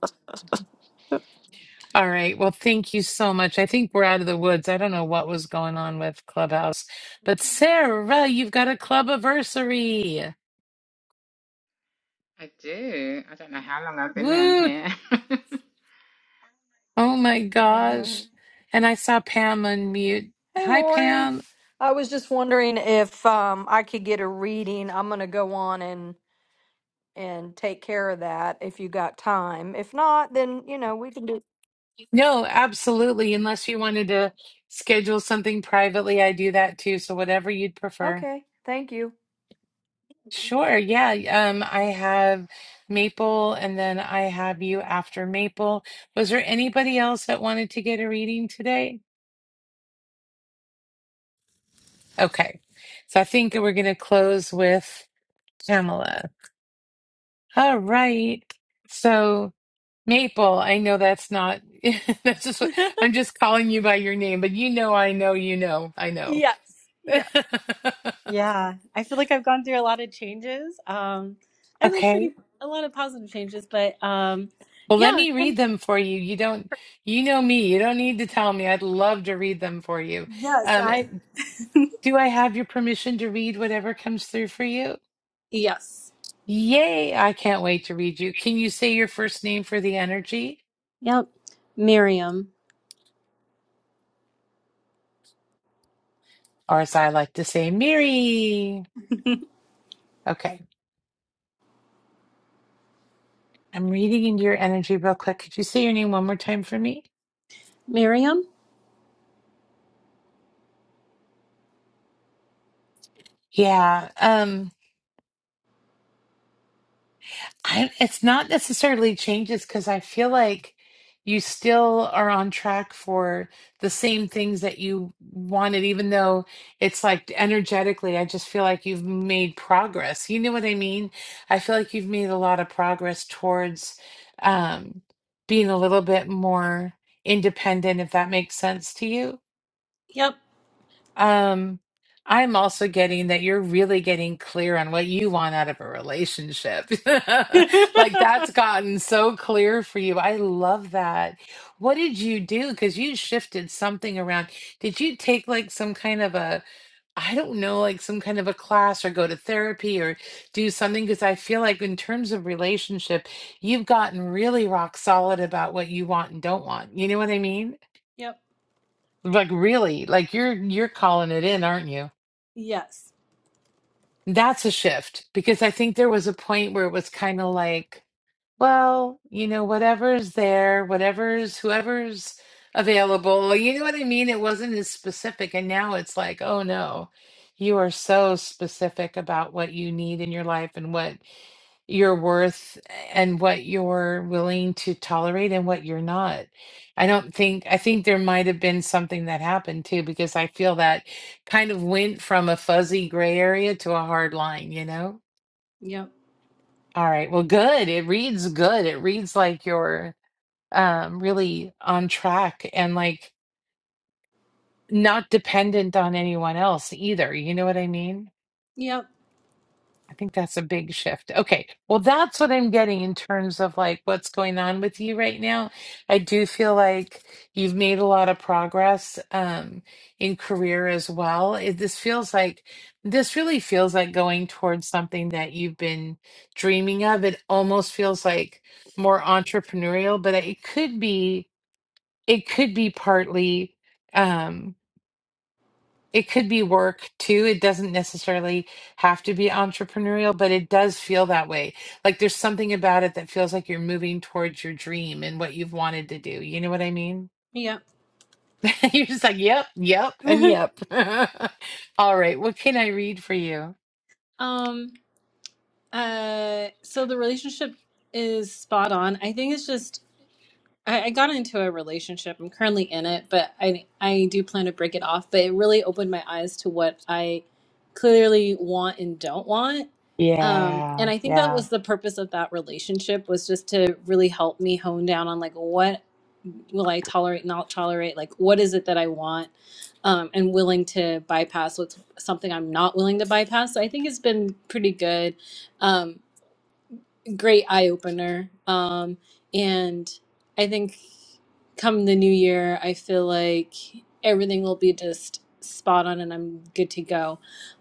S1: All right. Well, thank you so much. I think we're out of the woods. I don't know what was going on with Clubhouse, but Sarah, you've got a club anniversary.
S9: I do. I don't know how long I've been down
S1: Woo!
S9: here. (laughs)
S1: Oh my
S9: I know.
S1: gosh. And I saw Pam unmute.
S8: Hey,
S1: Hi,
S8: Lori.
S1: Pam.
S8: I was just wondering if um, I could get a reading. I'm gonna go on and and take care of that if you got time. If not, then you know we can do.
S1: No, absolutely. Unless you wanted to schedule something privately, I do that too. So whatever you'd prefer.
S8: Okay, thank you.
S1: Sure. Yeah. Um, I have Maple and then I have you after Maple. Was there anybody else that wanted to get a reading today? Okay. So I think we're going to close with Pamela. All right. So. Maple, I know that's not, (laughs) that's just what I'm just calling you by your name, but you know, I know, you know, I know.
S7: Yes,
S1: (laughs)
S7: yes. Yeah, I feel like I've gone through a lot of changes. Um, I feel
S1: Okay.
S7: pretty a lot of positive changes, but um,
S1: Well,
S7: yeah,
S1: let
S7: I'm
S1: me
S7: kind
S1: read them for you. You don't, you know me. You don't need to tell me. I'd love to read them for you.
S7: of, yes,
S1: Um,
S7: I
S1: do I have your permission to read whatever comes through for you?
S7: yes.
S1: Yay. I can't wait to read you. Can you say your first name for the energy?
S7: Yep. Miriam.
S1: Or as I like to say, Miri. Okay. I'm reading into your energy real quick. Could you say your name one more time for me?
S7: Miriam?
S1: Yeah, um, I, it's not necessarily changes because I feel like you still are on track for the same things that you wanted, even though it's like energetically, I just feel like you've made progress. You know what I mean? I feel like you've made a lot of progress towards um, being a little bit more independent, if that makes sense to you.
S7: Yep.
S1: Um, I'm also getting that you're really getting clear on what you want out of a relationship. (laughs)
S7: (laughs)
S1: Like that's gotten so clear for you. I love that. What did you do? Because you shifted something around. Did you take like some kind of a, I don't know, like some kind of a class or go to therapy or do something? Because I feel like in terms of relationship, you've gotten really rock solid about what you want and don't want. You know what I mean?
S7: Yep.
S1: Like really, like you're you're calling it in, aren't you?
S7: Yes.
S1: That's a shift because I think there was a point where it was kind of like well, you know, whatever's there, whatever's whoever's available, you know what I mean? It wasn't as specific. And now it's like, oh no, you are so specific about what you need in your life and what your worth and what you're willing to tolerate and what you're not. I don't think, I think there might have been something that happened too, because I feel that kind of went from a fuzzy gray area to a hard line, you know?
S7: Yep.
S1: All right. Well, good. It reads good. It reads like you're um really on track and like not dependent on anyone else either. You know what I mean?
S7: Yep.
S1: I think that's a big shift. Okay. Well, that's what I'm getting in terms of like what's going on with you right now. I do feel like you've made a lot of progress um, in career as well. It, this feels like this really feels like going towards something that you've been dreaming of. It almost feels like more entrepreneurial, but it could be it could be partly. Um, it could be work too. It doesn't necessarily have to be entrepreneurial, but it does feel that way. Like there's something about it that feels like you're moving towards your dream and what you've wanted to do. You know what I mean?
S7: Yep.
S1: (laughs) You're just like, yep, yep, and
S7: (laughs)
S1: yep. (laughs) All right, what can I read for you?
S7: Um, uh, so the relationship is spot on. I think it's just I, I got into a relationship. I'm currently in it, but I I do plan to break it off. But it really opened my eyes to what I clearly want and don't want. Um, and
S1: Yeah,
S7: I think that
S1: yeah.
S7: was the purpose of that relationship was just to really help me hone down on like what will I tolerate, not tolerate, like what is it that I want, um, and willing to bypass what's something I'm not willing to bypass. So I think it's been pretty good. Um, great eye opener. Um, and I think come the new year, I feel like everything will be just spot on and I'm good to go.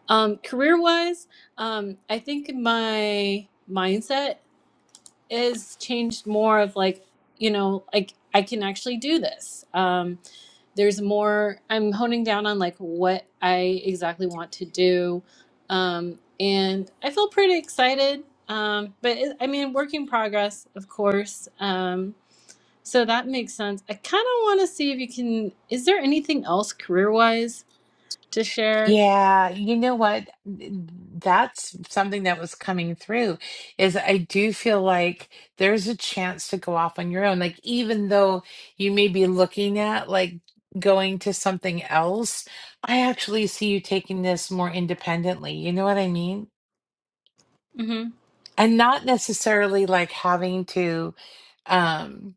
S7: Um, career wise, um, I think my mindset is changed more of like you know like i can actually do this um there's more i'm honing down on like what i exactly want to do um and i feel pretty excited um but it, i mean work in progress of course um so that makes sense i kind of want to see if you can is there anything else career wise to share
S1: Yeah, you know what? That's something that was coming through is I do feel like there's a chance to go off on your own. Like even though you may be looking at like going to something else, I actually see you taking this more independently. You know what I mean?
S7: mm-hmm
S1: And not necessarily like having to um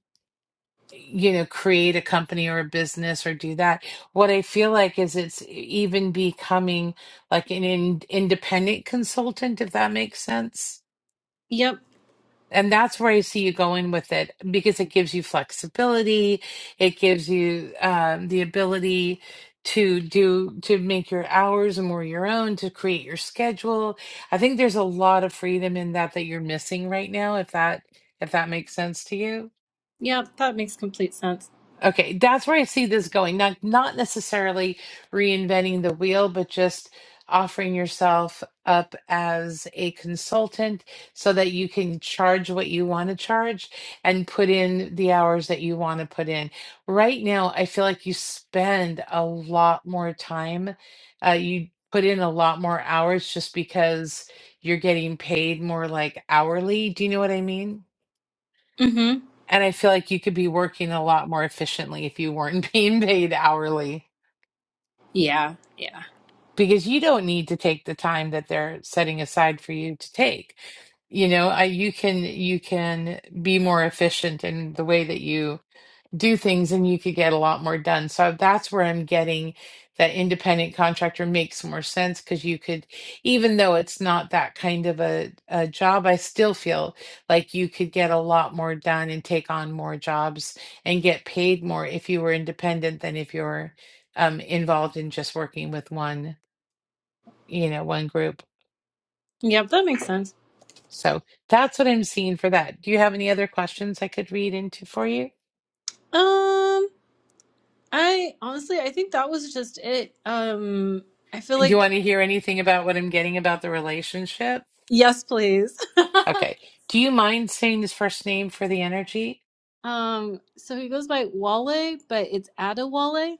S1: you know create a company or a business or do that what i feel like is it's even becoming like an in, independent consultant if that makes sense
S7: yep
S1: and that's where i see you going with it because it gives you flexibility it gives you um, the ability to do to make your hours more your own to create your schedule i think there's a lot of freedom in that that you're missing right now if that if that makes sense to you
S7: yep that makes complete sense
S1: Okay, that's where I see this going. Not not necessarily reinventing the wheel, but just offering yourself up as a consultant so that you can charge what you want to charge and put in the hours that you want to put in. Right now, I feel like you spend a lot more time. Uh, you put in a lot more hours just because you're getting paid more like hourly. Do you know what I mean?
S7: mm-hmm
S1: And I feel like you could be working a lot more efficiently if you weren't (laughs) being paid hourly
S7: yeah yeah
S1: because you don't need to take the time that they're setting aside for you to take. You know, I, you can you can be more efficient in the way that you do things and you could get a lot more done. So that's where I'm getting that independent contractor makes more sense because you could, even though it's not that kind of a, a job, I still feel like you could get a lot more done and take on more jobs and get paid more if you were independent than if you're um, involved in just working with one, you know, one group.
S7: yep that makes sense
S1: So that's what I'm seeing for that. Do you have any other questions I could read into for you?
S7: Um, I honestly, I think that was just it. Um, I feel
S1: Do you
S7: like
S1: want to hear anything about what I'm getting about the relationship?
S7: yes, please. (laughs)
S1: Okay. Do you mind saying his first name for the energy?
S7: um, so he goes by Wale, but it's Adewale.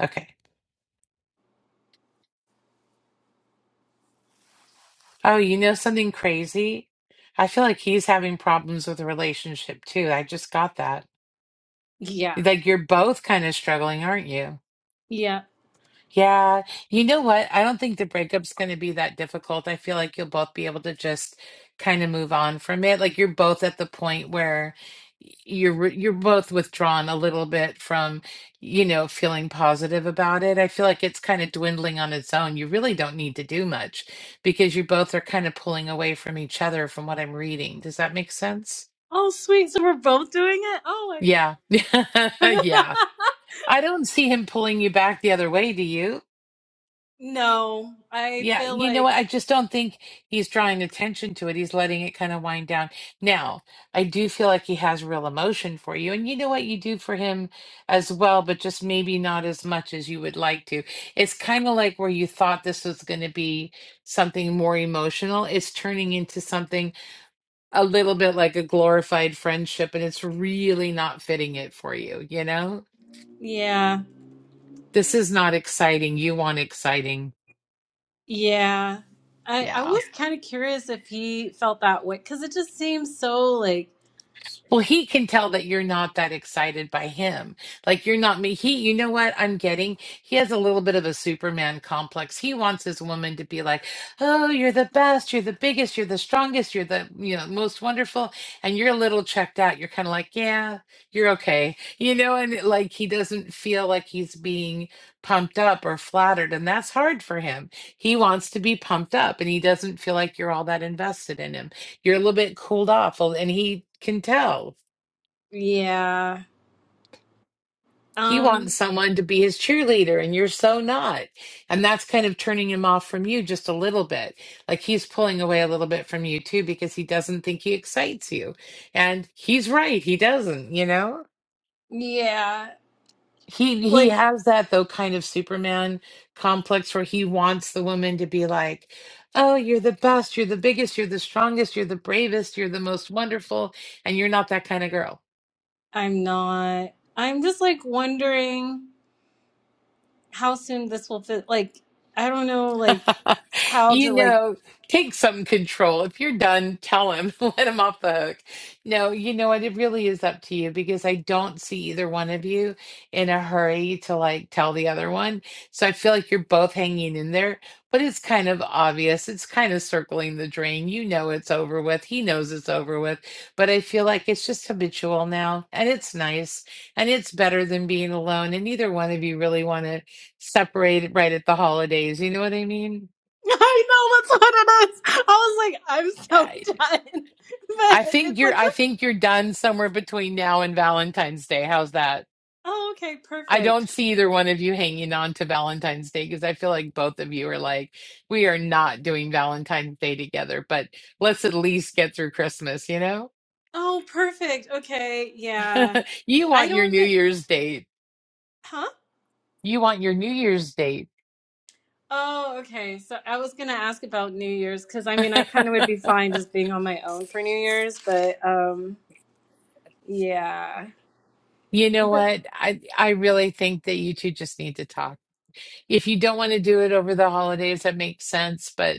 S1: Okay. Oh, you know something crazy? I feel like he's having problems with a relationship too. I just got that.
S7: Yeah,
S1: Like you're both kind of struggling, aren't you?
S7: yeah.
S1: Yeah, you know what? I don't think the breakup's going to be that difficult. I feel like you'll both be able to just kind of move on from it. Like you're both at the point where y- you're re- you're both withdrawn a little bit from, you know, feeling positive about it. I feel like it's kind of dwindling on its own. You really don't need to do much because you both are kind of pulling away from each other from what I'm reading. Does that make sense?
S7: Oh, sweet. So we're both doing it. Oh
S1: Yeah. (laughs)
S7: my.
S1: Yeah. I don't see him pulling you back the other way, do you?
S7: (laughs) no, I
S1: Yeah,
S7: feel
S1: you know
S7: like
S1: what? I just don't think he's drawing attention to it. He's letting it kind of wind down. Now, I do feel like he has real emotion for you, and you know what you do for him as well, but just maybe not as much as you would like to. It's kind of like where you thought this was going to be something more emotional. It's turning into something a little bit like a glorified friendship, and it's really not fitting it for you, you know?
S7: yeah,
S1: This is not exciting. You want exciting.
S7: yeah. I I
S1: Yeah.
S7: was kind of curious if he felt that way because it just seems so like
S1: Well, he can tell that you're not that excited by him. Like you're not me. He, you know what I'm getting? He has a little bit of a Superman complex. He wants his woman to be like, "Oh, you're the best. You're the biggest. You're the strongest. You're the you know most wonderful." And you're a little checked out. You're kind of like, "Yeah, you're okay," you know. And like he doesn't feel like he's being pumped up or flattered, and that's hard for him. He wants to be pumped up, and he doesn't feel like you're all that invested in him you're a little bit cooled off Well, and he can tell
S7: yeah.
S1: he wants
S7: Um,
S1: someone to be his cheerleader and you're so not and that's kind of turning him off from you just a little bit like he's pulling away a little bit from you too because he doesn't think he excites you and he's right he doesn't you know
S7: yeah.
S1: he he
S7: Like
S1: has that though kind of superman complex where he wants the woman to be like oh you're the best you're the biggest you're the strongest you're the bravest you're the most wonderful and you're not that kind of girl
S7: I'm not. I'm just like wondering how soon this will fit. Like, I don't know, like,
S1: (laughs)
S7: how to,
S1: you
S7: like,
S1: know, take some control. If you're done, tell him, (laughs) let him off the hook. No, you know what? It really is up to you because I don't see either one of you in a hurry to like tell the other one. So I feel like you're both hanging in there, but it's kind of obvious. It's kind of circling the drain. You know, it's over with. He knows it's over with, but I feel like it's just habitual now and it's nice and it's better than being alone. And neither one of you really want to separated right at the holidays. You know what I mean?
S7: (laughs) I know that's what it is. I was like, I'm
S1: I
S7: so done. (laughs) But
S1: I think
S7: it's
S1: you're
S7: like,
S1: I
S7: the,
S1: think you're done somewhere between now and Valentine's Day. How's that?
S7: oh, okay,
S1: I
S7: perfect.
S1: don't see either one of you hanging on to Valentine's Day because I feel like both of you are like, we are not doing Valentine's Day together, but let's at least get through Christmas, you know?
S7: Oh, perfect. Okay, yeah.
S1: (laughs) you
S7: I
S1: want your
S7: don't
S1: New
S7: even,
S1: Year's date.
S7: huh?
S1: You want your New Year's date.
S7: Oh, okay. So I was gonna ask about New Year's because I mean, I kind
S1: (laughs)
S7: of would be fine just being on my own for New Year's, but um, yeah.
S1: You know what? I I really think that you two just need to talk. if you don't want to do it over the holidays, that makes sense, but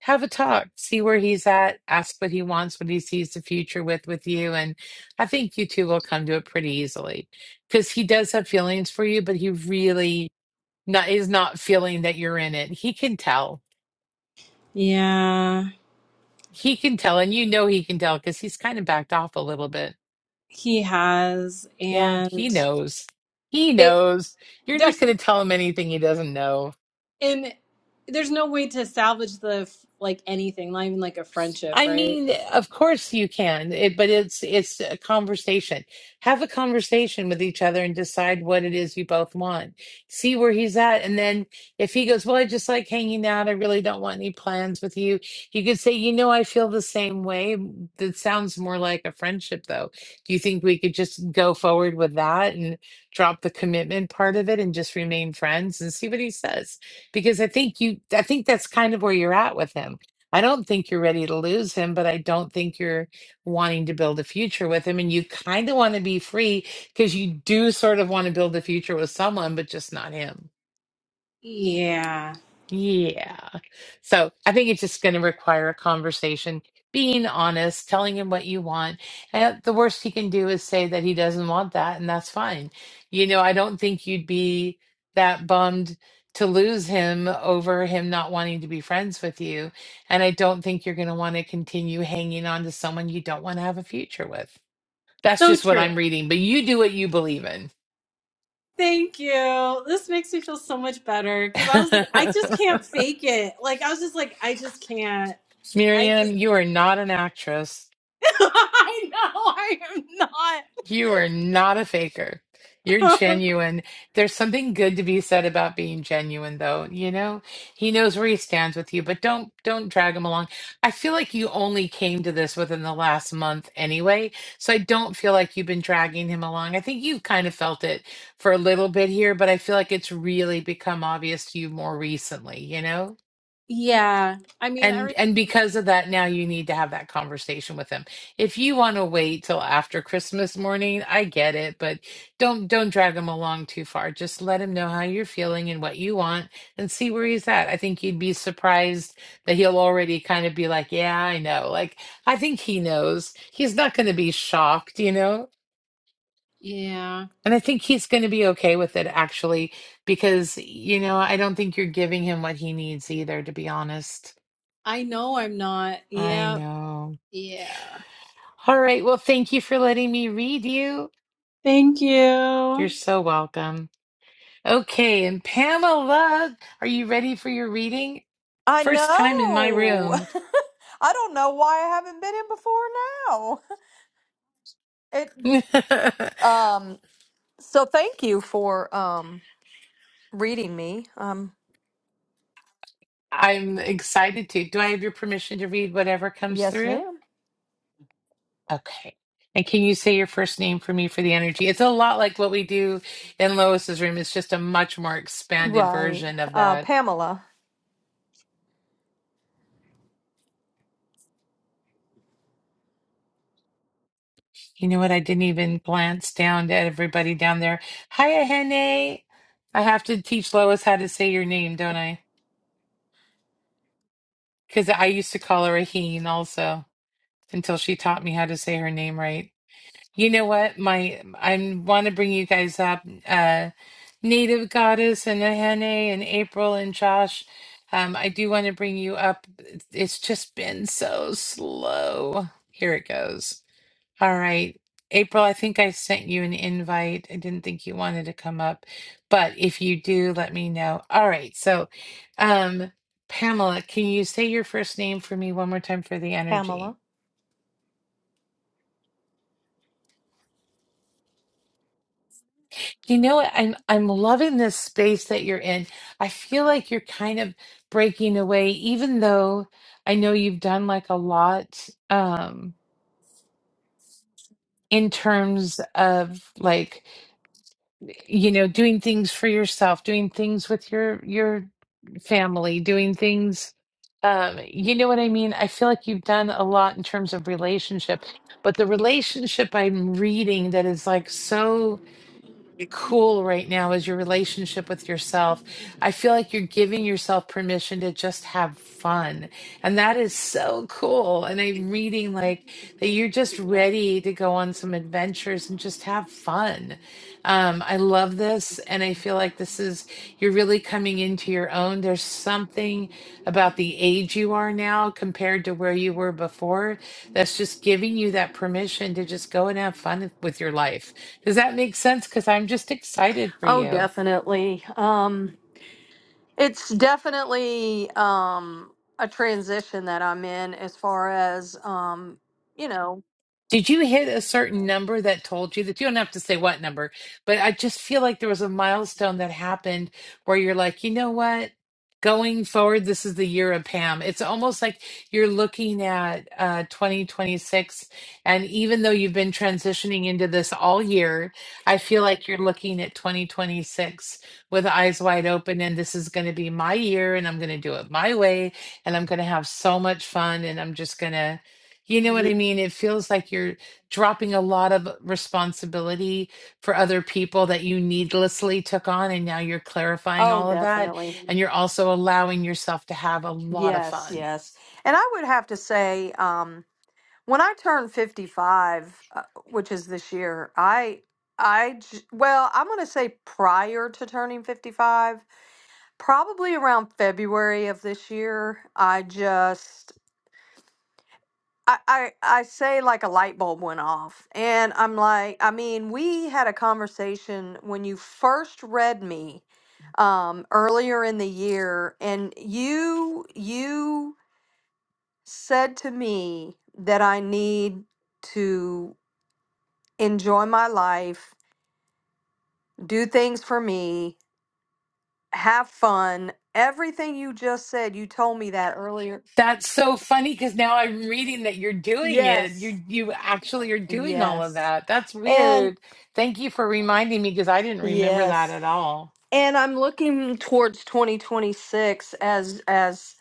S1: have a talk, see where he's at, ask what he wants, what he sees the future with with you, and I think you two will come to it pretty easily because he does have feelings for you, but he really not is not feeling that you're in it. He can tell.
S7: Yeah.
S1: He can tell, and you know he can tell because he's kind of backed off a little bit.
S7: He has,
S1: Yeah, he
S7: and
S1: knows. He
S7: it
S1: knows. You're not
S7: there's
S1: going to tell him anything he doesn't know.
S7: and there's no way to salvage the like anything, not even like a friendship,
S1: I
S7: right?
S1: mean, of course you can, it, but it's it's a conversation. Have a conversation with each other and decide what it is you both want. See where he's at, and then if he goes, "Well, I just like hanging out. I really don't want any plans with you," you could say, "You know, I feel the same way." That sounds more like a friendship, though. Do you think we could just go forward with that and drop the commitment part of it and just remain friends and see what he says? Because I think you, I think that's kind of where you're at with him I don't think you're ready to lose him, but I don't think you're wanting to build a future with him. And you kind of want to be free because you do sort of want to build a future with someone, but just not him.
S7: Yeah,
S1: Yeah. So I think it's just going to require a conversation, being honest, telling him what you want. And the worst he can do is say that he doesn't want that, and that's fine. You know, I don't think you'd be that bummed to lose him over him not wanting to be friends with you. And I don't think you're going to want to continue hanging on to someone you don't want to have a future with. That's
S7: so
S1: just what
S7: true.
S1: I'm reading, but you do what you believe in.
S7: Thank you. This makes me feel so much better because I was like, I
S1: (laughs)
S7: just can't fake it. Like I was just like, I just can't. I just,
S1: Miriam, you are not an actress.
S7: (laughs) I know I
S1: You are not a faker.
S7: am
S1: You're
S7: not. (laughs)
S1: genuine. There's something good to be said about being genuine, though. You know, he knows where he stands with you, but don't don't drag him along. I feel like you only came to this within the last month anyway, so I don't feel like you've been dragging him along. I think you've kind of felt it for a little bit here, but I feel like it's really become obvious to you more recently, you know?
S7: yeah, I mean, I
S1: And
S7: re-
S1: and because of that, now you need to have that conversation with him. If you want to wait till after Christmas morning, I get it, but don't don't drag him along too far. Just let him know how you're feeling and what you want and see where he's at. I think you'd be surprised that he'll already kind of be like, "Yeah, I know." Like I think he knows. He's not going to be shocked, you know?
S7: yeah,
S1: And I think he's going to be okay with it actually because, you know, I don't think you're giving him what he needs either, to be honest.
S7: I know I'm not.
S1: I
S7: Yeah,
S1: know.
S7: yeah.
S1: All right. Well, thank you for letting me read you.
S7: Thank you.
S1: You're so welcome. Okay. And Pamela, are you ready for your reading?
S8: I
S1: First time in my
S8: know.
S1: room.
S8: (laughs) I don't know why I haven't been in before now. (laughs) It
S1: (laughs)
S8: um. So thank you for um reading me. Um.
S1: I'm excited to. Do I have your permission to read whatever comes
S8: Yes,
S1: through?
S8: ma'am.
S1: Okay. And can you say your first name for me for the energy? It's a lot like what we do in Lois's room. It's just a much more expanded
S8: Right.
S1: version of
S8: Uh,
S1: that.
S8: Pamela.
S1: You know what? I didn't even glance down at everybody down there. Hiya, Hene. I have to teach Lois how to say your name, don't I? Because I used to call her a also until she taught me how to say her name right. You know what? My I want to bring you guys up. Uh, Native Goddess and Ahene and April and Josh. Um, I do want to bring you up. It's just been so slow. Here it goes. All right. April, I think I sent you an invite. I didn't think you wanted to come up, but if you do, let me know. All right. So, um, Pamela, can you say your first name for me one more time for the energy?
S8: Pamela.
S1: You know what? I'm I'm loving this space that you're in. I feel like you're kind of breaking away, even though I know you've done like a lot um in terms of like you know doing things for yourself doing things with your your family doing things um you know what i mean i feel like you've done a lot in terms of relationship but the relationship i'm reading that is like so cool right now is your relationship with yourself. I feel like you're giving yourself permission to just have fun. And that is so cool. And I'm reading like that you're just ready to go on some adventures and just have fun. Um, I love this. And I feel like this is, you're really coming into your own. There's something about the age you are now compared to where you were before that's just giving you that permission to just go and have fun with your life. Does that make sense? Because I'm just excited for
S8: Oh,
S1: you.
S8: definitely. Um. It's definitely um, a transition that I'm in as far as, um, you know,
S1: Did you hit a certain number that told you that you don't have to say what number, but I just feel like there was a milestone that happened where you're like, you know what? Going forward, this is the year of Pam. It's almost like you're looking at uh, 2026. And even though you've been transitioning into this all year, I feel like you're looking at 2026 with eyes wide open. And this is going to be my year, and I'm going to do it my way. And I'm going to have so much fun. And I'm just going to you know what I
S8: ye-
S1: mean? It feels like you're dropping a lot of responsibility for other people that you needlessly took on, and now you're clarifying
S8: oh,
S1: all of that,
S8: definitely.
S1: and you're also allowing yourself to have a lot of
S8: Yes,
S1: fun.
S8: yes. And I would have to say, um, when I turned 55, uh, which is this year, I, I, j- well, I'm going to say prior to turning 55, probably around February of this year, I just, I, I I say like a light bulb went off, and I'm like, I mean, we had a conversation when you first read me um, earlier in the year, and you you said to me that I need to enjoy my life, do things for me, have fun. Everything you just said, you told me that earlier.
S1: That's so funny because now I'm reading that you're doing it.
S8: Yes,
S1: You you actually are doing all of
S8: yes,
S1: that. That's
S8: and
S1: weird. Thank you for reminding me because I didn't remember that
S8: yes.
S1: at all.
S8: and I'm looking towards 2026 as as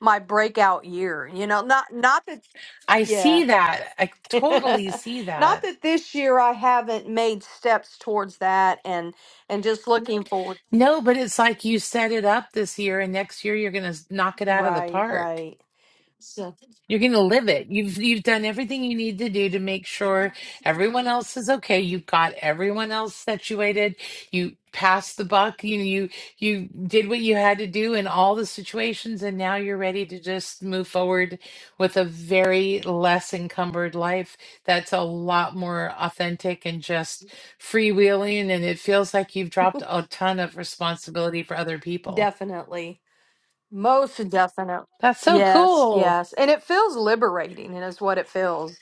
S8: my breakout year. You know, not not that
S1: I
S8: yeah.
S1: see that. I
S8: (laughs) not
S1: totally see that.
S8: that this year I haven't made steps towards that and and just looking forward.
S1: No, but it's like you set it up this year and next year you're going to knock it out of the
S8: Right,
S1: park.
S8: right. So
S1: You're going to live it. You've you've done everything you need to do to make sure everyone else is okay. You've got everyone else situated. You passed the buck. You you you did what you had to do in all the situations and now you're ready to just move forward with a very less encumbered life that's a lot more authentic and just freewheeling and it feels like you've dropped a ton of responsibility for other people.
S8: definitely. Most definitely.
S1: That's so
S8: Yes,
S1: cool.
S8: yes. And it feels liberating and is what it feels.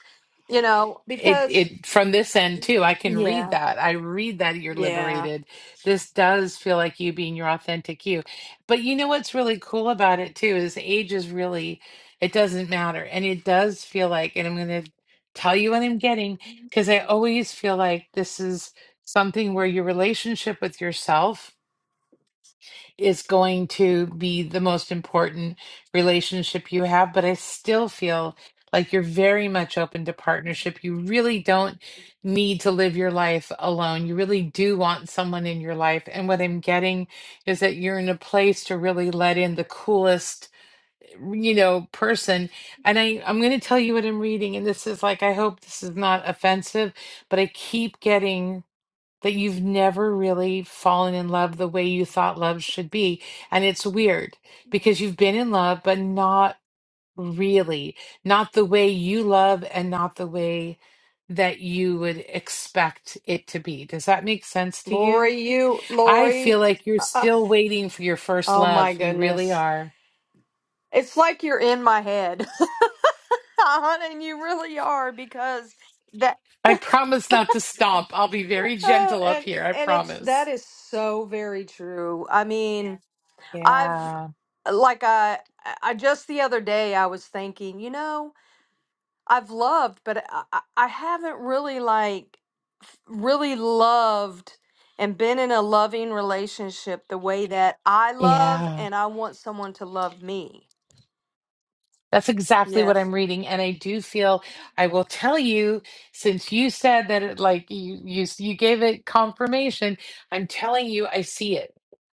S8: You know,
S1: it
S8: because
S1: it from this end too i can read
S8: yeah.
S1: that i read that you're
S8: Yeah.
S1: liberated this does feel like you being your authentic you but you know what's really cool about it too is age is really it doesn't matter and it does feel like and i'm going to tell you what i'm getting because i always feel like this is something where your relationship with yourself is going to be the most important relationship you have, but I still feel like you're very much open to partnership. You really don't need to live your life alone. You really do want someone in your life. And what I'm getting is that you're in a place to really let in the coolest you know person and i i'm going to tell you what i'm reading and this is like i hope this is not offensive but i keep getting that you've never really fallen in love the way you thought love should be. And it's weird because you've been in love, but not really, not the way you love and not the way that you would expect it to be. Does that make sense to you?
S8: Lori, you,
S1: I feel
S8: Lori.
S1: like you're
S8: (laughs) uh,
S1: still waiting for your first
S8: oh
S1: love.
S8: my
S1: You really
S8: goodness.
S1: are.
S8: It's like you're in my head. (laughs) and you really are because that (laughs)
S1: I
S8: uh,
S1: promise not to stomp. I'll be very gentle up
S8: and
S1: here. I
S8: and it's that
S1: promise.
S8: is so very true. I mean, I've
S1: Yeah.
S8: like I I just the other day I was thinking, you know, I've loved, but I, I I haven't really like f- really loved and been in a loving relationship the way that I love
S1: Yeah.
S8: and I want someone to love me.
S1: That's exactly what
S8: Yes.
S1: I'm reading, and I do feel I will tell you since you said that it, like you you you gave it confirmation. I'm telling you, I see it.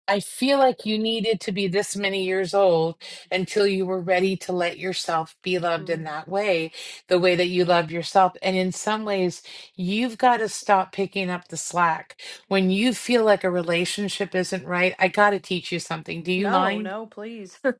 S1: I feel like you needed to be this many years old until you were ready to let yourself be loved in
S8: Mm.
S1: that way, the way that you love yourself. And in some ways, you've got to stop picking up the slack. When you feel like a relationship isn't right, I got to teach you something. Do you
S8: No,
S1: mind?
S8: no, please. (laughs)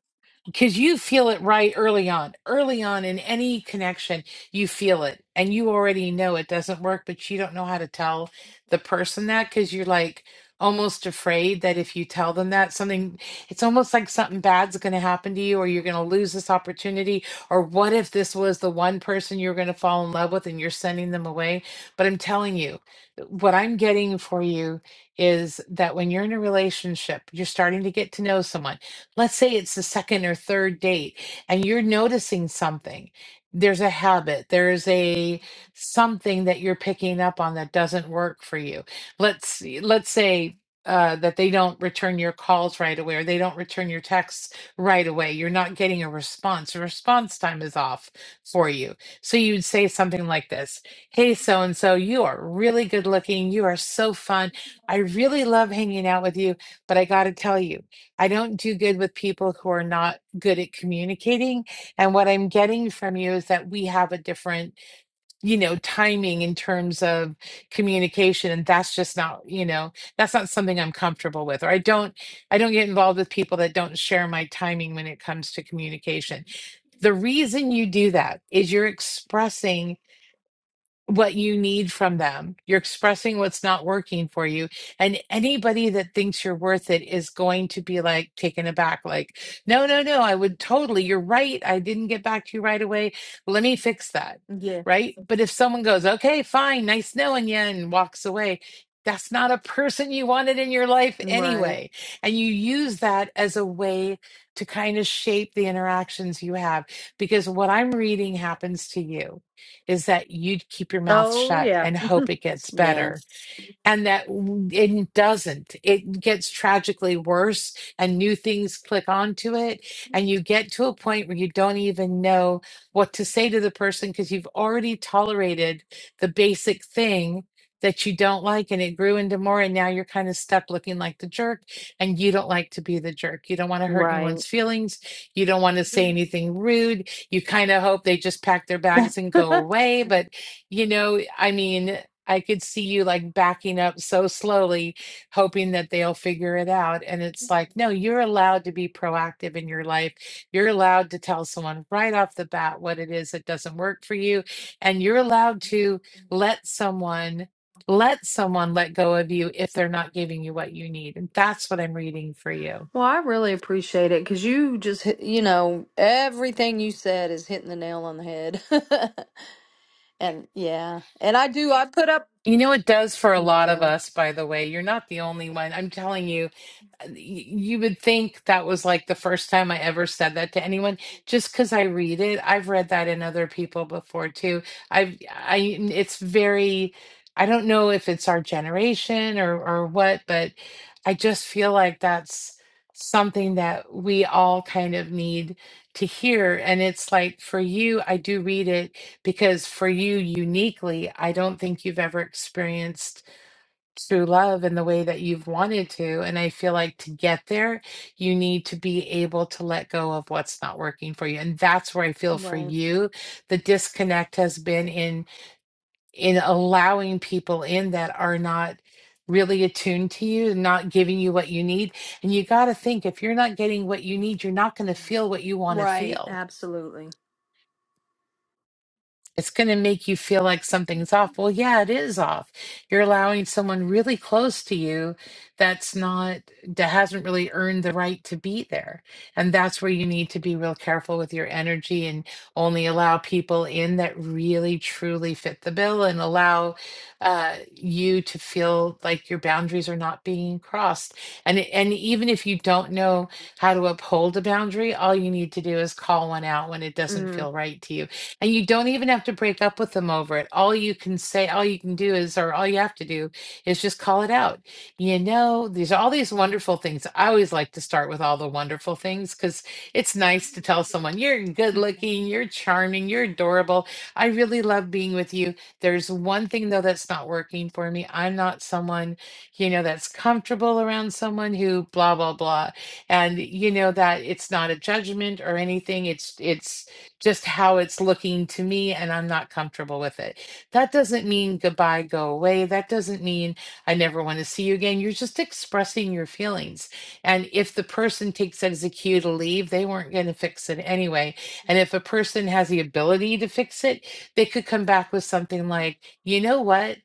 S1: because you feel it right early on. Early on in any connection, you feel it and you already know it doesn't work, but you don't know how to tell the person that because you're like almost afraid that if you tell them that something, it's almost like something bad's going to happen to you or you're going to lose this opportunity. Or what if this was the one person you're going to fall in love with and you're sending them away? But I'm telling you, what I'm getting for you is that when you're in a relationship, you're starting to get to know someone let's say it's the second or third date and you're noticing something there's a habit there's a something that you're picking up on that doesn't work for you let's let's say uh, that they don't return your calls right away or they don't return your texts right away you're not getting a response your response time is off for you so you'd say something like this hey so and so you are really good looking you are so fun i really love hanging out with you but i gotta tell you I don't do good with people who are not good at communicating. And what I'm getting from you is that we have a different, you know, timing in terms of communication. And that's just not, you know, that's not something I'm comfortable with. Or I don't, I don't get involved with people that don't share my timing when it comes to communication. The reason you do that is you're expressing what you need from them. You're expressing what's not working for you. And anybody that thinks you're worth it is going to be like taken aback, like, no, no, no, I would totally, you're right. I didn't get back to you right away. Let me fix that. Right. But if someone goes, okay, fine, nice knowing you, and walks away, that's not a person you wanted in your life
S8: Right.
S1: anyway. And you use that as a way to kind of shape the interactions you have because what I'm reading happens to you is that you'd keep your mouth
S8: Oh,
S1: shut
S8: yeah.
S1: and hope it gets
S8: Yeah.
S1: better and that it doesn't. It gets tragically worse, and new things click onto it. And you get to a point where you don't even know what to say to the person because you've already tolerated the basic thing that you don't like, and it grew into more. And now you're kind of stuck looking like the jerk, and you don't like to be the jerk. You don't want to hurt
S8: Right.
S1: anyone's feelings. You don't want to
S8: (laughs)
S1: say anything rude. You kind of hope they just pack their
S8: well,
S1: bags and go away. But, you know, I mean, I could see you like backing up so slowly, hoping that they'll figure it out. And it's like, no, you're allowed to be proactive in your life. You're allowed to tell someone right off the bat what it is that doesn't work for you. And you're allowed to let someone. Let someone let go of you if they're not giving you what you need. And that's what I'm reading for you.
S8: I really appreciate it because you just, hit- you know, everything you said is hitting the nail on the head. (laughs) and yeah. And I do, I put up.
S1: You know, it does for a lot
S8: Yeah.
S1: of us, by the way. You're not the only one. I'm telling you, you would think that was like the first time I ever said that to anyone just because I read it. I've read that in other people before too. I've I it's very I don't know if it's our generation or or what, but I just feel like that's something that we all kind of need to hear. And it's like for you, I do read it because for you uniquely, I don't think you've ever experienced true love in the way that you've wanted to. And I feel like to get there, you need to be able to let go of what's not working for you. And that's where I feel for
S8: Right.
S1: you, the disconnect has been in in allowing people in that are not really attuned to you, not giving you what you need. And you got to think if you're not getting what you need, you're not going to feel what you want to
S8: Right.
S1: feel
S8: Absolutely.
S1: It's going to make you feel like something's off. Well, yeah, it is off. You're allowing someone really close to you that's not, that hasn't really earned the right to be there. And that's where you need to be real careful with your energy and only allow people in that really truly fit the bill and allow uh, you to feel like your boundaries are not being crossed. And, and even if you don't know how to uphold a boundary, all you need to do is call one out when it doesn't
S8: Mm.
S1: feel right to you and you don't even have to break up with them over it. All you can say, all you can do is, or all you have to do is just call it out. You know, there's all these wonderful things. I always like to start with all the wonderful things because it's nice to tell someone, you're good looking, you're charming, you're adorable. I really love being with you. There's one thing though that's not working for me. I'm not someone, you know, that's comfortable around someone who blah, blah, blah. And you know that it's not a judgment or anything. It's, it's, just how it's looking to me and I'm not comfortable with it. That doesn't mean goodbye, go away. That doesn't mean I never want to see you again. You're just expressing your feelings. And if the person takes it as a cue to leave, they weren't going to fix it anyway. And if a person has the ability to fix it, they could come back with something like, you know what?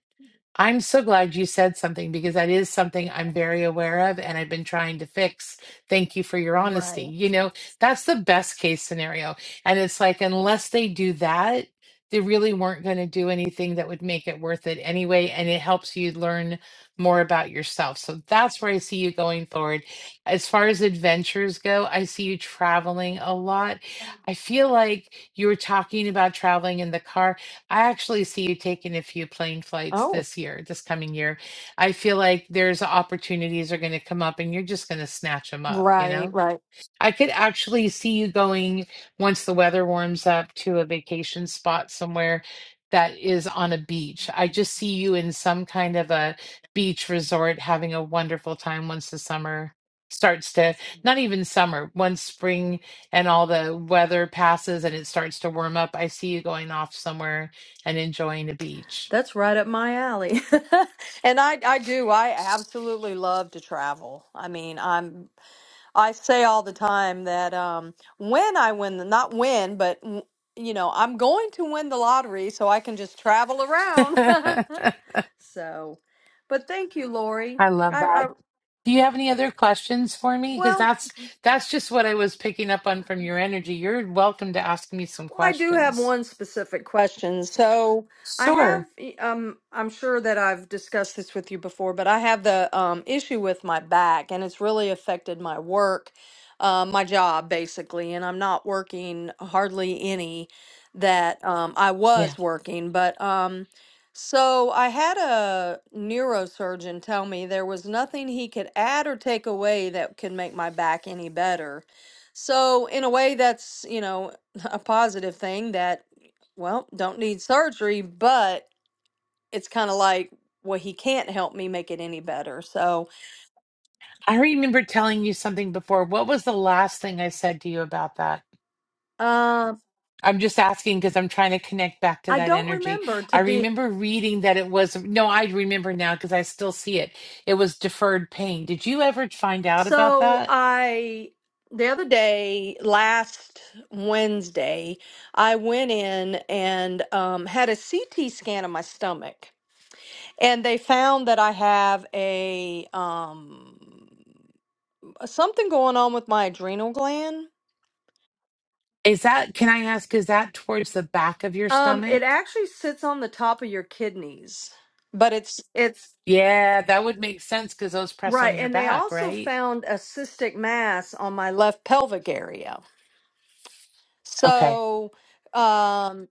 S1: I'm so glad you said something because that is something I'm very aware of and I've been trying to fix. Thank you for your honesty.
S8: Right.
S1: You know, that's the best case scenario. And it's like, unless they do that, they really weren't going to do anything that would make it worth it anyway. And it helps you learn more about yourself. So that's where I see you going forward. As far as adventures go, I see you traveling a lot. I feel like you were talking about traveling in the car I actually see you taking a few plane flights
S8: Oh.
S1: this year, this coming year. I feel like there's opportunities are going to come up and you're just going to snatch them up, you
S8: Right.
S1: know?
S8: Right.
S1: I could actually see you going once the weather warms up to a vacation spot somewhere that is on a beach. I just see you in some kind of a beach resort having a wonderful time once the summer starts to, not even summer, once spring and all the weather passes and it starts to warm up. I see you going off somewhere and enjoying a beach.
S8: That's right up my alley. (laughs) And I I do. I absolutely love to travel. I mean, I'm I say all the time that um when I win the not win, but w- you know, I'm going to win the lottery so I can just travel
S1: (laughs)
S8: around. (laughs)
S1: I
S8: So, but thank you, Lori.
S1: love
S8: I
S1: that.
S8: I
S1: Do you have any other questions for me? Because
S8: well,
S1: that's that's just what I was picking up on from your energy. You're welcome to ask me some
S8: Well, I do have
S1: questions.
S8: one specific question. So I have,
S1: Sure.
S8: um, I'm sure that I've discussed this with you before, but I have the um, issue with my back, and it's really affected my work, uh, my job, basically. And I'm not working hardly any that um, I
S1: Yeah.
S8: was working. But um, so I had a neurosurgeon tell me there was nothing he could add or take away that could make my back any better. So in a way, that's you know a positive thing that, well, don't need surgery, but it's kind of like, well, he can't help me make it any better. So
S1: I remember telling you something before. What was the last thing I said to you about that?
S8: uh,
S1: I'm just asking because I'm trying to connect back to
S8: I
S1: that
S8: don't
S1: energy.
S8: remember to
S1: I
S8: be.
S1: remember reading that it was no, I remember now because I still see it. It was deferred pain. Did you ever find out about
S8: So
S1: that?
S8: I, the other day, last Wednesday, I went in and um, had a CT scan of my stomach. And they found that I have a um, something going on with my adrenal gland
S1: Is that, can I ask, is that towards the back of your
S8: Um, it
S1: stomach?
S8: actually sits on the top of your kidneys, but it's it's
S1: Yeah, that would make sense because those press on
S8: right.
S1: your
S8: And they
S1: back,
S8: also
S1: right?
S8: found a cystic mass on my left pelvic area.
S1: Okay.
S8: So, um,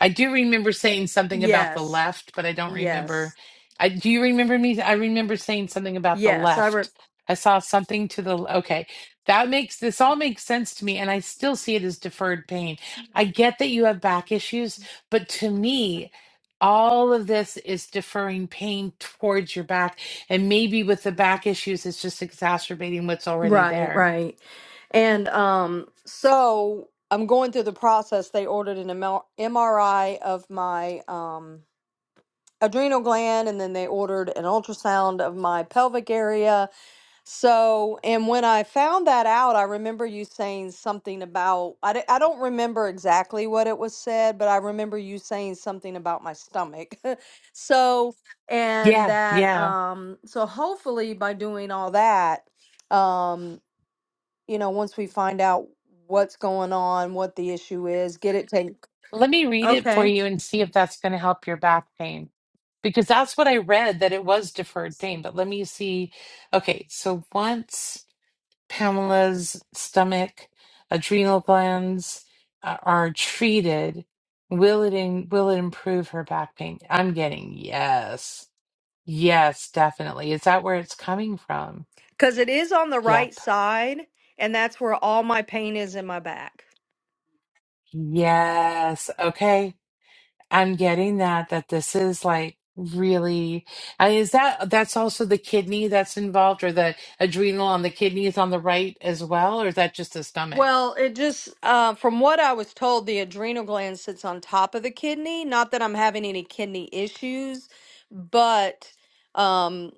S1: I do remember saying something about the
S8: yes,
S1: left, but I don't remember.
S8: yes,
S1: I do you remember me? I remember saying something about the
S8: yes. I re-
S1: left. I saw something to the okay. That makes this all makes sense to me, and I still see it as deferred pain. I get that you have back issues, but to me, all of this is deferring pain towards your back, and maybe with the back issues, it's just exacerbating what's already
S8: right,
S1: there.
S8: right. And um, so I'm going through the process. They ordered an ML MRI of my um adrenal gland, and then they ordered an ultrasound of my pelvic area So, and when I found that out, I remember you saying something about, I, d- I don't remember exactly what it was said, but I remember you saying something about my stomach. (laughs) so, and
S1: Yeah,
S8: that,
S1: yeah.
S8: um, so hopefully by doing all that, um, you know, once we find out what's going on, what the issue is, get it taken.
S1: Let me read it for
S8: Okay.
S1: you and see if that's going to help your back pain. Because that's what I read that it was deferred pain. But let me see. Okay, so once Pamela's stomach, adrenal glands uh, are treated, will it in, will it improve her back pain? I'm getting yes. Yes, definitely. Is that where it's coming from?
S8: Because it is on the right
S1: Yep.
S8: side, and that's where all my pain is in my back.
S1: Yes. Okay. I'm getting that that this is like really and is that that's also the kidney that's involved or the adrenal on the kidneys on the right as well, or is that just the stomach?
S8: Well, it just, uh, from what I was told, the adrenal gland sits on top of the kidney. Not that I'm having any kidney issues, but um,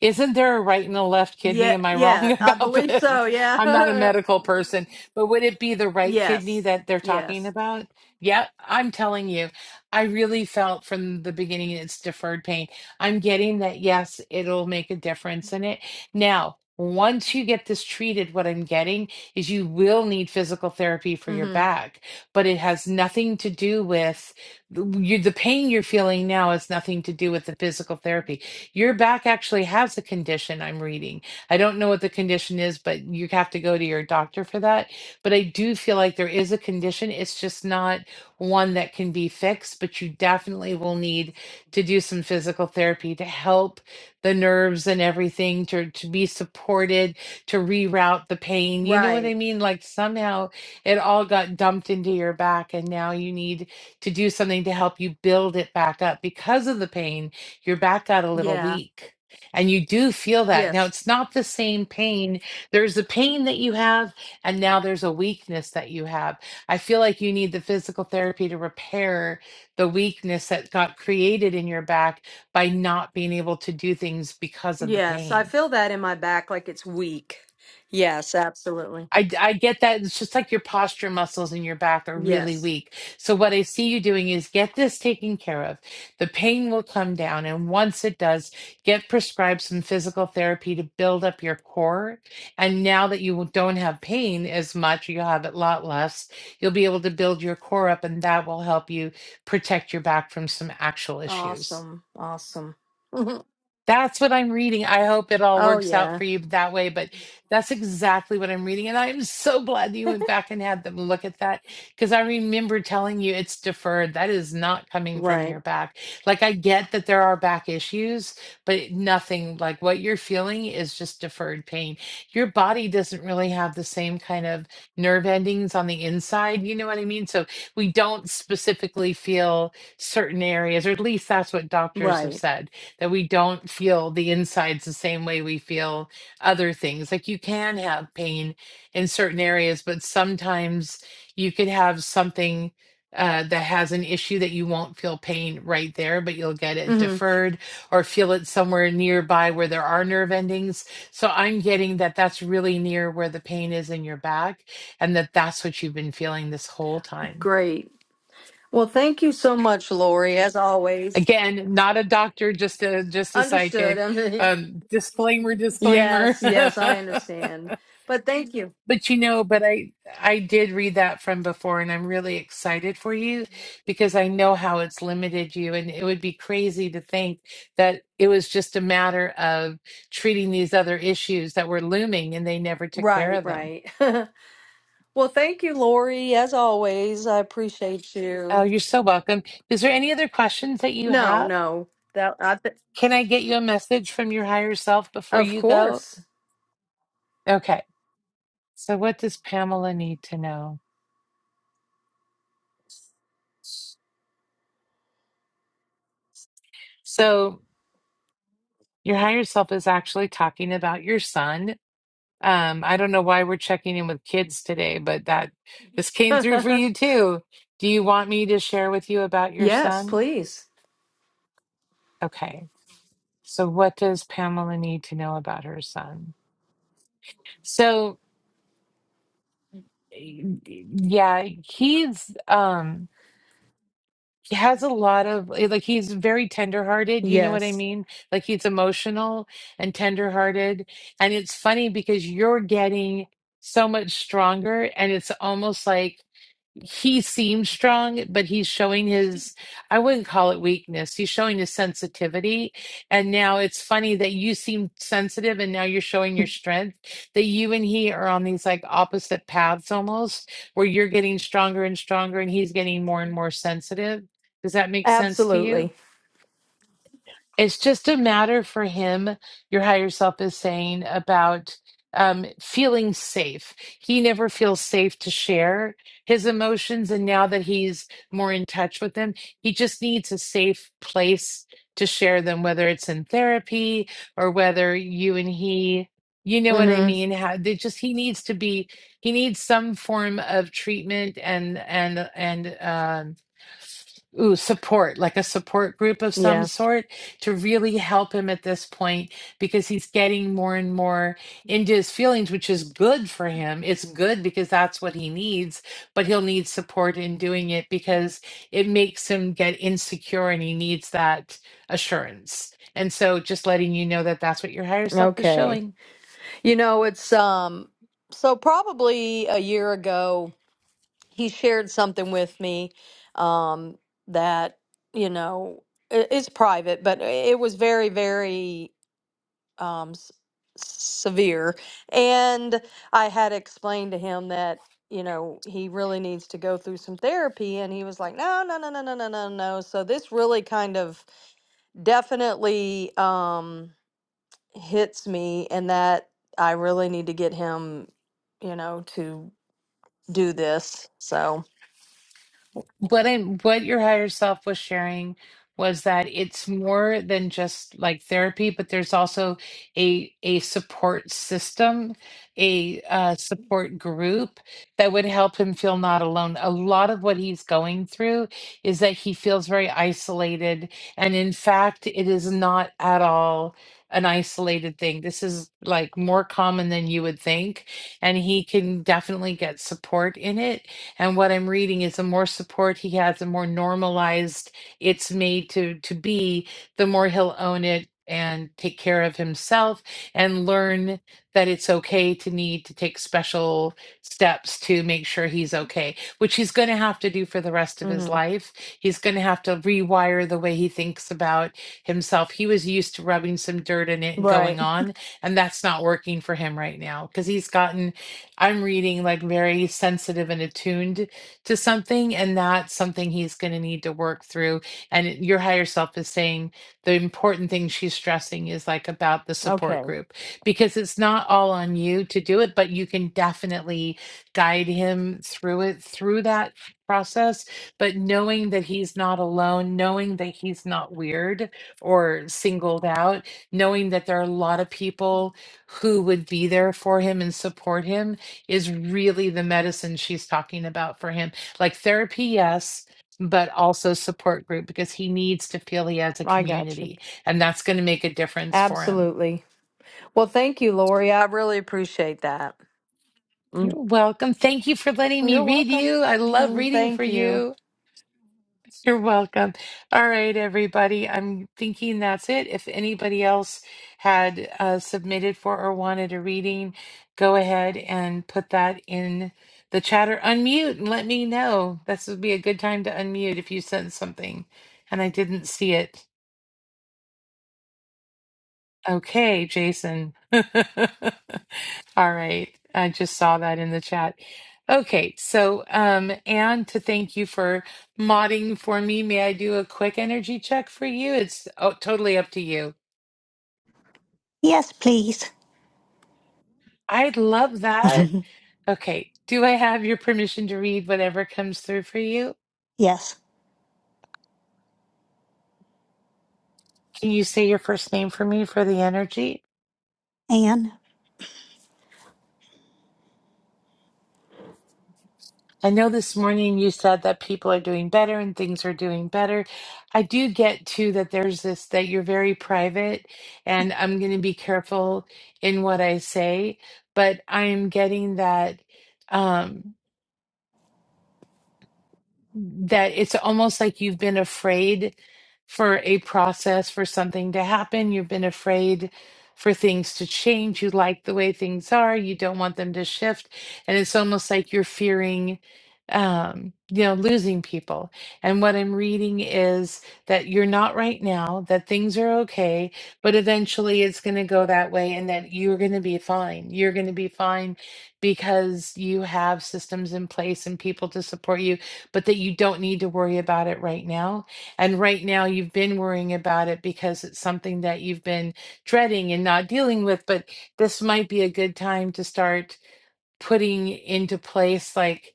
S1: Isn't there a right and a left kidney?
S8: yeah,
S1: Am I wrong
S8: yeah,
S1: (laughs)
S8: I
S1: about
S8: believe so.
S1: this? I'm not a
S8: Yeah. (laughs)
S1: medical person, but would it be the right kidney
S8: Yes.
S1: that they're talking
S8: Yes.
S1: about? Yeah, I'm telling you, I really felt from the beginning it's deferred pain. I'm getting that, yes, it'll make a difference in it. Now, once you get this treated, what I'm getting is you will need physical therapy for your
S8: Mm-hmm.
S1: back, but it has nothing to do with you, the pain you're feeling now has nothing to do with the physical therapy your back actually has a condition I'm reading. I don't know what the condition is, but you have to go to your doctor for that. But I do feel like there is a condition. It's just not one that can be fixed, but you definitely will need to do some physical therapy to help the nerves and everything to, to be supported, to reroute the pain. You know what
S8: Right.
S1: I mean? Like somehow it all got dumped into your back, and now you need to do something to help you build it back up because of the pain your back got a little
S8: Yeah.
S1: weak. And you do feel that. Now,
S8: Yes.
S1: it's not the same pain. There's a pain that you have, and now there's a weakness that you have. I feel like you need the physical therapy to repair the weakness that got created in your back by not being able to do things because of the
S8: Yes. I
S1: pain.
S8: feel that in my back like it's weak. Yes, absolutely.
S1: I, I get that. It's just like your posture muscles in your back are really
S8: Yes.
S1: weak. So, what I see you doing is get this taken care of. The pain will come down. And once it does, get prescribed some physical therapy to build up your core. And now that you don't have pain as much, you'll have it a lot less, you'll be able to build your core up, and that will help you protect your back from some actual issues.
S8: Awesome. Awesome. (laughs) oh,
S1: That's what I'm reading. I hope it all works out
S8: yeah.
S1: for you that way, but that's exactly what I'm reading. And I'm so glad you went back and had them look at that because I remember telling you it's deferred. That is not coming from your
S8: Right.
S1: back. Like, I get that there are back issues, but nothing like what you're feeling is just deferred pain. Your body doesn't really have the same kind of nerve endings on the inside. You know what I mean? So, we don't specifically feel certain areas, or at least that's what doctors have
S8: Right.
S1: said that we don't feel the insides the same way we feel other things. Like you can have pain in certain areas, but sometimes you could have something uh, that has an issue that you won't feel pain right there, but you'll get it
S8: hmm
S1: deferred or feel it somewhere nearby where there are nerve endings. So I'm getting that that's really near where the pain is in your back and that that's what you've been feeling this whole time.
S8: Great. Well, thank you so much, Lori, as always.
S1: Again, not a doctor, just a just a
S8: Understood. (laughs)
S1: psychic.
S8: I mean,
S1: Um, disclaimer, disclaimer.
S8: yes, yes, I
S1: (laughs)
S8: understand. But thank you.
S1: But you know, but I I did read that from before, and I'm really excited for you because I know how it's limited you, and it would be crazy to think that it was just a matter of treating these other issues that were looming, and they never took care
S8: Right,
S1: of them.
S8: right. (laughs) well, thank you, Lori, as always. I appreciate
S1: Oh,
S8: you.
S1: you're so welcome. Is there any other questions that you
S8: No,
S1: have?
S8: no. That I th-
S1: Can I get you a message from your higher self before
S8: of
S1: you go?
S8: course.
S1: Okay. So, what does Pamela need to know? So, your higher self is actually talking about your son. Um, I don't know why we're checking in with kids today, but that this came through for you
S8: (laughs)
S1: too. Do you want me to share with you about your
S8: yes,
S1: son?
S8: please.
S1: Okay. So, what does Pamela need to know about her son? So, yeah, he's um he has a lot of eh, like he's very tenderhearted you know what i
S8: Yes.
S1: mean like he's emotional and tenderhearted and it's funny because you're getting so much stronger and it's almost like he seems strong but he's showing his i wouldn't call it weakness he's showing his sensitivity and now it's funny that you seem sensitive and now you're showing your strength that you and he are on these like opposite paths almost where you're getting stronger and stronger and he's getting more and more sensitive does that make sense to you?
S8: Absolutely.
S1: It's just a matter for him, your higher self is saying about um, feeling safe. He never feels safe to share his emotions. And now that he's more in touch with them, he just needs a safe place to share them, whether it's in therapy or whether you and he, you know what I
S8: Mhm.
S1: mean? How they just, he needs to be, he needs some form of treatment and, and, and, um, ooh, support, like a support group of some
S8: Yeah.
S1: sort to really help him at this point because he's getting more and more into his feelings, which is good for him. It's good because that's what he needs, but he'll need support in doing it because it makes him get insecure and he needs that assurance. And so just letting you know that that's what your higher self is
S8: Okay.
S1: showing.
S8: You know, it's um so probably a year ago he shared something with me um, that you know i- it's private, but it was very, very um, s- severe. And I had explained to him that you know he really needs to go through some therapy, and he was like, "No, no, no, no, no, no, no, no." So this really kind of definitely um, hits me, and that I really need to get him, you know, to do this. So,
S1: what I what your higher self was sharing was that it's more than just like therapy, but there's also a a support system, a uh, support group that would help him feel not alone. A lot of what he's going through is that he feels very isolated, and in fact, it is not at all an isolated thing. This is like more common than you would think, and he can definitely get support in it and what i'm reading is the more support he has the more normalized it's made to to be the more he'll own it and take care of himself and learn that it's okay to need to take special steps to make sure he's okay which he's going to have to do for the rest of his
S8: mhm.
S1: life he's going to have to rewire the way he thinks about himself he was used to rubbing some dirt in it and
S8: right.
S1: going on and that's not working for him right now because he's gotten I'm reading like very sensitive and attuned to something, and that's something he's going to need to work through. And it- your higher self is saying the important thing she's stressing is like about the support
S8: Okay,
S1: group because it's not all on you to do it, but you can definitely guide him through it through that process. But knowing that he's not alone, knowing that he's not weird or singled out, knowing that there are a lot of people who would be there for him and support him is really the medicine she's talking about for him. Like therapy, yes, but also support group because he needs to feel he has a
S8: I got you.
S1: community and that's going to make a difference for him.
S8: Absolutely. Well, thank you, Lori. I really appreciate that.
S1: You're
S8: Mm.
S1: welcome. Thank you for letting me
S8: You're
S1: read
S8: welcome.
S1: you. I love
S8: Mm,
S1: reading for
S8: Thank you.
S1: you. (laughs) You're welcome. All right, everybody. I'm thinking that's it. If anybody else had uh, submitted for or wanted a reading, go ahead and put that in the chat or unmute and let me know. This would be a good time to unmute if you sent something and I didn't see it. Okay, Jason. (laughs) All right. I just saw that in the chat. Okay, so um Anne, to thank you for modding for me, may I do a quick energy check for you? It's oh, totally up to you.
S4: yes, please.
S1: I'd love that.
S4: (laughs)
S1: Okay, do I have your permission to read whatever comes through for you?
S4: yes.
S1: Can you say your first name for me for the energy?
S4: Anne?
S1: I know this morning you said that people are doing better and things are doing better. I do get too that there's this that you're very private, and I'm going to be careful in what I say, but I am getting that. Um, that it's almost like you've been afraid for a process for something to happen you've been afraid for things to change you like the way things are you don't want them to shift and it's almost like you're fearing um you know losing people and what i'm reading is that you're not right now that things are okay but eventually it's going to go that way and that you're going to be fine you're going to be fine because you have systems in place and people to support you but that you don't need to worry about it right now. And right now, you've been worrying about it because it's something that you've been dreading and not dealing with. But this might be a good time to start putting into place like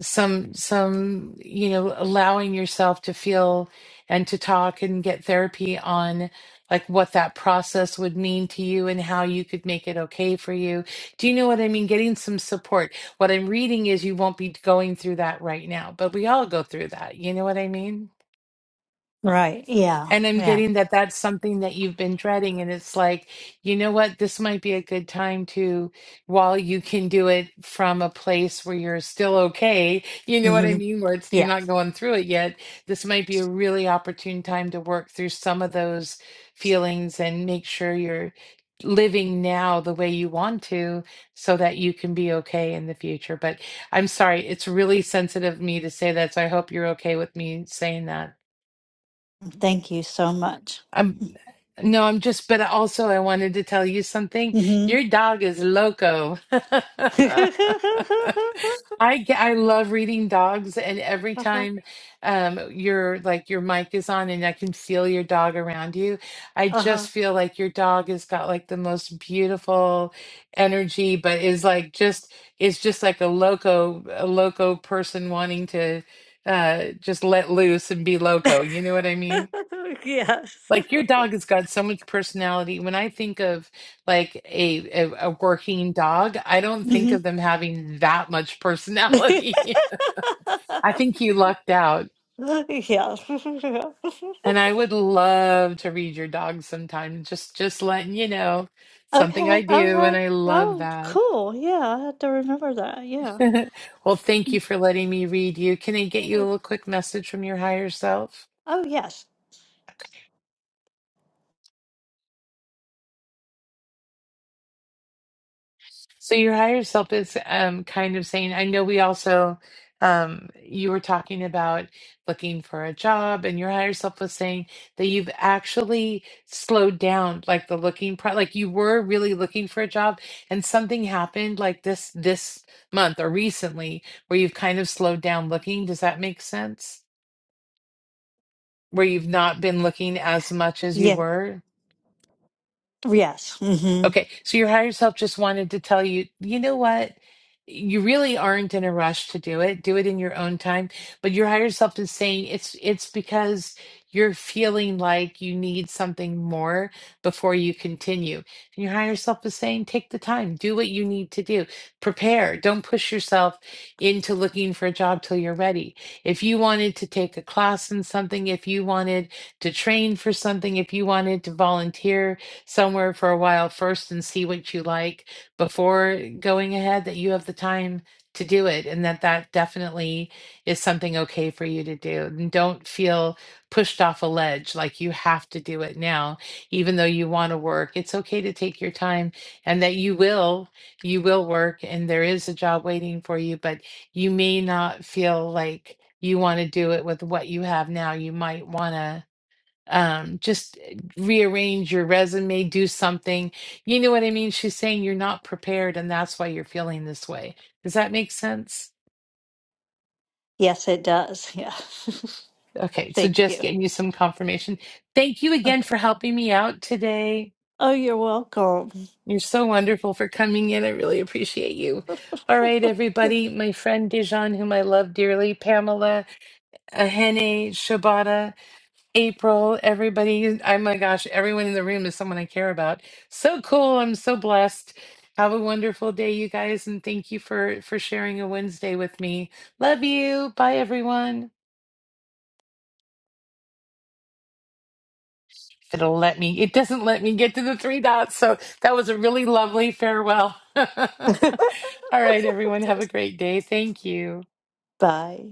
S1: some some you know allowing yourself to feel and to talk and get therapy on like what that process would mean to you and how you could make it okay for you do you know what i mean getting some support what i'm reading is you won't be going through that right now but we all go through that you know what i mean
S4: Right. Yeah.
S1: and I'm
S4: Yeah.
S1: getting that that's something that you've been dreading. And it's like, you know what? This might be a good time to, while you can do it from a place where you're still okay, you know what I
S4: hmm
S1: mean? Where it's, you're
S4: Yeah.
S1: not going through it yet. This might be a really opportune time to work through some of those feelings and make sure you're living now the way you want to so that you can be okay in the future. But I'm sorry, it's really sensitive of me to say that. So I hope you're okay with me saying that.
S4: Thank you so much.
S1: I'm no, I'm just, but also I wanted to tell you something. Your dog is loco. (laughs)
S4: (laughs) uh-huh.
S1: I get, I love reading dogs, and every time um your like your mic is on and I can feel your dog around you, I
S4: Uh-huh.
S1: just feel like your dog has got like the most beautiful energy, but is like just is just like a loco a loco person wanting to uh just let loose and be loco. You know what I mean?
S4: (laughs) yes.
S1: Like your dog has got so much personality. When I think of like a a, a working dog, I don't think
S4: hmm
S1: of them having that much
S4: (laughs)
S1: personality. (laughs) I think you lucked out.
S4: yes. (laughs)
S1: And I would love to read your dog sometime. Just just letting you know. Something
S4: okay.
S1: I do and
S4: Okay.
S1: I love
S4: Oh,
S1: that.
S4: cool. Yeah, I have to remember that. Yeah.
S1: (laughs) Well, thank you for letting me read you. Can I get you a
S4: Oh,
S1: little quick message from your higher self?
S4: oh, yes.
S1: So your higher self is um kind of saying, I know we also um you were talking about looking for a job and your higher self was saying that you've actually slowed down like the looking pro like you were really looking for a job and something happened like this this month or recently where you've kind of slowed down looking. Does that make sense? Where you've not been looking as much as you
S4: Yeah.
S1: were?
S4: Yes. hmm
S1: Okay, so your higher self just wanted to tell you, you know what? You really aren't in a rush to do it. Do it in your own time. But your higher self is saying it's it's because you're feeling like you need something more before you continue. And your higher self is saying, take the time, do what you need to do. Prepare. Don't push yourself into looking for a job till you're ready. If you wanted to take a class in something, if you wanted to train for something, if you wanted to volunteer, somewhere for a while first and see what you like before going ahead, that you have the time to do it and that that definitely is something okay for you to do. And don't feel pushed off a ledge like you have to do it now, even though you want to work. It's okay to take your time and that you will, you will work and there is a job waiting for you, but you may not feel like you want to do it with what you have now. You might want to um just eh, rearrange your resume do something you know what i mean she's saying you're not prepared and that's why you're feeling this way does that make sense
S4: Yes, it does. Yeah. (laughs)
S1: okay so
S4: Thank
S1: just
S4: you.
S1: getting you some confirmation thank you again
S4: Okay.
S1: for helping me out today
S4: Oh, you're welcome.
S1: you're so wonderful for coming in i really appreciate you all right everybody my friend dijon whom i love dearly pamela ahene shabata April, everybody. Oh my gosh, everyone in the room is someone I care about. So cool. I'm so blessed. Have a wonderful day, you guys, and thank you for for sharing a Wednesday with me. Love you. Bye everyone. It'll let me. It doesn't let me get to the three dots. So that was a really lovely farewell. (laughs) All
S4: (laughs)
S1: right, everyone. Have a great day. Thank you.
S4: Bye.